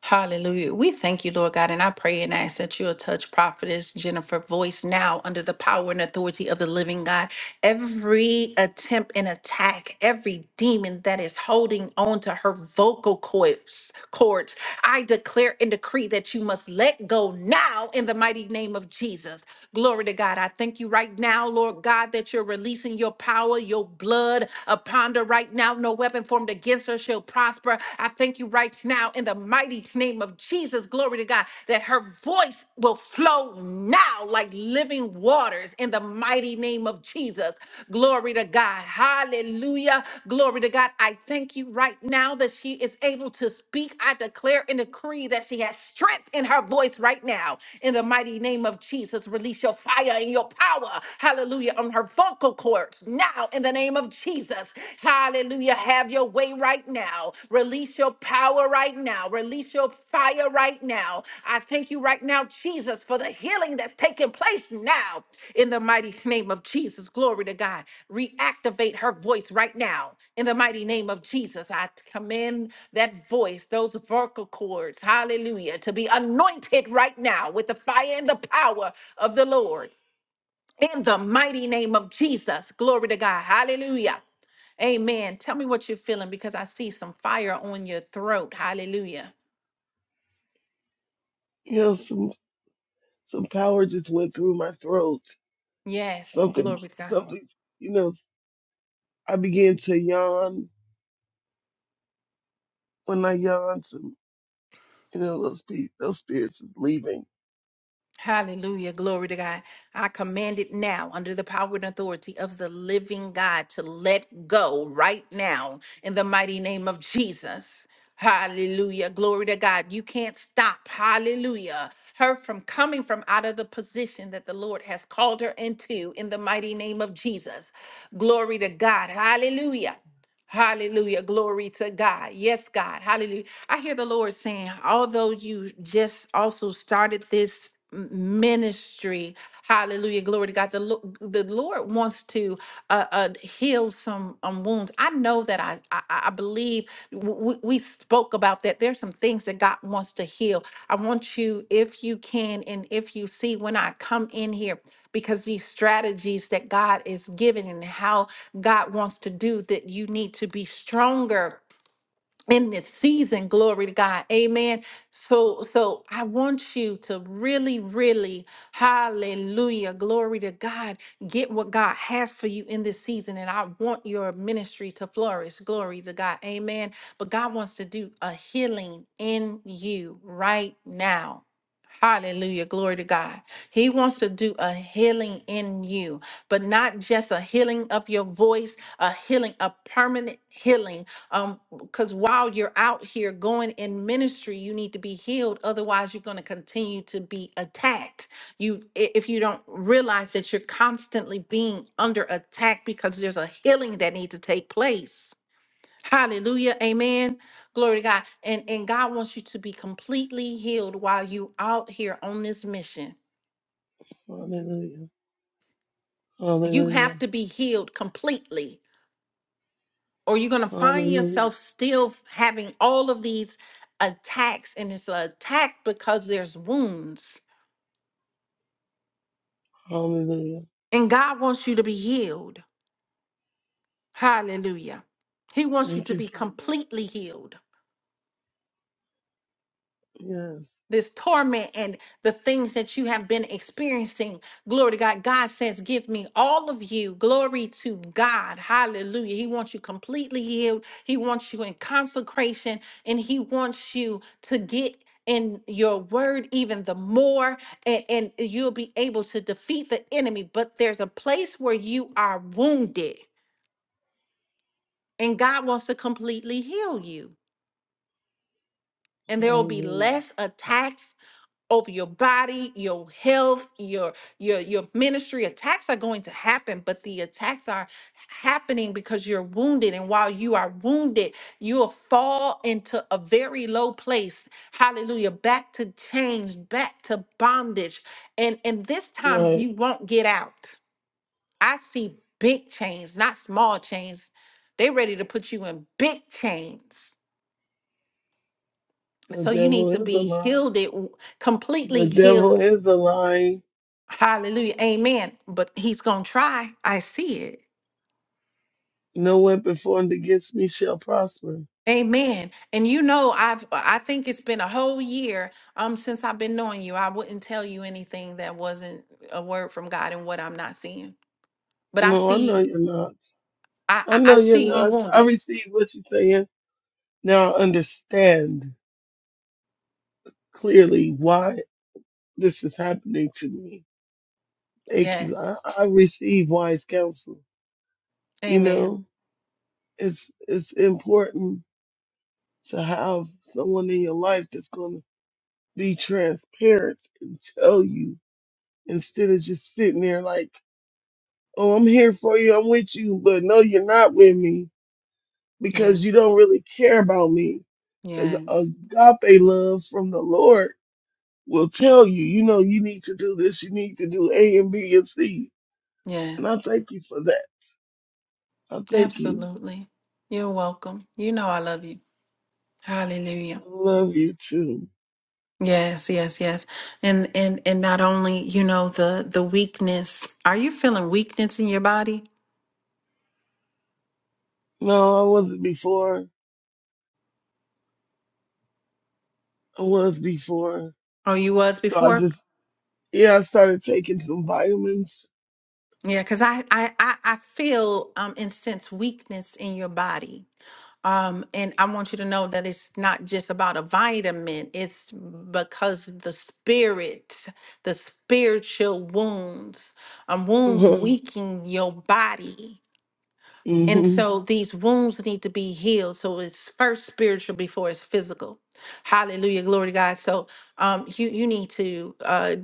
Hallelujah. We thank you, Lord God, and I pray and ask that you'll touch prophetess Jennifer voice now under the power and authority of the living God. Every attempt and attack, every demon that is holding on to her vocal cords, cords I declare and decree that you must let go now in the mighty name of Jesus. Glory to God. I thank you right now, Lord God, that you're releasing your power, your blood upon her right now. No weapon formed against her shall prosper. I thank you right now in the mighty name of Jesus. Glory to God, that her voice will flow now like living waters in the mighty name of Jesus. Glory to God. Hallelujah. Glory to God. I thank you right now that she is able to speak speak, I declare and decree that she has strength in her voice right now. In the mighty name of Jesus, release your fire and your power. Hallelujah. On her vocal cords now, in the name of Jesus. Hallelujah. Have your way right now. Release your power right now. Release your fire right now. I thank you right now, Jesus, for the healing that's taking place now. In the mighty name of Jesus. Glory to God. Reactivate her voice right now. In the mighty name of Jesus, I command that voice, those vocal cords, hallelujah, to be anointed right now with the fire and the power of the Lord. In the mighty name of Jesus, glory to God, hallelujah. Amen. Tell me what you're feeling because I see some fire on your throat. Hallelujah.
You know, some some power just went through my throat.
Yes,
Something
glory to God.
something you know, I began to yawn. When I yawn, some you know, those pe- those spirits is leaving.
Hallelujah. Glory to God. I command it now under the power and authority of the living God to let go right now in the mighty name of Jesus. Hallelujah. Glory to God. You can't stop. Hallelujah. Her from coming from out of the position that the Lord has called her into in the mighty name of Jesus. Glory to God. Hallelujah. Hallelujah. Glory to God. Yes, God. Hallelujah. I hear the Lord saying, although you just also started this m- ministry, hallelujah, glory to God. The, Lo- the Lord wants to uh, uh, heal some um, wounds. I know that I, I, I believe w- w- we spoke about that. There's some things that God wants to heal. I want you, if you can, and if you see when I come in here because these strategies that God is giving and how God wants to do that you need to be stronger in this season glory to god amen so so i want you to really really hallelujah glory to god get what god has for you in this season and i want your ministry to flourish glory to god amen but god wants to do a healing in you right now Hallelujah. Glory to God. He wants to do a healing in you, but not just a healing of your voice, a healing, a permanent healing Um because while you're out here going in ministry you need to be healed otherwise you're going to continue to be attacked you i- if you don't realize that you're constantly being under attack because there's a healing that needs to take place hallelujah amen glory to god and and god wants you to be completely healed while you out here on this mission
Hallelujah.
you
Hallelujah.
have to be healed completely or you're going to find
Hallelujah.
yourself still having all of these attacks and it's an attack because there's wounds
Hallelujah.
and god wants you to be healed hallelujah he wants you
Thank
to
you,
be
Father.
completely healed
Yes.
this torment and the things that you have been experiencing. Glory to God. God says, Give me all of you. Glory to God. Hallelujah. He wants you completely healed. He wants you in consecration and He wants you to get in your word even the more and, and you'll be able to defeat the enemy but there's a place where you are wounded and god wants to completely heal you and there will be
Hallelujah.
less attacks over your body, your health, your your your ministry. Attacks are going to happen, but the attacks are happening because you're wounded and while you are wounded, you'll fall into a very low place. Hallelujah. Back to chains, back to bondage. And and this time
Right.
you won't get out. I see big chains, not small chains. They ready to put you in big chains.
The
So you need
devil
to
is
be
alive.
healed, it
The
completely healed
devil is a lie.
Hallelujah. Amen. But he's going to try. I see it.
No weapon formed against me shall prosper.
Amen. And you know, I've I think it's been a whole year um since I've been knowing you. I wouldn't tell you anything that wasn't a word from God and what I'm not seeing. But I
No, I know
see
you're not.
I
I
I, I
know you're
see you
not. I
wounded.
receive what you're saying. Now I understand clearly why this is happening to me. Thank you. I,
Yes.
I receive wise counsel. You
Amen.
know, it's it's important to have someone in your life that's going to be transparent and tell you instead of just sitting there like. Oh, I'm here for you. I'm with you. But no, you're not with me because
Yes.
you don't really care about me. The
Yes.
agape love from the Lord will tell you, you know, you need to do this. You need to do A and B and C. And I
Yes.
thank you for that. I thank you.
Absolutely. You're welcome. You know I love you. Hallelujah.
I love you too.
Yes, yes, yes. And and and not only, you know, the the weakness. Are you feeling weakness in your body?
No, I wasn't before. I was before.
Oh, you was
So I
before?
just, yeah, I started taking some vitamins.
Yeah, because I, I I I feel um and sense weakness in your body. Um, and I want you to know that it's not just about a vitamin, it's because the spirit, the spiritual wounds, um, wounds
hmm
weaken your body And so these wounds need to be healed. So it's first spiritual before it's physical. Hallelujah. Glory to God. So um you you need to uh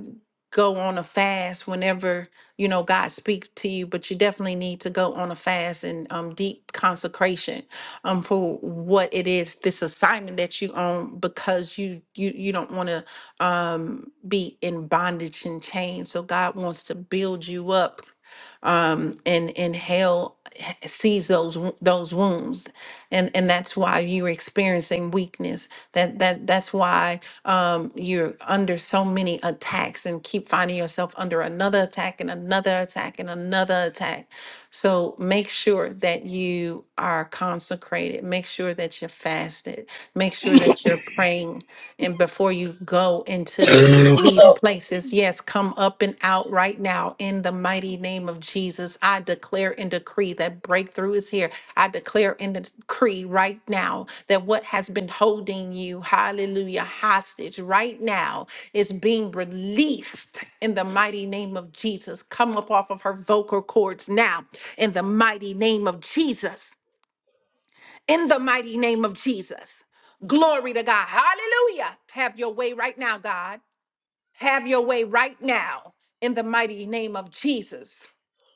go on a fast whenever you know God speaks to you, but you definitely need to go on a fast and um deep consecration um for what it is this assignment that you own because you you you don't want to um be in bondage and chains. So God wants to build you up um, and and hell h- sees those wo- those wounds, and and that's why you're experiencing weakness. That that that's why um, you're under so many attacks and keep finding yourself under another attack and another attack and another attack. So make sure that you are consecrated. Make sure that you're fasted. Make sure that you're praying, and before you go into these places, yes, come up and out right now in the mighty name of Jesus. I declare and decree that breakthrough is here. I declare and decree right now that what has been holding you, hallelujah, hostage right now is being released in the mighty name of Jesus. Come up off of her vocal cords now in the mighty name of Jesus. In the mighty name of Jesus. Glory to God. Hallelujah. Have your way right now, God. Have your way right now in the mighty name of Jesus.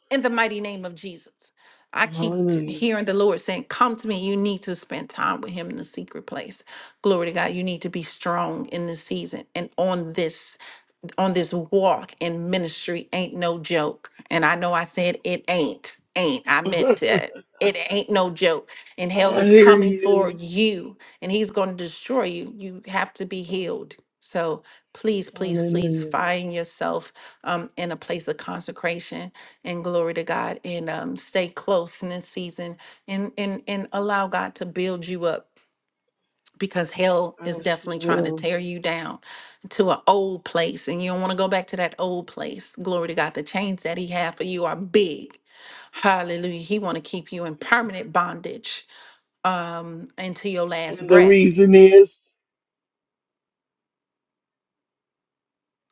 In the mighty name of Jesus. I keep
Hallelujah.
hearing the Lord saying, Come to me. You need to spend time with Him in the secret place. Glory to God. You need to be strong in this season and on this on this walk in ministry ain't no joke. And I know I said it ain't, ain't. I meant it. It ain't no joke. And hell
I
is
hear
coming for
you.
you and he's going to destroy you. You have to be
Um,
healed. So please, please, please
hallelujah.
find yourself um, in a place of consecration and glory to God and um, stay close in this season and, and, and allow God to build you up because hell
I
is
sure
definitely trying to
will.
tear you down to an old place and you don't want to go back to that old place glory to god the chains that he had for you are big hallelujah he want to keep you in permanent bondage um until your last
And the
breath
reason is,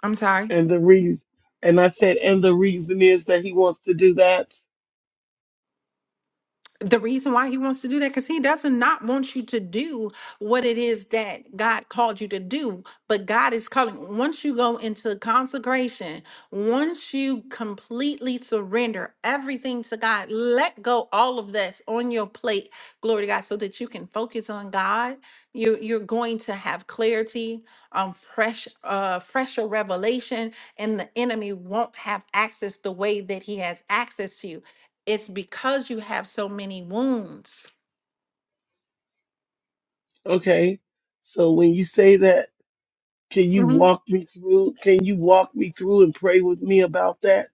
i'm sorry
and the reason, and I said, and the reason is that he wants to do that.
the reason why he wants to do that because he doesn't not want you to do what it is that god called you to do but god is calling once you go into consecration once you completely surrender everything to god let go all of that's on your plate glory to god so that you can focus on god you you're going to have clarity um fresh uh fresher revelation and the enemy won't have access the way that he has access to you it's because you have so many wounds.
Okay. So when you say that, can you
Mhm.
walk me through? Can you walk me through and pray with me about that?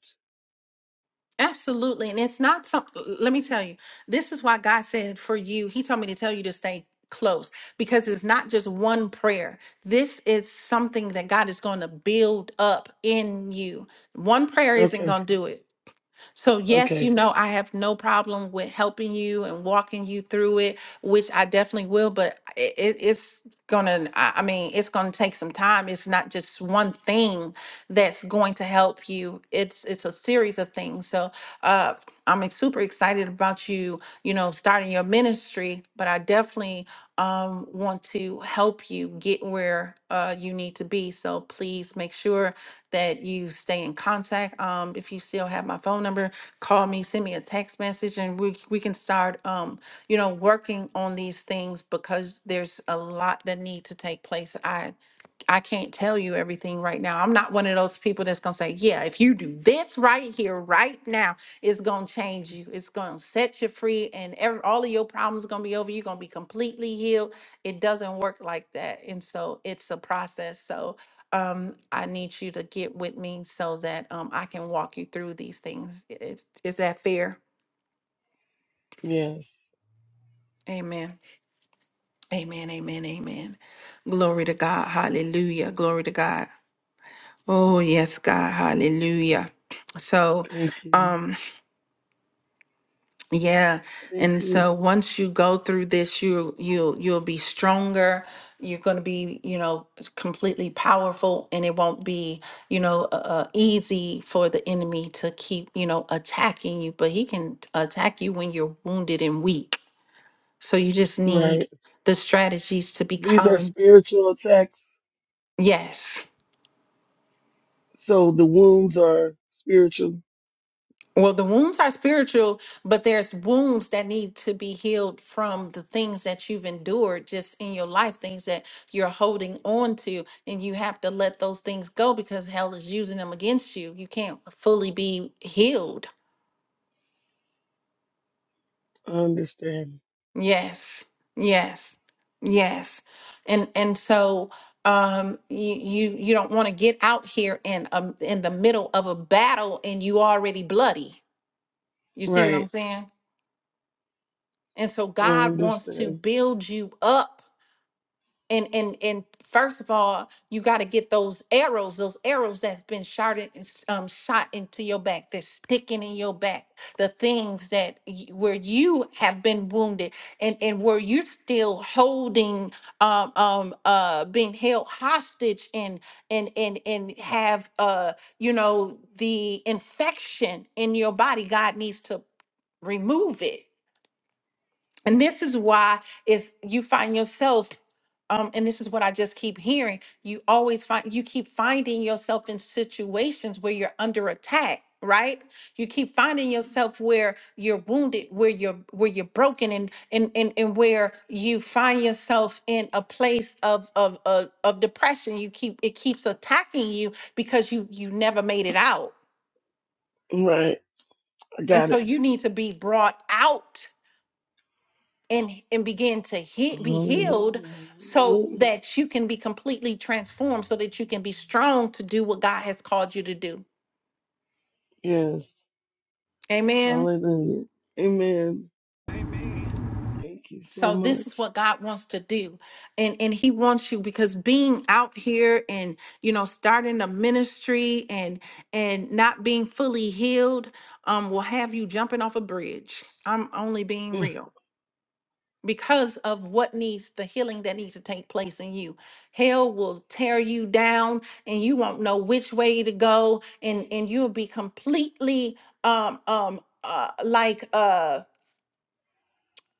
Absolutely. And it's not something, let me tell you, this is why God said for you, He told me to tell you to stay close because it's not just one prayer. This is something that God is going to build up in you. One prayer isn't
Okay.
going to do it. So, yes, you
Okay.
know, I have no problem with helping you and walking you through it, which I definitely will, but it, it- it's gonna, I I mean, it's gonna take some time. It's not just one thing that's going to help you. It's it's a series of things. So uh I'm ex- super excited about you, you know, starting your ministry, but I definitely um want to help you get where uh you need to be. So please make sure that you stay in contact. Um, if you still have my phone number, call me, send me a text message, and we we can start um, you know, working on these things because there's a lot that need to take place. I I can't tell you everything right now. I'm not one of those people that's going to say, yeah, if you do this right here, right now, it's going to change you. It's going to set you free and every, all of your problems going to be over. You're going to be completely healed. It doesn't work like that. And so it's a process. So um, I need you to get with me so that um, I can walk you through these things. Is, is that fair?
Yes.
Amen. Amen. Amen. Amen. Glory to God. Hallelujah. Glory to God. Oh, yes, God. Hallelujah. So,
Thank you.
um, yeah.
Thank
And
you.
so once you go through this, you you you'll be stronger. You're going to be, you know, completely powerful and it won't be, you know, uh, uh, easy for the enemy to keep, you know, attacking you, but he can attack you when you're wounded and weak. So you just need
Right.
the strategies to
These are
become
spiritual attacks.
yes.
So the wounds are spiritual.
Well, the wounds are spiritual, but there's wounds that need to be healed from the things that you've endured just in your life, things that you're holding on to, and you have to let those things go because hell is using them against you. You can't fully be healed.
I understand.
Yes. Yes. Yes. And and so um you you, you don't want to get out here in um in the middle of a battle and you already bloody. You see what I'm
Right.
saying? And so
I
God wants to
understand.
build you up. And and and first of all, you got to get those arrows, those arrows that's been shot in, um, shot into your back, that's sticking in your back, the things that y- where you have been wounded and and where you're still holding, um, um, uh, being held hostage and and and and have uh, you know, the infection in your body. God needs to remove it and this is why is you find yourself um and this is what i just keep hearing you always find you keep finding yourself in situations where you're under attack right you keep finding yourself where you're wounded where you're where you're broken and and and, and where you find yourself in a place of, of of of depression you keep it keeps attacking you because you you never made it out
Right. I
and
got
so
it.
you need to be brought out and and begin to he- be healed
Hallelujah.
so
Hallelujah.
that you can be completely transformed so that you can be strong to do what God has called you to do.
Yes.
Amen.
Hallelujah. Amen. Thank you so
So this is
much.
what God wants to do. And and he wants you because being out here and you know starting a ministry and and not being fully healed um will have you jumping off a bridge. I'm only being real. because of what needs the healing that needs to take place in you. Hell will tear you down and you won't know which way to go and and you'll be completely um um uh like uh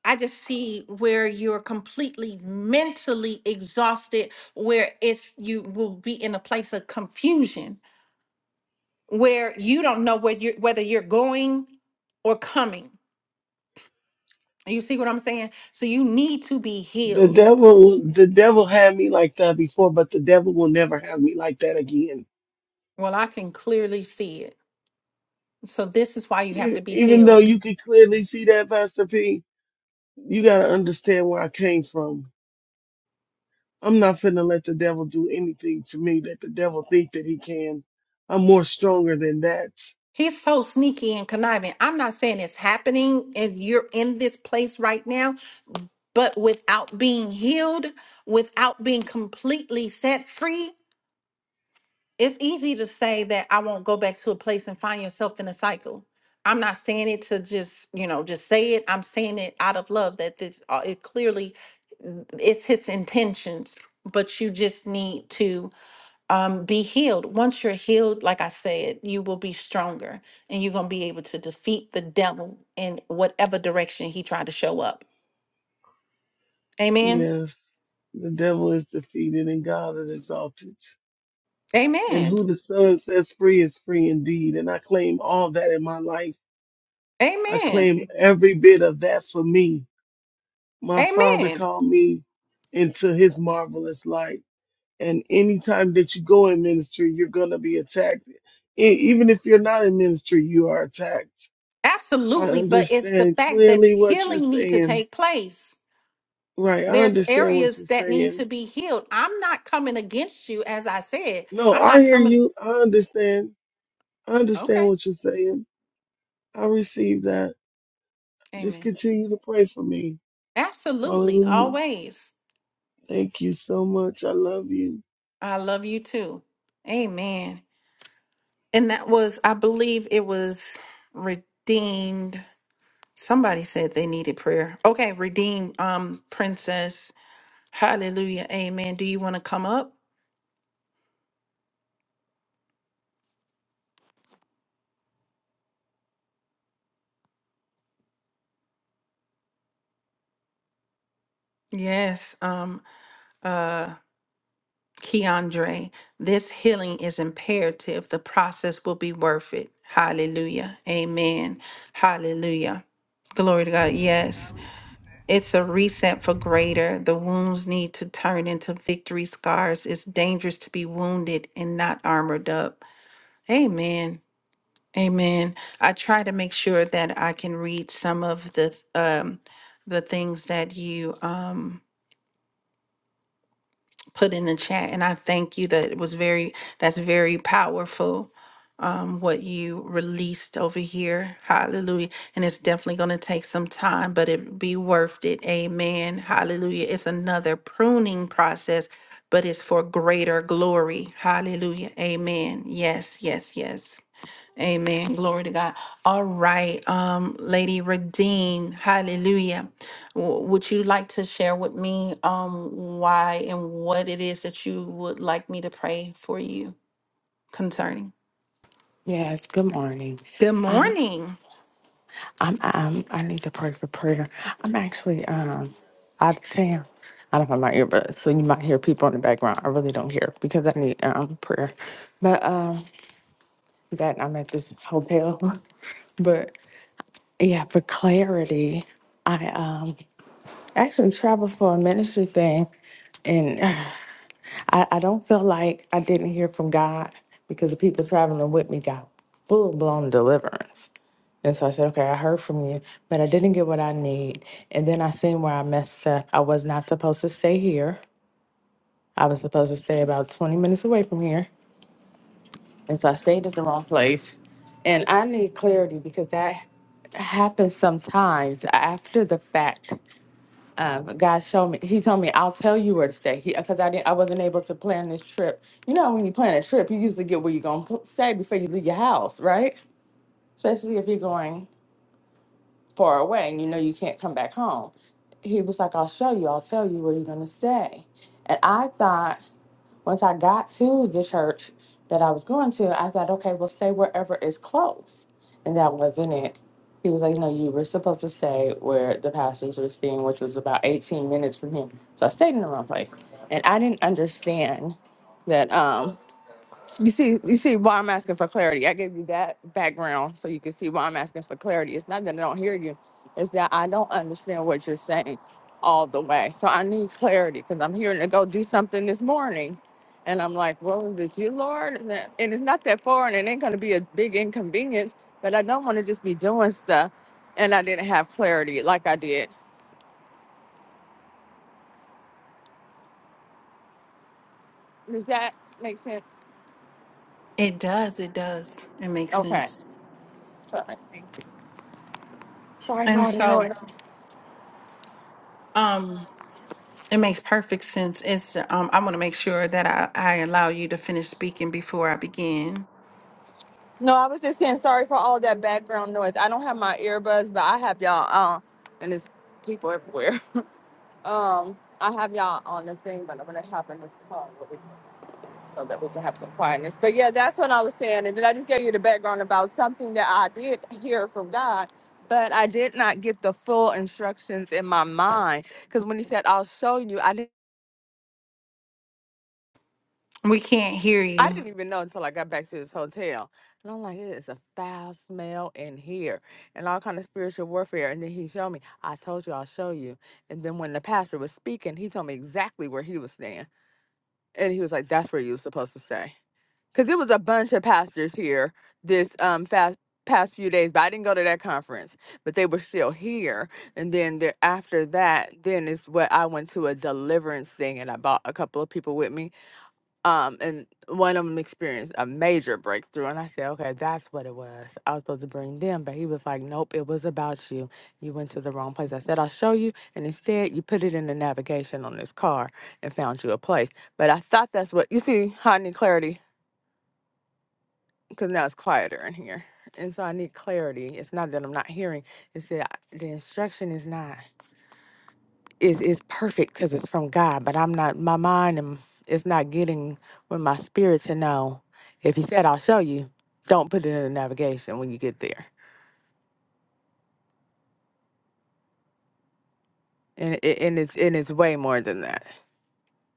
I just see where you're completely mentally exhausted where it's you will be in a place of confusion where you don't know where you are whether you're going or coming. You see what I'm saying? So you need to be
The
healed.
devil, the devil had me like that before, but the devil will never have me like that again.
Well, I can clearly see it. So this is why you have
E-
to be
Even though
healed.
you can clearly see that, Pastor P, you got to understand where I came from. I'm not finna let the devil do anything to me that the devil think that he can. I'm more stronger than that.
He's so sneaky and conniving. I'm not saying it's happening and you're in this place right now, but without being healed, without being completely set free, it's easy to say that I won't go back to a place and find yourself in a cycle. I'm not saying it to just, you know, just say it. I'm saying it out of love that this uh, it clearly it's his intentions, but you just need to um, be healed. Once you're healed, like I said, you will be stronger and you're going to be able to defeat the devil in whatever direction he tried to show up. Amen.
Yes, the devil is defeated and God is exalted. And
Amen.
who the Son sets free is free indeed. And I claim all that in my life. I
Amen.
claim every bit of that for me. My Father
Amen.
called me into his marvelous light. And anytime that you go in ministry, you're going to be attacked. E- Even if you're not in ministry, you are attacked. I
Absolutely. But it's the
understand
fact that
clearly what you're
healing need to
saying.
take place.
Right. I
There's
understand what
areas
you're
that need to
saying.
be healed. I'm not coming against you, as I said.
No,
I'm
I
not
hear
coming.
you. I understand. I understand
Okay.
what you're saying. I receive that. Just
Amen.
continue to pray for me.
Absolutely.
Hallelujah.
Always.
Thank you so much. I love you.
I love you too. Amen. And that was, I believe it was redeemed. Somebody said they needed prayer. Okay, redeemed um princess. Hallelujah. Amen. Do you want to come up? Yes. Um uh Keandre, this healing is imperative. The process will be worth it. Hallelujah. Amen. Hallelujah. Glory to God. Yes.
I was-
It's a reset for greater. The wounds need to turn into victory scars. It's dangerous to be wounded and not armored up. Amen. Amen. I try to make sure that I can read some of the um the things that you um put in the chat and i thank you that it was very that's very powerful um what you released over here hallelujah and it's definitely going to take some time but it be worth it amen hallelujah it's another pruning process but it's for greater glory hallelujah amen yes yes yes Amen. Glory to God. All right, um, Lady Redeem, hallelujah. W- would you like to share with me um why and what it is that you would like me to pray for you concerning?
Yes, good morning.
Good
Um,
morning.
I'm, I'm, I need to pray for prayer. I'm actually um, out of town. I don't have my earbuds, so you might hear people in the background. I really don't hear because I need um, prayer. But um, that I'm at this hotel. But yeah, for clarity, I um, actually traveled for a ministry thing, and I, I don't feel like I didn't hear from God because the people traveling with me got full blown deliverance. And so I said, okay, I heard from you, but I didn't get what I need. And then I seen where I messed up. I was not supposed to stay here. I was supposed to stay about 20 minutes away from here. And so I stayed at the wrong place. And I need clarity because that happens sometimes after the fact um, God showed me. He told me, "I'll tell you where to stay." Because I didn't, I wasn't able to plan this trip. You know, when you plan a trip, you usually get where you're gonna pl- stay before you leave your house, right? Especially if you're going far away and you know you can't come back home. He was like, "I'll show you. I'll tell you where you're gonna stay." And I thought. Once I got to the church that I was going to, I thought, okay, well, stay wherever is close. And that wasn't it. He was like, no, you were supposed to stay where the pastors were staying, which was about 18 minutes from him. So I stayed in the wrong place. And I didn't understand that. um, you see, you see why I'm asking for clarity. I gave you that background so you can see why I'm asking for clarity. It's not that I don't hear you, it's that I don't understand what you're saying all the way. So I need clarity because I'm hearing to go do something this morning. And I'm like, well, is it you, Lord? And, that, and it's not that far and it ain't going to be a big inconvenience, but I don't want to just be doing stuff and I didn't have clarity like I did. Does that make sense?
It does, it does. It makes
Okay.
sense.
Sorry. Sorry for
And
all the
so
noise.
um it makes perfect sense. It's um I want to make sure that I, I allow you to finish speaking before I begin.
No, I was just saying sorry for all that background noise. I don't have my earbuds, but I have y'all on, and there's people everywhere. Um, I have y'all on the thing, but I'm gonna hop in this car really so that we can have some quietness. But yeah, that's what I was saying, and then I just gave you the background about something that I did hear from God, but I did not get the full instructions in my mind because when He said, "I'll show you," I didn't.
We can't hear
I
you.
didn't even know until I got back to this hotel. And I'm like, it is a foul smell in here and all kind of spiritual warfare. And then he showed me, I told you I'll show you. And then when the pastor was speaking, he told me exactly where he was staying. And he was like, that's where you were supposed to stay. Because it was a bunch of pastors here this um fast past few days, but I didn't go to that conference. But they were still here. And then there, after that, then is what I went to a deliverance thing and I bought a couple of people with me um, and one of them experienced a major breakthrough. And I said, okay, that's what it was. I was supposed to bring them, but he was like, nope, it was about you. You went to the wrong place. I said, I'll show you. And instead, you put it in the navigation on this car and found you a place. But I thought that's what you see how I need clarity because now it's quieter in here. And so I need clarity. It's not that I'm not hearing, it's that I- the instruction is not is is perfect because it's from God, but I'm not my mind and it's not getting with my spirit to know. If He said, "I'll show you," don't put it in the navigation when you get there. And it, and it's and it's way more than that.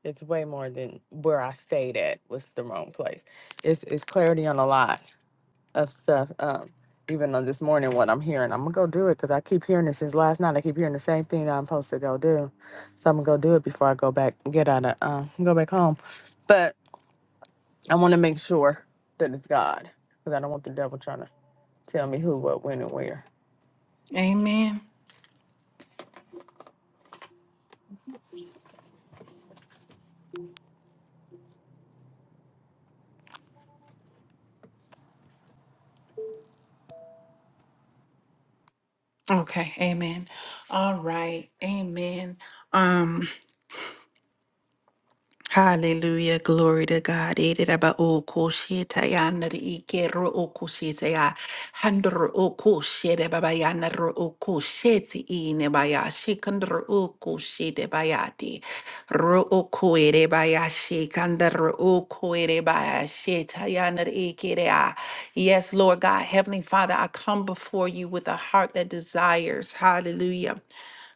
It's way more than where I stayed at was the wrong place. It's it's clarity on a lot of stuff. Um, even on this morning, what I'm hearing, I'm gonna go do it because I keep hearing this since last night. I keep hearing the same thing that I'm supposed to go do, so I'm gonna go do it before I go back get out of um go back home. But I want to make sure that it's God because I don't want the devil trying to tell me who, what, when, and where.
Amen. Okay, amen. All right, amen. Um, hallelujah, glory to God. Ereraba o kosheta ya nare ike ro o kosheta ya handro o koshete baba ya nare o koshete ine baya shikandro o koshete bayati ro o koere baya shikandro o koere baya sheta ya nare ike rea. Yes, Lord God, Heavenly Father, I come before you with a heart that desires, hallelujah.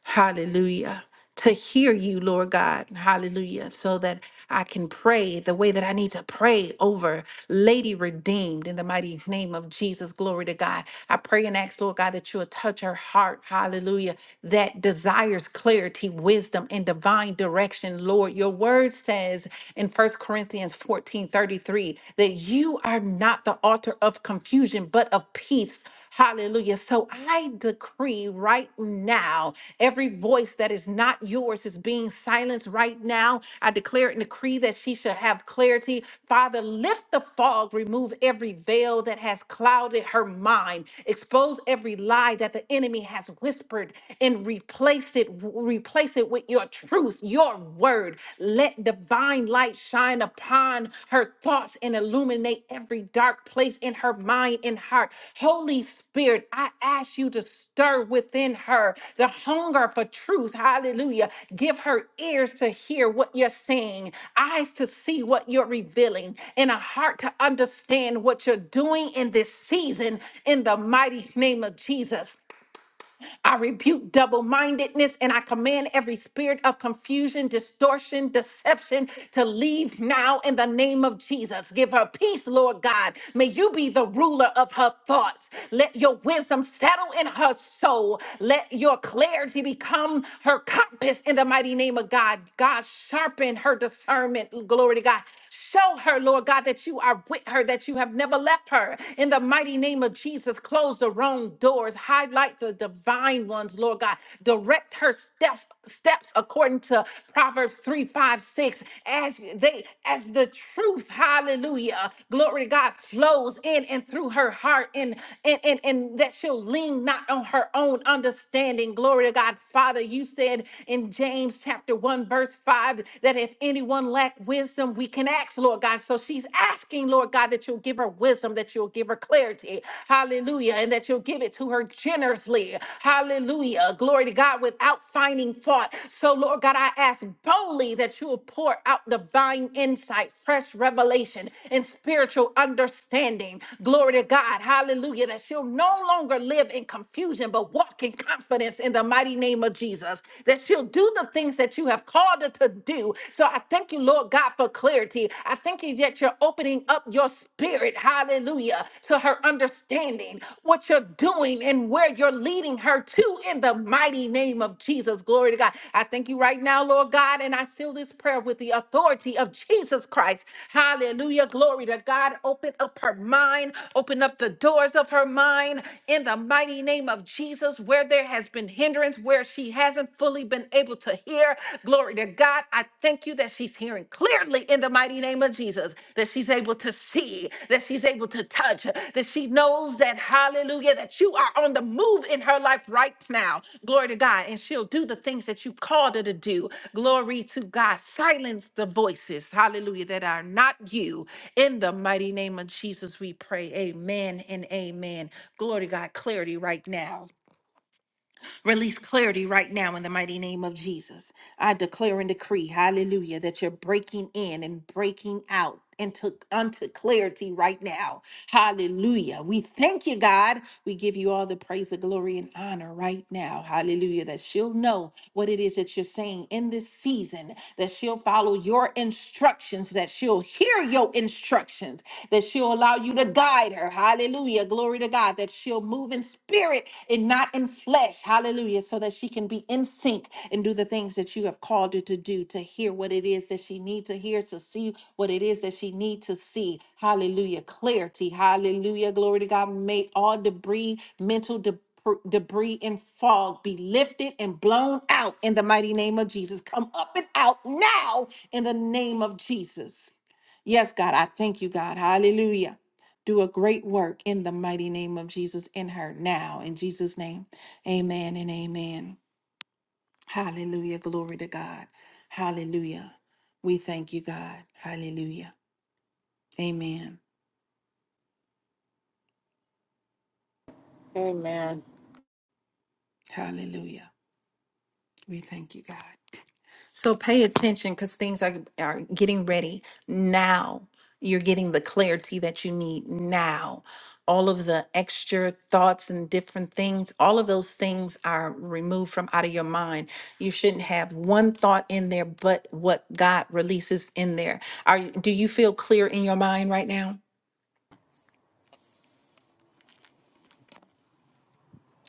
Hallelujah. To hear you, Lord God. Hallelujah. So that I can pray the way that I need to pray over Lady Redeemed in the mighty name of Jesus. Glory to God. I pray and ask, Lord God, that you will touch her heart. Hallelujah. That desires clarity, wisdom, and divine direction, Lord. Your word says in First Corinthians 14 33 that you are not the author of confusion, but of peace Hallelujah. So I decree right now every voice that is not yours is being silenced right now. I declare and decree that she shall have clarity. Father, lift the fog, remove every veil that has clouded her mind, expose every lie that the enemy has whispered, and replace it, replace it with your truth, your word. Let divine divine light shine upon her thoughts and illuminate every dark place in her mind and heart. Holy Spirit, I ask you to stir within her the hunger for truth. Hallelujah. Give her ears to hear what you're saying, eyes to see what you're revealing, and a heart to understand what you're doing in this season in the mighty name of Jesus. I rebuke double mindedness and I command every spirit of confusion, distortion, deception to leave now in the name of Jesus. Give her peace, Lord God. May you be the ruler of her thoughts. Let your wisdom settle in her soul. Let your clarity become her compass in the mighty name of God. God, sharpen her discernment. Glory to God. Show her, Lord God, that you are with her, that you have never left her. In the mighty name of of Jesus, close the wrong doors, highlight the divine ones, Lord God. Direct her step, steps according to Proverbs 3, 5, 6. As they as the truth, hallelujah, glory to God, flows in and through her heart, and and and, and that she'll lean not on her own understanding. Glory to God, Father. You said in James chapter 1, verse 5, that if anyone lack wisdom, we can ask, Lord God. So she's asking asking, Lord God, that you'll give her wisdom, that you'll give her clarity. Hallelujah. And that you'll give it to her generously. Hallelujah. Glory to God without finding fault. So, Lord God, I ask boldly that you will pour out divine insight, fresh revelation, and spiritual understanding. Glory to God. Hallelujah. That she'll no longer live in confusion, but walk in confidence in the mighty name of Jesus. That she'll do the things that you have called her to do. So I thank thank you, Lord God, for clarity. I thank you that you're opening up your spirit, hallelujah, to her understanding what you're doing and where you're leading her to in the mighty name of Jesus. Glory to God. I thank you right now, Lord God, and I seal this prayer with the authority of Jesus Christ. Hallelujah. Glory to God. Open up her mind, open up the doors of her mind in the mighty name of Jesus, where there has been hindrance, where she hasn't fully been able to hear. Glory to God. I thank you that she's hearing clearly in the mighty name of Jesus, that she's able to see, that she's able to touch, that she knows that, hallelujah, that you are on the move in her life right now. Glory to God. And she'll do the things that you called her to do. Glory to God. Silence the voices, hallelujah, that are not you. In the mighty name of Jesus, we pray. Amen and amen. Glory to God. Clarity right now. Release clarity right now in the mighty name of Jesus. I declare and decree, hallelujah, that you're breaking in and breaking out into unto clarity right now Hallelujah. We thank you, God. We give you all the praise, the glory, and honor right now. Hallelujah. That she'll know what it is that you're saying in this season, that she'll follow your instructions, that she'll hear your instructions, that she'll allow you to guide her. Hallelujah. Glory to God. That she'll move in spirit and not in flesh. Hallelujah. So that she she can be in sync and do the things that you have called her to do, to hear what it is that she needs to hear, to see what it is that she needs to see. Hallelujah. Clarity. Hallelujah. Glory to God. May all debris, mental debris, Debris and fog be lifted and blown out in the mighty name of Jesus. Come up and out now in the name of Jesus. Yes, God, I thank you, God. Hallelujah. Do a great work in the mighty name of Jesus in her now. In Jesus' name, amen and amen. Hallelujah. Glory to God. Hallelujah. We thank you, God. Hallelujah. Amen.
Amen.
Hallelujah. We thank you, God. So pay attention because things are, are getting ready now. You're getting the clarity that you need now. All of the extra thoughts and different things, all of those things are removed from out of your mind. You shouldn't have one thought in there but what God releases in there. Are you- do you feel clear in your mind right now?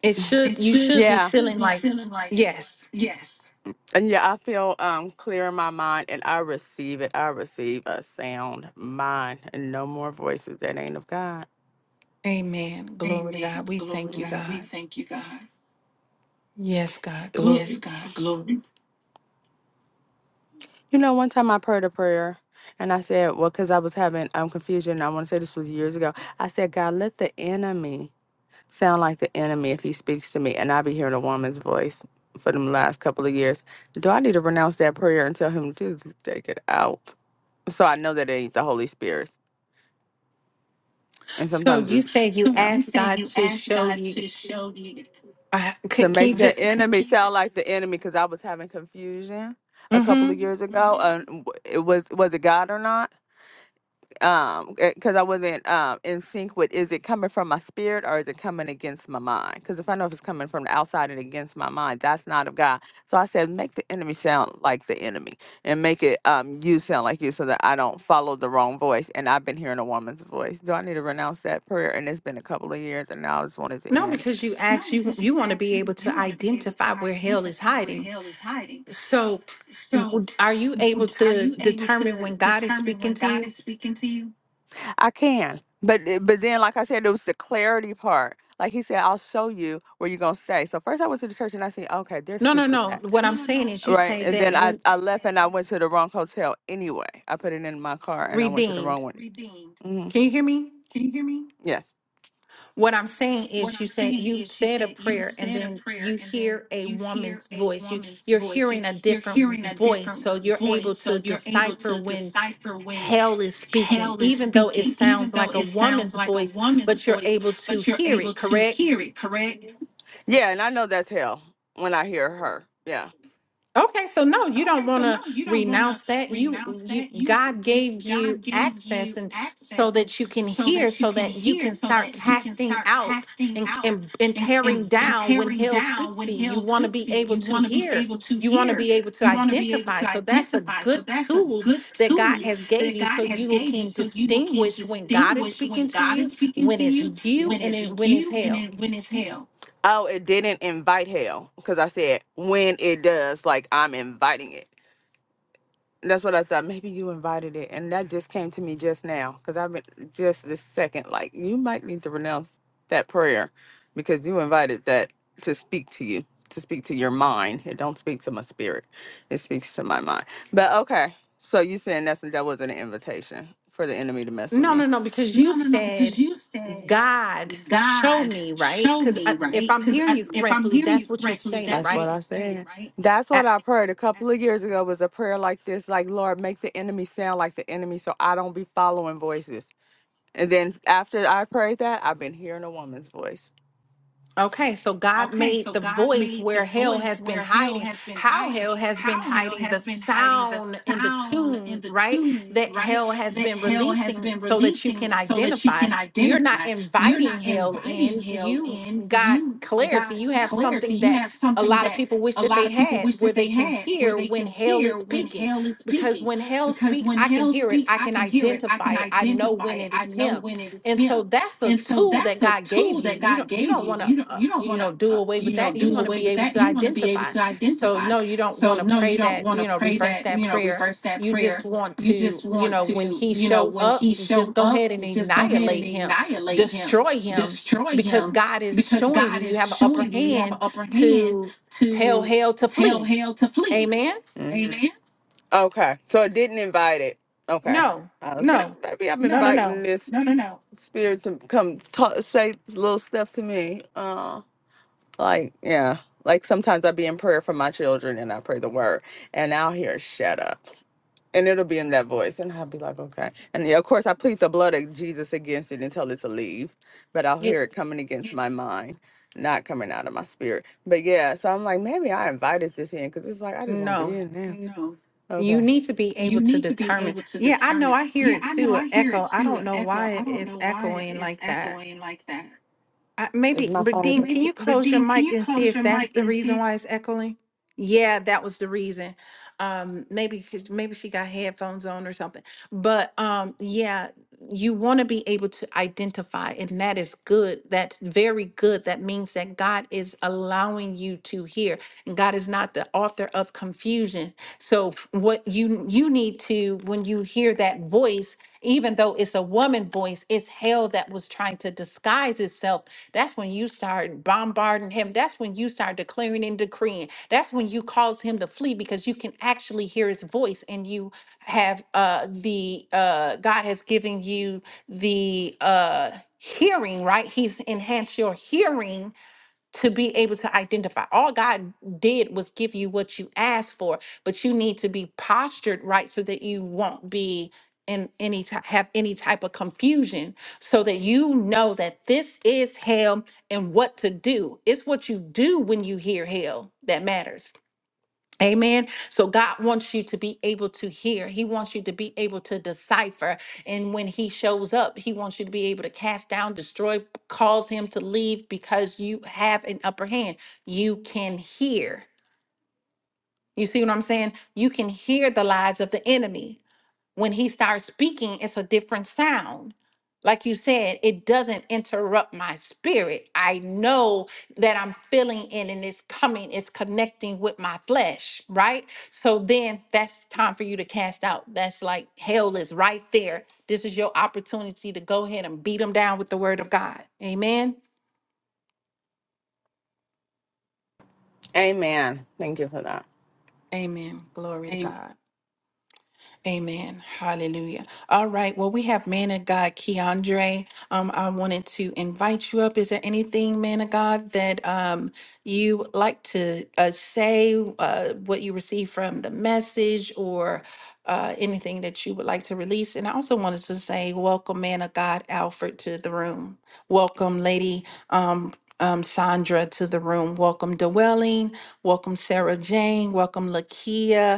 It should,
It
you
should.
should be
Yeah. It should
feeling
be
like,
feeling like
yes,
yes. And yeah, I feel um clear in my mind, and I receive it. I receive a sound mind, and no more voices that ain't of God.
amen. Glory to God.
Amen.
We
Glory to
thank you,
God. We
God.
thank you, God.
Yes, God,
Mm. Yes,
glory.
God. Glory. You know, one time I prayed a prayer. And I said, well, because I was having um, confusion. I want to say this was years ago. I said, God, let the enemy sound like the enemy if he speaks to me, and I be hearing a woman's voice for them last couple of years. Do I need to renounce that prayer and tell him, Jesus, take it out? So I know that it ain't the Holy Spirit. And
So
sometimes
you
it,
say you
So yeah. you
asked
say
God
you
to
asked
show
God
you.
to show you.
Uh,
To
can, can you
make the
just,
enemy sound like the enemy, because I was having confusion a couple of
mm-hmm.
years ago. Mhm. Uh, w- it was was it God or not? um because i wasn't um in sync with is it coming from my spirit or is it coming against my mind because if i know if it's coming from the outside and against my mind that's not of god so i said make the enemy sound like the enemy and make it um you sound like you so that i don't follow the wrong voice and i've been hearing a woman's voice do i need to renounce that prayer and it's been a couple of years and now i just wanted to
No,
end
because you
No,
asked, you,
because you
you want to
ask
be
you
able to
you want to be able
identify
to
where hell is
identify where
hiding.
hell is hiding.
So
So,
w- are you able
would- are
to
you able
determine
to
when God is
determine
speaking
when
to
God
you?
is speaking to you? I can. But eh, but then like I said, it was the clarity part. Like he said, I'll show you where you're gonna stay. So first I went to the church and I seen, okay, they're
No, no,
super
no.
packed.
What
No,
I'm
no,
saying
no.
is you
Right.
say
And then
that
I,
when
I left and I went to the wrong hotel anyway. I put it in my car and I went to the wrong
redeemed.
one. redeemed. hmm
Can you hear me?
Can you hear me? Yes.
What I'm saying
What
is you
I'm
said
saying
you
is, you
said a
said you
prayer and
said a
then
prayer,
you
and then
hear a
you hear
woman's
a
voice. You
woman's
you're
voice. You
hearing a
you're
different
hearing a
voice.
different
So you're
voice,
able to
so you're able
decipher
to
when
decipher when
hell is speaking,
hell is
even though it
speaking, even
sounds
though
like a
it sounds
woman's
like a
voice,
woman's
but you're
voice,
able to
but you're
hear
able
it,
to
correct?
hear it. Correct? Yeah, and I know that's hell when I hear her. Yeah.
Okay, so no, you
Okay,
don't
so
want
no,
to
you don't want to
renounce that. You,
renounce
you,
that. You,
God
you,
gave you
God gave
access,
you
and so
access, and
that you can
so
hear,
that you
so
can
that you
hear,
can
so
start
that you can
casting
start
out
casting
and
out
and, and
and
tearing
and, and
down when
tearing
hell
down
speaks to
when
you. You
hell
want to
speaks
be
to you.
able
You
to
want to be
hear.
able to
You want to
hear.
be able to
You want to be able
identify.
to
So that's a
identify. So
good
that's a
tool
good
that God
tool
has gave
that
you,
God
so
has
you
gave you,
can
so you can
distinguish when God is
distinguish when
speaking to
God is
you,
speaking
when
to
it's
you,
you,
when
and
it's
then when it's
you, and
hell.
then when it's hell. Oh, it didn't invite hell because I said when it does, like I'm inviting it. And that's what I thought. Maybe you invited it, and that just came to me just now because I've been just this second. Like you might need to renounce that prayer because you invited that to speak to you, to speak to your mind. It don't speak to my spirit; it speaks to my mind. But okay, so you saying that's that wasn't an invitation for the enemy to mess with
No, no,
me?
no, because you said. God, show
God
me, right?
show
Because
me,
if
right?
I'm
Because
hearing you
if I'm
correctly,
hearing you
that's what you
correctly,
stated,
that's That's what what you're I
right?
you're saying, said. right? That's what I prayed a couple of years ago was a prayer like this, like Lord, make the enemy sound like the enemy so I don't be following voices. And then after I prayed that, I've been hearing a woman's voice.
Okay, so God
Okay,
made
so
the
God
voice
made the
where hell
voice
has been
where hell
hiding,
has been
how
hiding,
hell has been
how hell
hiding the
has been hiding the
sound and the
sound and
tune,
the
right?
tune,
That
right?
hell has
That
been
hell has
releasing
been
so that you can
releasing so that you
identify.
can
You're not
identify. You're not
inviting hell
inviting
in.
hell
You
in.
got
You
clarity.
got
You have
clarity.
something
You
that
have
a
something
lot of
that
people wish
a
that
lot
they
of people
had
wish
where
that they
they can
had where
hear
they
when
can
hell is
hear when
speaking.
hell is
Because
speaking.
when hell
Because
speak,
when
I can
hell
hear it.
speak,
I
I
can
can hear it. I
identify
can
it. I know
identify
when
it.
it
I
is
know
him
when it is
and
him.
so that's a
And so
tool that
that's a
God gave
tool
you.
that
You
God
don't you
gave
don't
you.
want to
You don't
uh,
you don't
you
want to
know do
uh,
away with
you know
that. You
do
want to
away
be
with
able
that.
to
You want to be able
identify.
to
So
identify.
no, you don't want
So
to
no, you
pray
don't
that
want
you
to
know
pray
reverse
that
that
you know
prayer.
reverse that
You just
prayer.
want
You
to
just
you
want
know when
to
he
you know
show
when
up,
he
just
showed
go
up,
ahead and
just go ahead and
annihilate him,
annihilate him,
destroy him,
destroy
because
him,
God is
because
showing
God
you you
is
have an upper
showing you you have an
hand
upper hand
to tell
to
hell to
tell
flee.
hell to flee.
Amen.
hmm Amen. Okay. So it didn't invite it. Okay.
No,
I was No, like,
no,
maybe I'm no,
no, no,
inviting
no.
this no, no, no. spirit to come talk, say little stuff to me. Uh, like, yeah. Like sometimes I be in prayer for my children and I pray the word and I'll hear shut up and it'll be in that voice, and I'll be like, okay. And yeah, of course, I plead the blood of Jesus against it and tell it to leave, but I'll
You-
hear it coming against my mind, not coming out of my spirit. But yeah, so I'm like, maybe I invited this in because it's like I just want to
no.
in now. No,
You
Okay.
need to be
you
able to
need to be
determine.
able to
Yeah, I know.
determine.
I hear
Yeah,
it
I know.
too.
I hear it
Echo. I
too.
don't
An
know
echo.
why
I don't
it's
know why
echoing
it's
like that.
echoing like that.
I,
Is
maybe,
my
but
phone is
Dean,
echoing?
can you
Maybe,
close your
Redeem, can
mic
you
and see
close
if
your
that's
mic
the
and
reason
see?
why it's echoing? Yeah, that was the reason. Um, maybe 'cause- maybe she got headphones on or something. But um, yeah, you want to be able to identify, and that is good. That's very good. That means that God is allowing you to hear, and God is not the author of confusion. So what you you need to when you hear that voice, even though it's a woman voice, it's hell that was trying to disguise itself that's when you start bombarding him. That's when you start declaring and decreeing. That's when you cause him to flee because you can actually hear his voice and you have uh the uh God has given you the uh hearing, right? He's enhanced your hearing to be able to identify. All God did was give you what you asked for, but you need to be postured right so that you won't be in any type have any type of confusion so that you know that this is hell and what to do. It's what you do when you hear hell that matters. Amen. So God wants you to be able to hear. He wants you to be able to decipher. And when he shows up, he wants you to be able to cast down, destroy, cause him to leave because you have an upper hand. You can hear. You see what I'm saying? You can hear the lies of the enemy when he starts speaking, it's a different sound. Like you said, it doesn't interrupt my spirit. I know that I'm feeling it and it's coming, it's connecting with my flesh, right? So then that's time for you to cast out. That's like hell is right there. This is your opportunity to go ahead and beat them down with the word of God. Amen.
Amen. Thank you for that.
Amen. Glory to God. Amen. Hallelujah. All right. Well, we have man of God, Keandre. Um, I wanted to invite you up. Is there anything, man of God, that um you would like to uh, say? Uh, what you received from the message, or uh, anything that you would like to release? And I also wanted to say, welcome, man of God, Alfred, to the room. Welcome, lady. Um. Um, Sandra to the room. Welcome, Dwelling. Welcome, Sarah Jane. Welcome, Lakia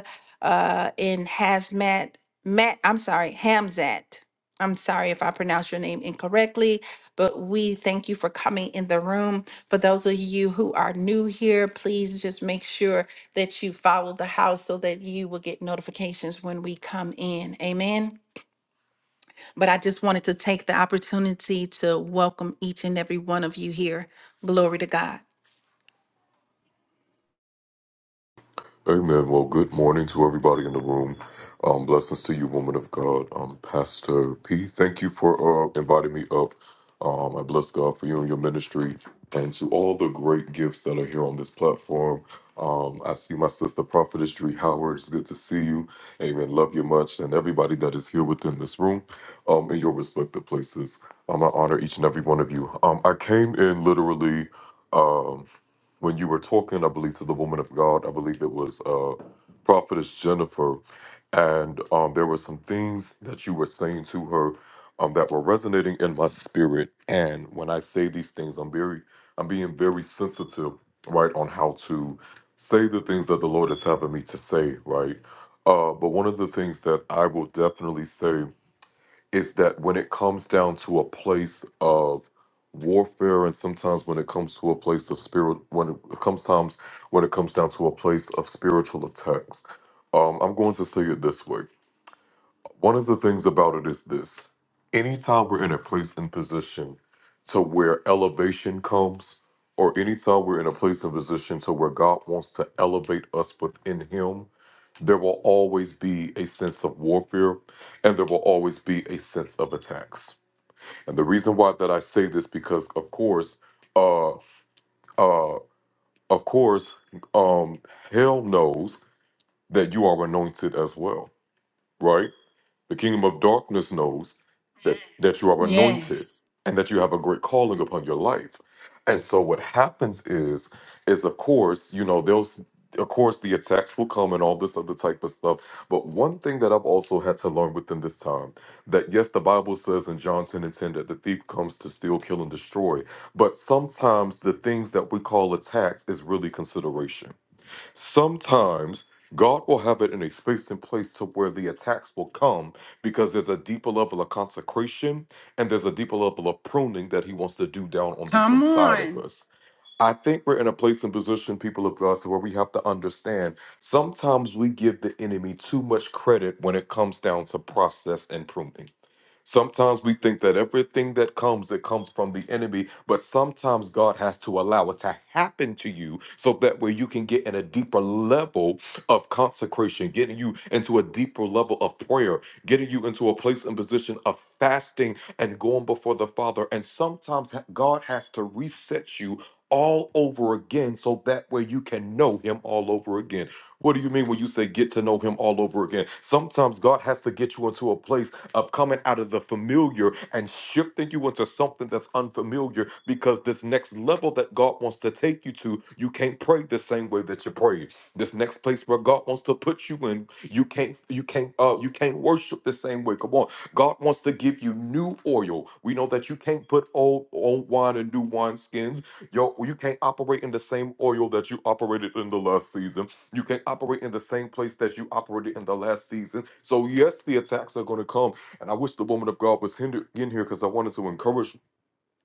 uh, in Hazmat, Matt, I'm sorry, Hamzat. I'm sorry if I pronounce your name incorrectly, but we thank you for coming in the room. For those of you who are new here, please just make sure that you follow the house so that you will get notifications when we come in. Amen. But I just wanted to take the opportunity to welcome each and every one of you here. Glory to God.
Amen. Well, good morning to everybody in the room. Um, blessings to you, woman of God. Um, Pastor P, thank you for uh, inviting me up. Um, I bless God for you and your ministry and to all the great gifts that are here on this platform. Um, I see my sister, Prophetess Dree Howard. It's good to see you. Amen. Love you much. And everybody that is here within this room um, in your respective places. Um, I honor each and every one of you. Um, I came in literally. um, when you were talking, I believe, to the woman of God, I believe it was uh, Prophetess Jennifer, and um, there were some things that you were saying to her um, that were resonating in my spirit. And when I say these things, I'm very, I'm being very sensitive, right, on how to say the things that the Lord is having me to say, right. Uh, but one of the things that I will definitely say is that when it comes down to a place of warfare and sometimes when it comes to a place of spirit when it comes times when it comes down to a place of spiritual attacks um i'm going to say it this way one of the things about it is this anytime we're in a place and position to where elevation comes, or anytime we're in a place and position to where God wants to elevate us within Him, there will always be a sense of warfare and there will always be a sense of attacks. And the reason why that I say this because of course, uh uh of course, um hell knows that you are anointed as well, right? The kingdom of darkness knows that, that you are anointed and that you have a great calling upon your life. And so what happens is, is of course, you know, those of course the attacks will come and all this other type of stuff. But one thing that I've also had to learn within this time that yes, the Bible says in John 10 and 10 that the thief comes to steal, kill, and destroy. But sometimes the things that we call attacks is really consideration Sometimes God will have it in a space and place to where the attacks will come because there's a deeper level of consecration and there's a deeper level of pruning that He wants to do down on the
Come
inside of
on.
us. I think we're in a place and position, people of God, to where we have to understand sometimes we give the enemy too much credit when it comes down to process and pruning. Sometimes we think that everything that comes, it comes from the enemy, but sometimes God has to allow it to happen to you so that way you can get in a deeper level of consecration, getting you into a deeper level of prayer, getting you into a place and position of fasting and going before the Father. And sometimes ha- God has to reset you all over again so that way you can know Him all over again. What do you mean when you say get to know Him all over again? Sometimes God has to get you into a place of coming out of the familiar and shifting you into something that's unfamiliar because this next level that God wants to take you to, you can't pray the same way that you prayed. This next place where God wants to put you in, you can't you can't uh you can't worship the same way. Come on. God wants to give you new oil. We know that you can't put old old wine in new wine skins. Yo, you can't operate in the same oil that you operated in the last season. You can't operate in the same place that you operated in the last season. So yes, the attacks are going to come and I wish the woman of God was hinder- in here because I wanted to encourage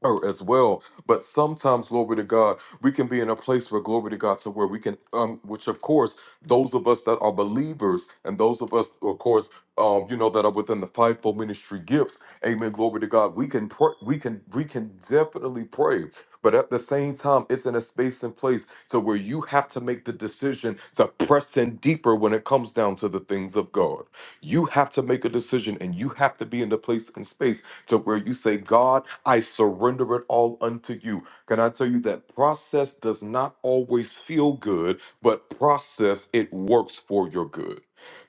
or as well. But sometimes, glory to God, we can be in a place where glory to God to where we can, um, which of course, those of us that are believers and those of us, of course, um, you know, that are within the fivefold ministry gifts, amen. Glory to God. We can pray, we can, we can definitely pray, but at the same time, it's in a space and place to where you have to make the decision to press in deeper when it comes down to the things of God. You have to make a decision and you have to be in the place and space to where you say, God, I surrender it all unto you. Can I tell you that process does not always feel good, but process, it works for your good.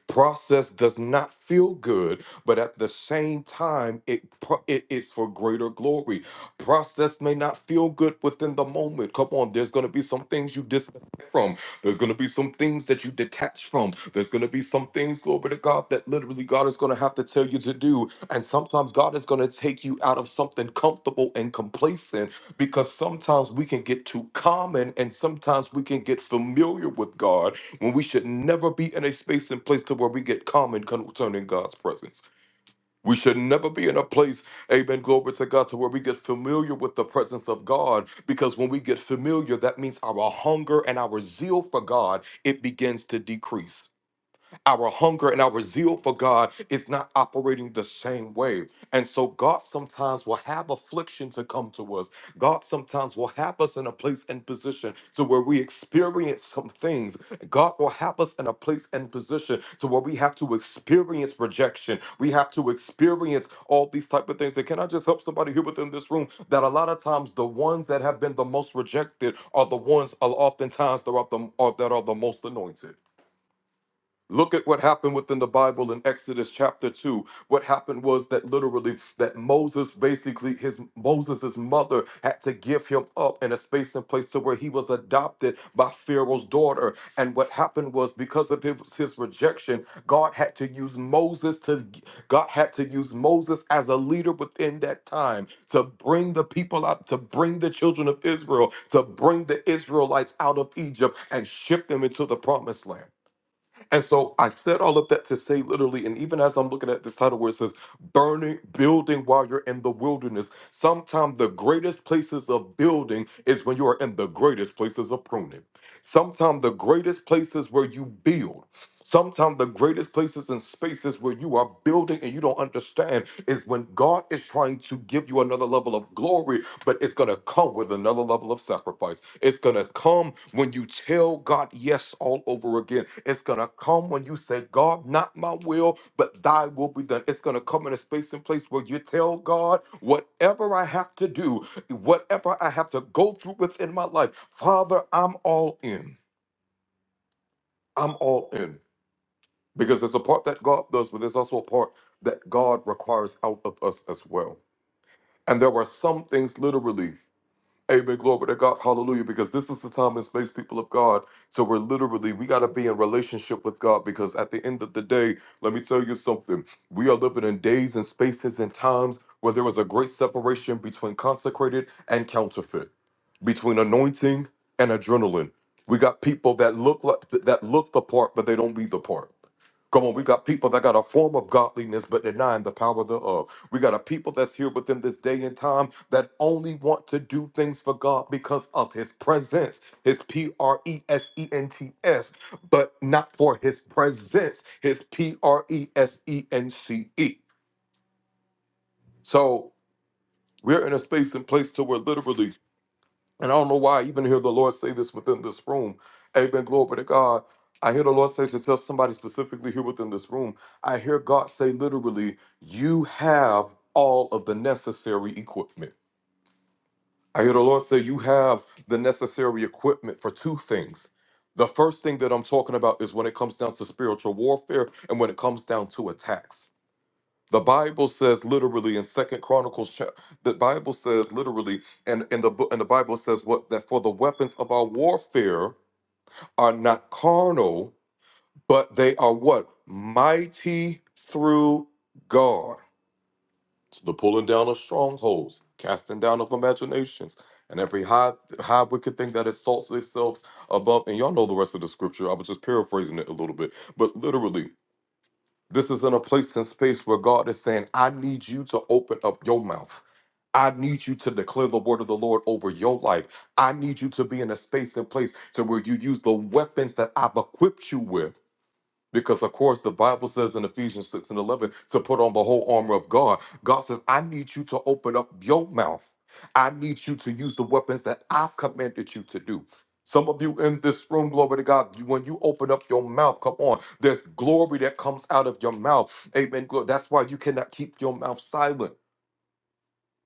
Process does not feel good, but at the same time, it, pro- it it's for greater glory. Process may not feel good within the moment. Come on, there's going to be some things you disconnect from. There's going to be some things that you detach from. There's going to be some things, glory to God, that literally God is going to have to tell you to do. And sometimes God is going to take you out of something comfortable and complacent because sometimes we can get too common and sometimes we can get familiar with God when we should never be in a space and place to where we get common concerning God's presence. We should never be in a place, amen, glory to God, to where we get familiar with the presence of God, because when we get familiar, that means our hunger and our zeal for God, it begins to decrease. Our hunger and our zeal for God is not operating the same way. And so God sometimes will have affliction to come to us. God sometimes will have us in a place and position to where we experience some things. God will have us in a place and position to where we have to experience rejection. We have to experience all these type of things. And can I just help somebody here within this room that a lot of times the ones that have been the most rejected are the ones are oftentimes that are the, are, that are the most anointed. Look at what happened within the Bible in Exodus chapter 2. What happened was that literally that Moses basically his Moses's mother had to give him up in a space and place to where he was adopted by Pharaoh's daughter. And what happened was because of his, his rejection, God had to use Moses to God had to use Moses as a leader within that time to bring the people out, to bring the children of Israel, to bring the Israelites out of Egypt and ship them into the promised land. And so I said all of that to say literally, and even as I'm looking at this title where it says burning, building while you're in the wilderness, sometimes the greatest places of building is when you are in the greatest places of pruning. Sometimes the greatest places where you build. Sometimes the greatest places and spaces where you are building and you don't understand is when God is trying to give you another level of glory but it's going to come with another level of sacrifice. It's going to come when you tell God yes all over again. It's going to come when you say, God, not my will, but thy will be done. It's going to come in a space and place where you tell God, whatever I have to do, whatever I have to go through within my life, Father, I'm all in. I'm all in. Because there's a part that God does, but there's also a part that God requires out of us as well. And there are some things literally Amen. Glory to God. Hallelujah. Because this is the time and space, people of God. So we're literally, we got to be in relationship with God because at the end of the day, let me tell you something. We are living in days and spaces and times where there is a great separation between consecrated and counterfeit, between anointing and adrenaline. We got people that look like that look the part, but they don't be the part. Come on, we got people that got a form of godliness but denying the power thereof. We got a people that's here within this day and time that only want to do things for God because of his presence, his P R E S E N T S, but not for his presence, his P R E S E N C E. So we're in a space and place to where literally and I don't know why I even hear the Lord say this within this room. Amen. Glory to God. I hear the Lord say to tell somebody specifically here within this room. I hear God say literally, you have all of the necessary equipment. I hear the Lord say, you have the necessary equipment for two things. The first thing that I'm talking about is when it comes down to spiritual warfare and when it comes down to attacks. The Bible says literally in Second Chronicles, chap- the Bible says literally, and in the book, and the Bible says what that for the weapons of our warfare are not carnal, but they are what mighty through God to the pulling down of strongholds, casting down of imaginations, and every high high wicked thing that exalts itself above. And y'all know the rest of the scripture. I was just paraphrasing it a little bit, but literally this is in a place and space where God is saying, I need you to open up your mouth. I need you to declare the word of the Lord over your life. I need you to be in a space and place to where you use the weapons that I've equipped you with because of course the Bible says in Ephesians 6 and 11 to put on the whole armor of God. God says, I need you to open up your mouth. I need you to use the weapons that I've commanded you to do. Some of you in this room, glory to God, you- when you open up your mouth, come on, there's glory that comes out of your mouth. Amen. Glo- That's why you cannot keep your mouth silent.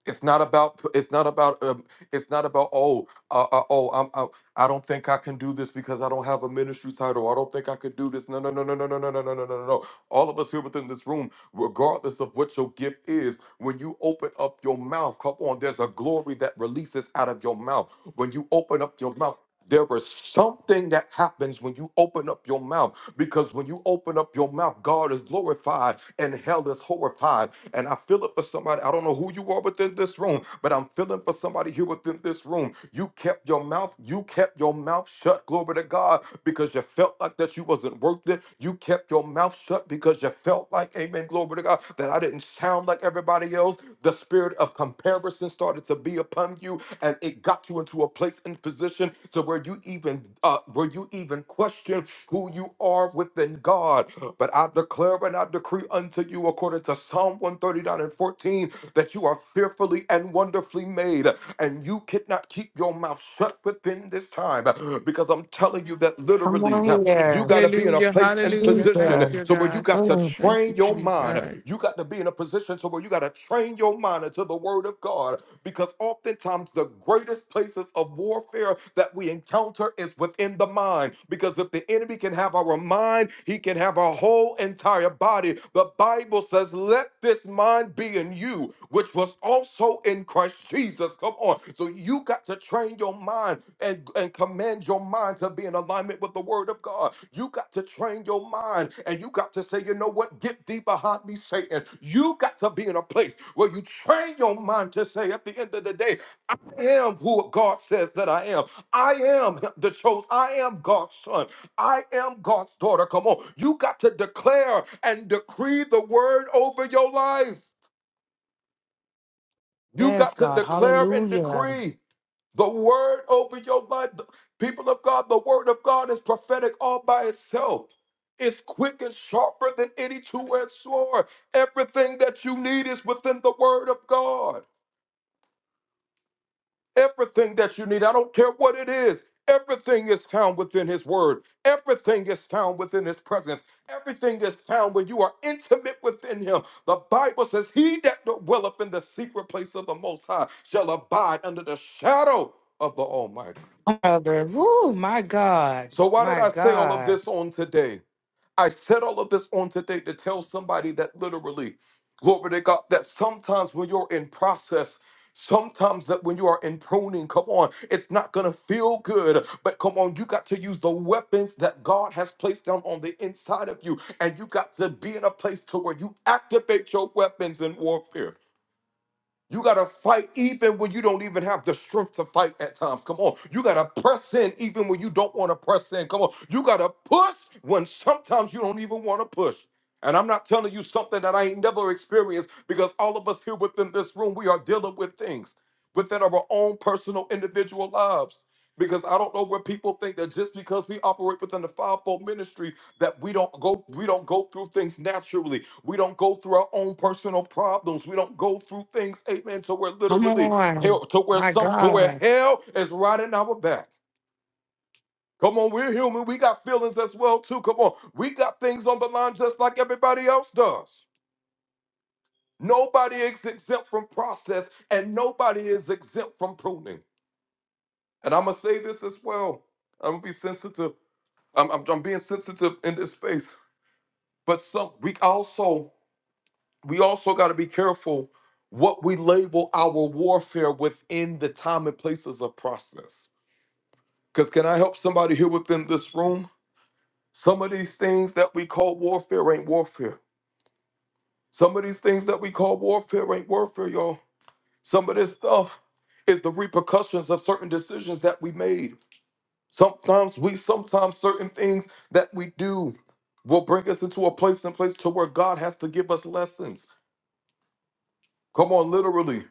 It's not about. It's not about. Um, it's not about. Oh, uh, uh, oh, I'm. I, I don't think I can do this because I don't have a ministry title. I don't think I could do this. No, no, no, no, no, no, no, no, no, no, no. no. All of us here within this room, regardless of what your gift is, when you open up your mouth, come on, there's a glory that releases out of your mouth. When you open up your mouth. There is something that happens when you open up your mouth because when you open up your mouth, God is glorified and hell is horrified and I feel it for somebody. I don't know who you are within this room, but I'm feeling for somebody here within this room. You kept your mouth, you kept your mouth shut, glory to God, because you felt like that you wasn't worth it. You kept your mouth shut because you felt like, amen, glory to God, that I didn't sound like everybody else. The spirit of comparison started to be upon you and it got you into a place and position to where you even uh where you even question who you are within God. But I declare and I decree unto you according to Psalm 139 and 14 that you are fearfully and wonderfully made, and you cannot keep your mouth shut within this time because I'm telling you that
Come
literally
on
huh, you
here.
got to be in a
Hallelujah.
place and
Hallelujah. Thank
position
you, dear
so where
Jesus.
you
God.
got to
Mm.
Thank you,
train your mind.
Jesus.
You got to be in a position so where you got to train your mind into the word of God because oftentimes the greatest places of warfare that we encounter is within the mind because if the enemy can have have our mind, He can have our whole entire body. The Bible says, Let this mind be in you, which was also in Christ Jesus. Come on. So you got to train your mind and, and command your mind to be in alignment with the Word of God. You got to train your mind and you got to say, You know what? Get thee behind me, Satan. You got to be in a place where you train your mind to say, At the end of the day, am who God says that I am. I am the chosen. I am God's son. I am God's daughter. Come on. You got to declare and decree the word over your life. You
Yes,
got to
God.
declare and
Hallelujah.
decree the word over your life. The- People of God, the word of God is prophetic all by itself. It's quick and sharper than any two edged sword. Everything that you need is within the word of God. Everything that you need, I don't care what it is, everything is found within His Word. Everything is found within His presence. Everything is found when you are intimate within Him. The Bible says, He that dwelleth in the secret place of the Most High shall abide under the shadow of the Almighty.
Father. Woo, my God.
So, why did
My
I say all of
God.
this on today? I said all of this on today to tell somebody that literally, glory to God, that sometimes when you're in process, Sometimes that when you are in pruning, come on, it's not gonna feel good. But come on, you got to use the weapons that God has placed down on the inside of you, and you got to be in a place to where you activate your weapons in warfare. You got to fight even when you don't even have the strength to fight at times. Come on. You got to press in even when you don't want to press in. Come on. You got to push when sometimes you don't even want to push. And I'm not telling you something that I ain't never experienced because all of us here within this room, we are dealing with things within our own personal individual lives. Because I don't know where people think that just because we operate within the fivefold ministry that we don't go we don't go through things naturally we don't go through our own personal problems we don't go through things amen to where
Come
literally
on.
hell to where
My
some to where
God.
hell is riding our back come on we're human we got feelings as well too come on we got things on the line just like everybody else does nobody is exempt from process and nobody is exempt from pruning and i'm gonna say this as well i'm gonna be sensitive i'm, I'm, I'm being sensitive in this space but some we also we also got to be careful what we label our warfare within the time and places of process. Because can I help somebody here within this room? Some of these things that we call warfare ain't warfare. Some of these things that we call warfare ain't warfare, y'all. Some of this stuff is the repercussions of certain decisions that we made. Sometimes we, sometimes certain things that we do will bring us into a place and place to where God has to give us lessons. Come on, literally.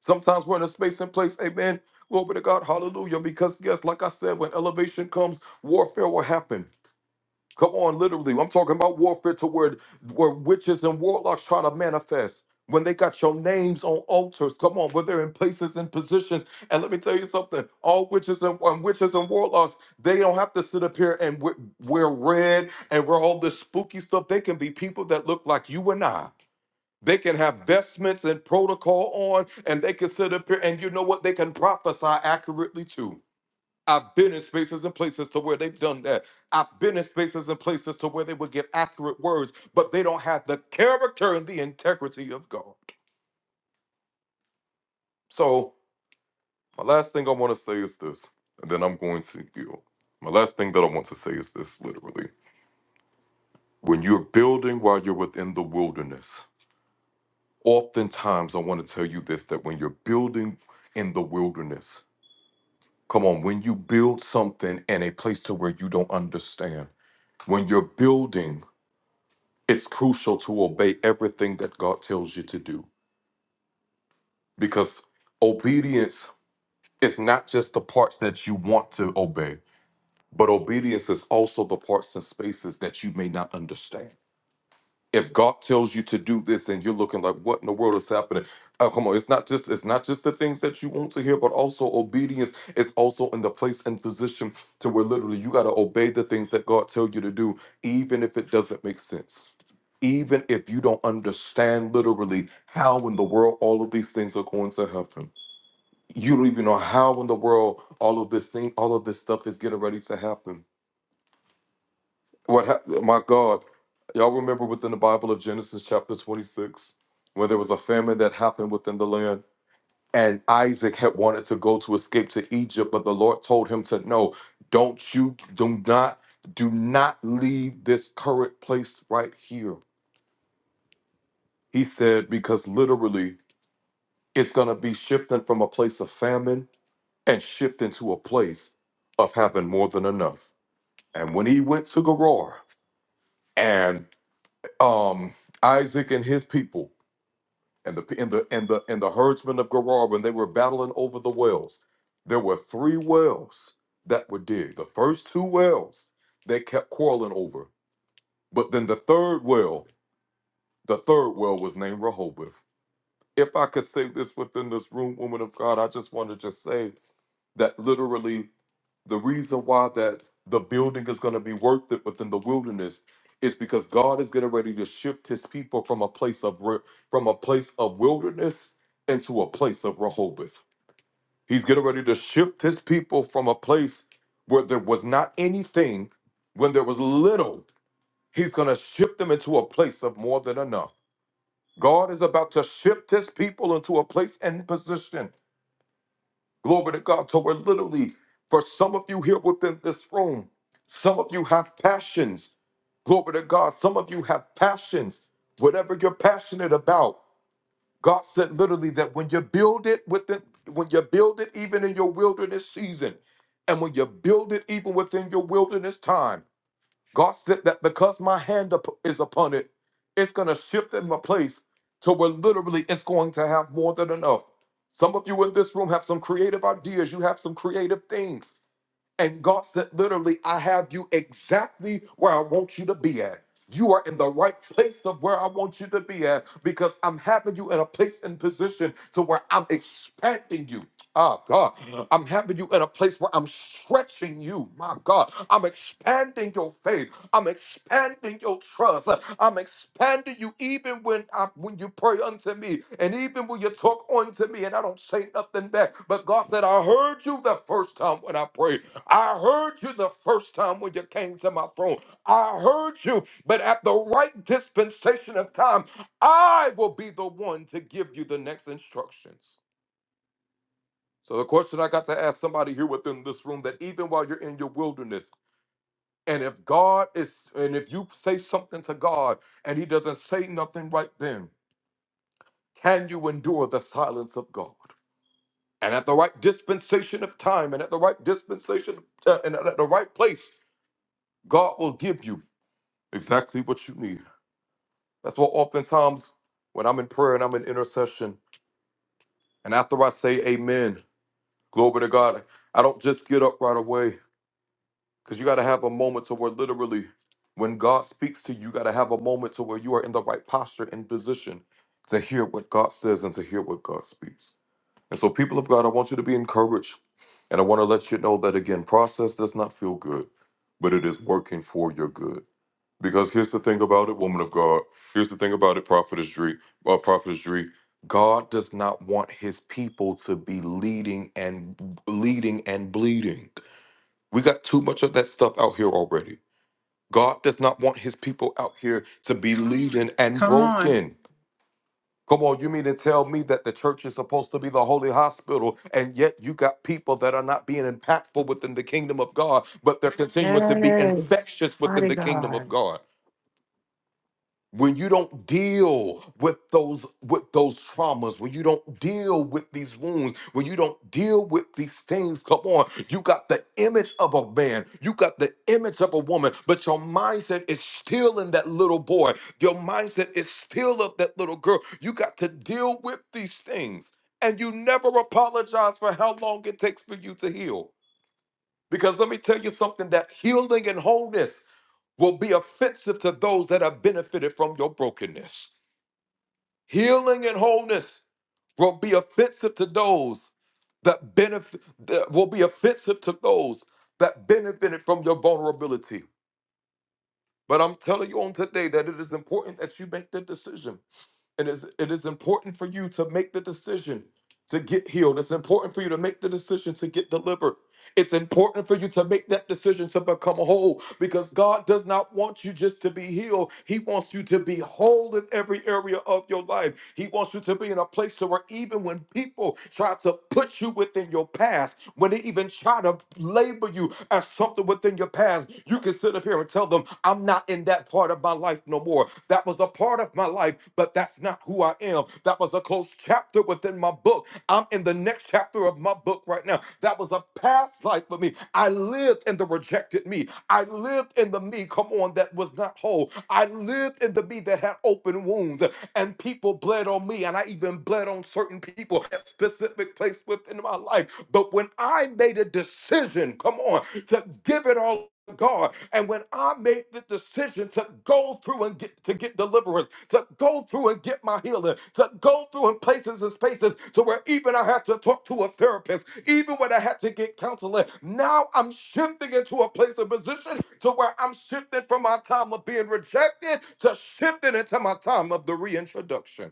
Sometimes we're in a space and place, amen. Glory to God, hallelujah. Because, yes, like I said, when elevation comes, warfare will happen. Come on, literally. I'm talking about warfare to where, where witches and warlocks try to manifest. When they got your names on altars, come on, where they're in places and positions. And let me tell you something all witches and, and witches and warlocks, they don't have to sit up here and we- wear red and wear all this spooky stuff. They can be people that look like you and I. They can have vestments and protocol on, and they can sit up here, and you know what? They can prophesy accurately too. I've been in spaces and places to where they've done that. I've been in spaces and places to where they would give accurate words, but they don't have the character and the integrity of God. So, my last thing I want to say is this, and then I'm going to yield. My last thing that I want to say is this literally. When you're building while you're within the wilderness, oftentimes I want to tell you this that when you're building in the wilderness, Come on, when you build something in a place to where you don't understand, when you're building, it's crucial to obey everything that God tells you to do because obedience is not just the parts that you want to obey, but obedience is also the parts and spaces that you may not understand. if God tells you to do this and you're looking like what in the world is happening oh, come on it's not just it's not just the things that you want to hear but also obedience is also in the place and position to where literally you got to obey the things that God tell you to do even if it doesn't make sense even if you don't understand literally how in the world all of these things are going to happen you don't even know how in the world all of this thing all of this stuff is getting ready to happen what hap My God, y'all remember within the Bible of Genesis chapter 26 when there was a famine that happened within the land, and Isaac had wanted to go to escape to Egypt, but the Lord told him to no, don't you, do not, do not leave this current place right here. He said, because literally it's going to be shifting from a place of famine and shifting to a place of having more than enough. And when he went to Gerar, and um, Isaac and his people, and the and the and the and the herdsmen of Gerar when they were battling over the wells, there were three wells that were digged. The first two wells they kept quarreling over, but then the third well, the third well was named Rehoboth. If I could say this within this room, woman of God, I just want to just say that literally the reason why that the building is going to be worth it within the wilderness is because God is getting ready to shift his people from a place of re- from a place of wilderness into a place of Rehoboth. He's getting ready to shift his people from a place where there was not anything when there was little. He's going to shift them into a place of more than enough. God is about to shift his people into a place and position Glory to God. So we're literally, for some of you here within this room, some of you have passions. Glory to God. Some of you have passions. Whatever you're passionate about, God said literally that when you build it within, when you build it even in your wilderness season, and when you build it even within your wilderness time. God said that because my hand up is upon it, it's going to shift in my place to where literally it's going to have more than enough. Some of you in this room have some creative ideas, you have some creative things. And God said, literally, I have you exactly where I want you to be at. You are in the right place of where I want you to be at because I'm having you in a place and position to where I'm expanding you. Ah, God, I'm having you in a place where I'm stretching you. My God, I'm expanding your faith. I'm expanding your trust. I'm expanding you even when I, when you pray unto me and even when you talk unto me and I don't say nothing back. But God said, I heard you the first time when I prayed. I heard you the first time when you came to my throne. I heard you, but at the right dispensation of time, I will be the one to give you the next instructions. So, the question I got to ask somebody here within this room that even while you're in your wilderness, and if God is, and if you say something to God and He doesn't say nothing right then, can you endure the silence of God? And at the right dispensation of time, and at the right dispensation, uh, and at the right place, God will give you exactly what you need. That's what oftentimes when I'm in prayer and I'm in intercession, and after I say amen, glory to God, I don't just get up right away because you got to have a moment to where literally when God speaks to you, you got to have a moment to where you are in the right posture and position to hear what God says and to hear what God speaks. And so, people of God, I want you to be encouraged. And I want to let you know that again, process does not feel good, but it is working for your good. Because here's the thing about it, woman of God. Here's the thing about it, prophetess Dree. Uh, prophetess Dree. God does not want His people to be leading and leading and bleeding. We got too much of that stuff out here already. God does not want His people out here to be leading and broken. Come on, you mean to tell me that the church is supposed to be the holy hospital, and yet you got people that are not being impactful within the kingdom of God, but they're continuing to be
Yes.
infectious within
Mighty
the kingdom
God.
of God? when you don't deal with those with those traumas when you don't deal with these wounds when you don't deal with these things come on you got the image of a man you got the image of a woman but your mindset is still in that little boy your mindset is still of that little girl you got to deal with these things and you never apologize for how long it takes for you to heal because let me tell you something that healing and wholeness will be offensive to those that have benefited from your brokenness. Healing and wholeness will be offensive to those that benefit that will be offensive to those that benefited from your vulnerability. But I'm telling you on today that it is important that you make the decision and it's, it is important for you to make the decision to get healed. It's important for you to make the decision to get delivered. It's important for you to make that decision to become whole because God does not want you just to be healed. He wants you to be whole in every area of your life. He wants you to be in a place to where even when people try to put you within your past, when they even try to label you as something within your past, you can sit up here and tell them, problem. I'm not in that part of my life no more. That was a part of my life, but that's not who I am. That was a closed chapter within my book. I'm in the next chapter of my book right now. That was a past life for me. I lived in the rejected me. I lived in the me, come on, that was not whole. I lived in the me that had open wounds and people bled on me, and I even bled on certain people at specific place within my life. But when I made a decision, come on, to give it all God. And when I make the decision to go through and get to get deliverance, to go through and get my healing, to go through in places and spaces to where even I had to talk to a therapist, even when I had to get counseling, now I'm shifting into a place of position to where I'm shifting from my time of being rejected to shifting into my time of the reintroduction.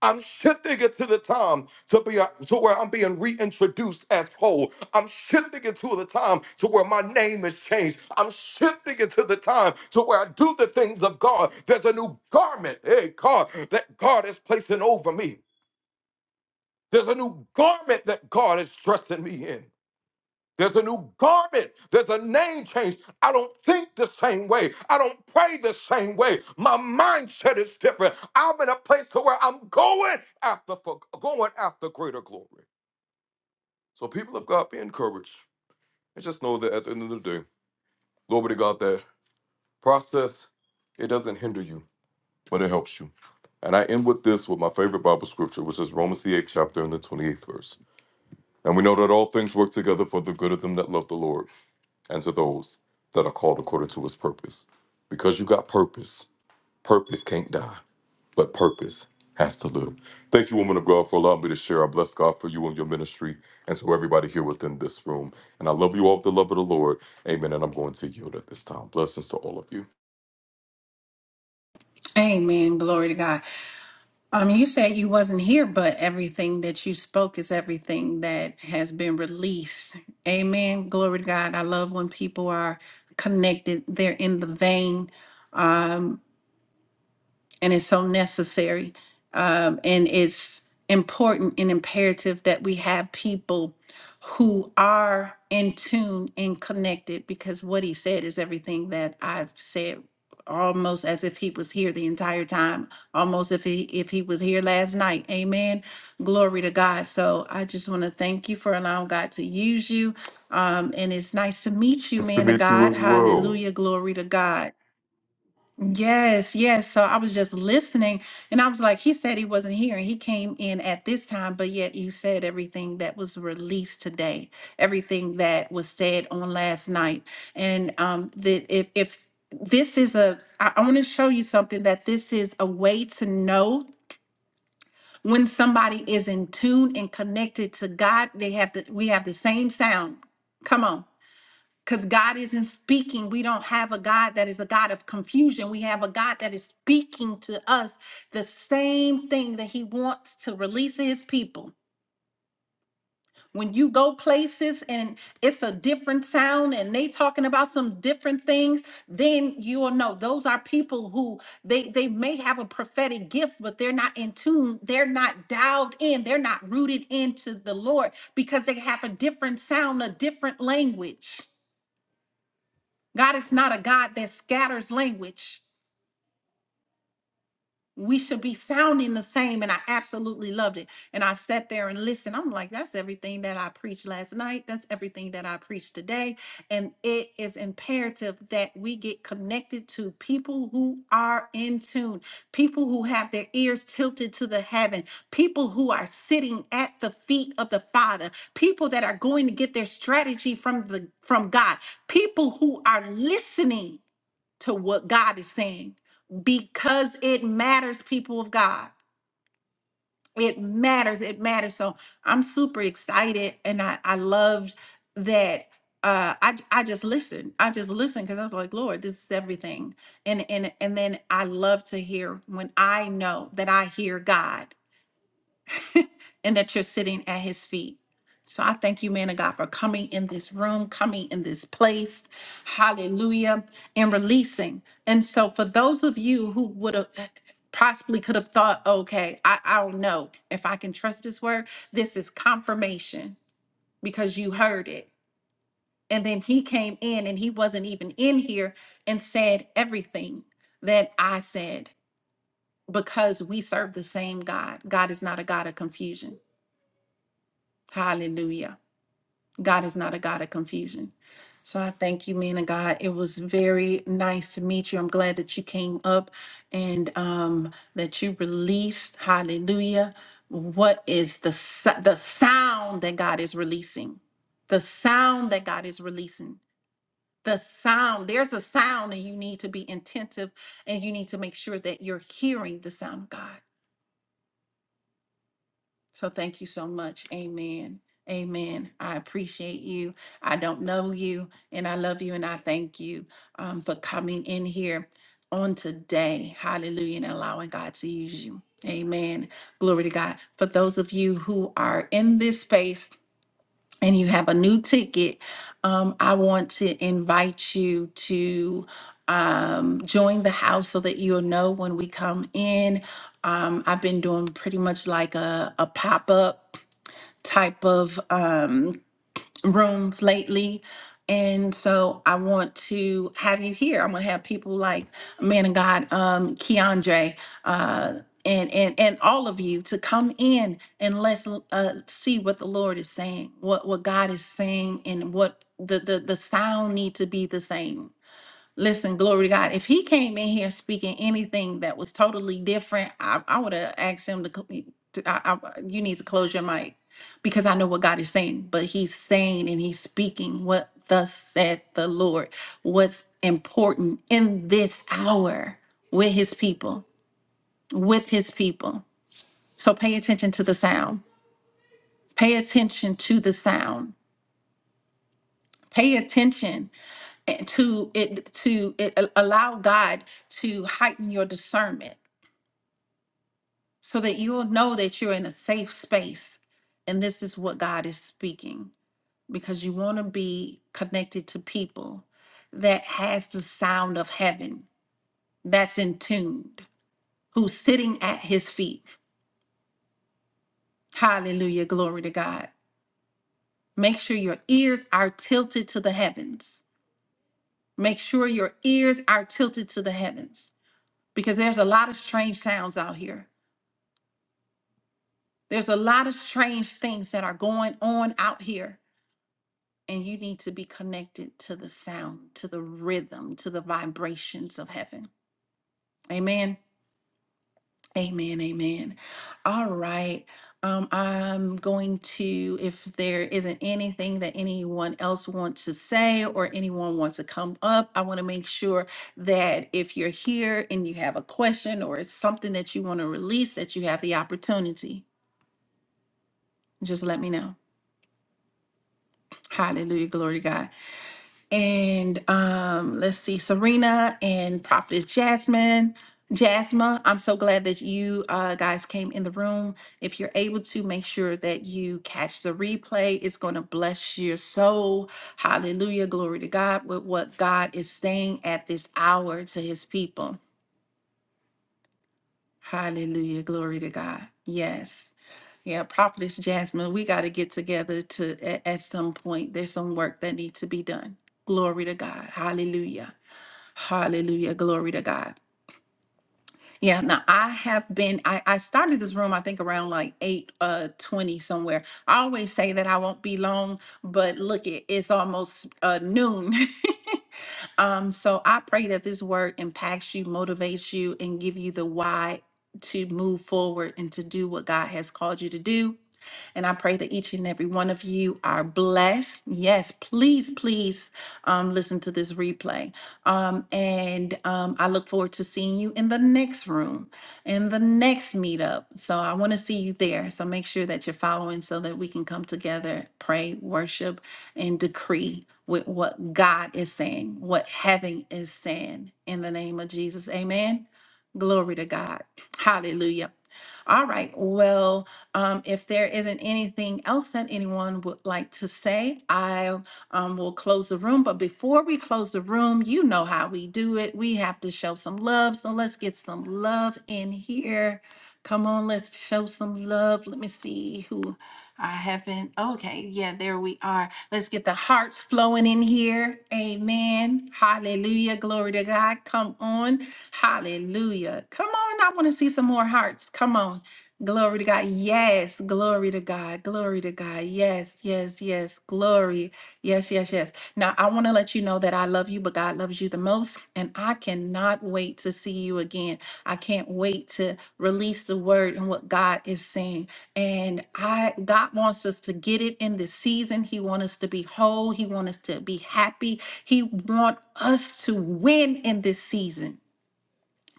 I'm shifting it to the time to be to where I'm being reintroduced as whole. I'm shifting it to the time to where my name is changed. I'm shifting it to the time to where I do the things of God. There's a new garment, hey God, that God is placing over me. There's a new garment that God is dressing me in. There's a new garment. There's a name change. I don't think the same way. I don't pray the same way. My mindset is different. I'm in a place to where I'm going after for going after greater glory. So people of God, be encouraged and just know that at the end of the day, glory to God, that process it doesn't hinder you, but it helps you. And I end with this with my favorite Bible scripture, which is Romans the eighth chapter and the twenty eighth verse. And we know that all things work together for the good of them that love the Lord and to those that are called according to his purpose. Because you got purpose, purpose can't die, but purpose has to live. Thank you, woman of God, for allowing me to share. I bless God for you and your ministry and to everybody here within this room. And I love you all with the love of the Lord. Amen. And I'm going to yield at this time. Blessings to all of you.
Amen. Glory to God. Um, you said you wasn't here, but everything that you spoke is everything that has been released. Amen. Glory to God. I love when people are connected. They're in the vein and it's so necessary. Um, and it's important and imperative that we have people who are in tune and connected because what he said is everything that I've said almost as if he was here the entire time almost if he if he was here last night amen glory to god so i just want to thank you for allowing god to use you um and it's nice to meet you
Nice to
man of
meet you
god
as well.
hallelujah glory to god Yes, yes. So I was just listening and I was like, he said he wasn't here and he came in at this time, but yet you said everything that was released today, everything that was said on last night. And um that if if this is a I, I want to show you something that this is a way to know when somebody is in tune and connected to God, they have the we have the same sound. Come on because God isn't speaking. We don't have a God that is a God of confusion. We have a God that is speaking to us the same thing that He wants to release to His people. When you go places and it's a different sound and they talking about some different things, then you will know those are people who they they may have a prophetic gift, but they're not in tune, they're not dialed in, they're not rooted into the Lord because they have a different sound, a different language. God is not a God that scatters language. We should be sounding the same. And I absolutely loved it. And I sat there and listened. I'm like, that's everything that I preached last night. That's everything that I preached today. And it is imperative that we get connected to people who are in tune, people who have their ears tilted to the heaven, people who are sitting at the feet of the Father, people that are going to get their strategy from the from God, people who are listening to what God is saying because it matters, people of God. It matters. It matters. So I'm super excited and I, I loved that. Uh, I, j- I just listened. I just listened because I was like, Lord, this is everything. And and and then I love to hear when I know that I hear God. and that you're sitting at his feet. So I thank you, man of God, for coming in this room, coming in this place. Hallelujah. And releasing. And so for those of you who would have possibly could have thought, okay, I, I don't know if I can trust this word, this is confirmation because you heard it. And then he came in and he wasn't even in here and said everything that I said because we serve the same God. God is not a God of confusion. Hallelujah. God is not a God of confusion. So I thank you, man of God. It was very nice to meet you. I'm glad that you came up and um, that you released, hallelujah, what is the, so- the sound that God is releasing? The sound that God is releasing. The sound, there's a sound, and you need to be attentive and you need to make sure that you're hearing the sound of God. So thank you so much. Amen. Amen. I appreciate you. I don't know you, and I love you, and I thank you um, for coming in here on today. Hallelujah, and allowing God to use you. Amen. Glory to God. For those of you who are in this space, and you have a new ticket, um, I want to invite you to um, join the house so that you'll know when we come in. Um, I've been doing pretty much like a, a pop up type of. Um, rooms lately. And so I want to have you here. I'm going to have people like man of God, um, Keandre, uh, and, and, and all of you to come in and let's uh, see what the Lord is saying, what, what God is saying and what the, the, the sound need to be the same Listen, glory to God. If he came in here speaking anything that was totally different, I, I would have asked him to, cl- to I, I, you need to close your mic because I know what God is saying. But he's saying and he's speaking what thus said the Lord, what's important in this hour with his people, with his people. So pay attention to the sound. Pay attention to the sound. Pay attention and to it to it, allow God to heighten your discernment so that you'll know that you're in a safe space and this is what God is speaking because you want to be connected to people that has the sound of heaven that's in tuned who's sitting at his feet hallelujah glory to God make sure your ears are tilted to the heavens make sure your ears are tilted to the heavens because there's a lot of strange sounds out here there's a lot of strange things that are going on out here and you need to be connected to the sound, to the rhythm, to the vibrations of heaven. Amen. Amen. Amen. All right. Um, I'm going to, if there isn't anything that anyone else wants to say or anyone wants to come up, I want to make sure that if you're here and you have a question or it's something that you want to release, that you have the opportunity. Just let me know. Hallelujah. Glory to God. and um, let's see, Serena and Prophetess Jasmine. Jasma, I'm so glad that you uh, guys came in the room. If you're able to, make sure that you catch the replay. It's going to bless your soul. Hallelujah. Glory to God with what God is saying at this hour to his people. Hallelujah. Glory to God. Yes. Yeah, Prophetess Jasmine, we got to get together to at, at some point. There's some work that needs to be done. Glory to God. Hallelujah. Hallelujah. Glory to God. Yeah, now I have been I, I started this room I think around like 8 uh 20 somewhere. I always say that I won't be long, but look it, it's almost uh noon. Um, so I pray that this word impacts you, motivates you, and give you the why to move forward and to do what God has called you to do. And I pray that each and every one of you are blessed. Yes, please, please um, listen to this replay. Um, and um, I look forward to seeing you in the next room, in the next meetup. So I want to see you there. So make sure that you're following so that we can come together, pray, worship, and decree with what God is saying, what heaven is saying in the name of Jesus. Amen. Glory to God. Hallelujah. All right. Well, um, if there isn't anything else that anyone would like to say, I um, will close the room. But before we close the room, you know how we do it. We have to show some love. So let's get some love in here. Come on, let's show some love. Let me see who I haven't. Okay, yeah, there we are. Let's get the hearts flowing in here. Amen. Hallelujah. Glory to God. Come on. Hallelujah. Come on. I want to see some more hearts. Come on. Glory to God. Yes. Glory to God. Glory to God. Yes. Yes. Yes. Glory. Yes. Yes. Yes. Now, I want to let you know that I love you, but God loves you the most. And I cannot wait to see you again. I can't wait to release the word and what God is saying. And I, God wants us to get it in this season. He wants us to be whole. He wants us to be happy. He wants us to win in this season.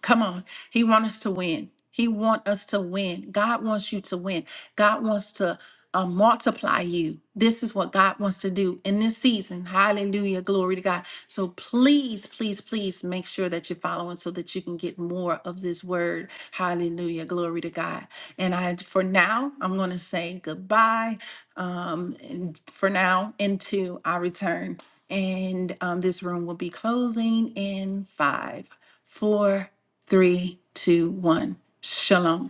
Come on. He wants us to win. He wants us to win. God wants you to win. God wants to uh, multiply you. This is what God wants to do in this season. Hallelujah. Glory to God. So please, please, please make sure that you're following so that you can get more of this word. Hallelujah. Glory to God. And I, for now, I'm going to say goodbye um, and for now into our return. And um, this room will be closing in five four, three, two, one. Shalom.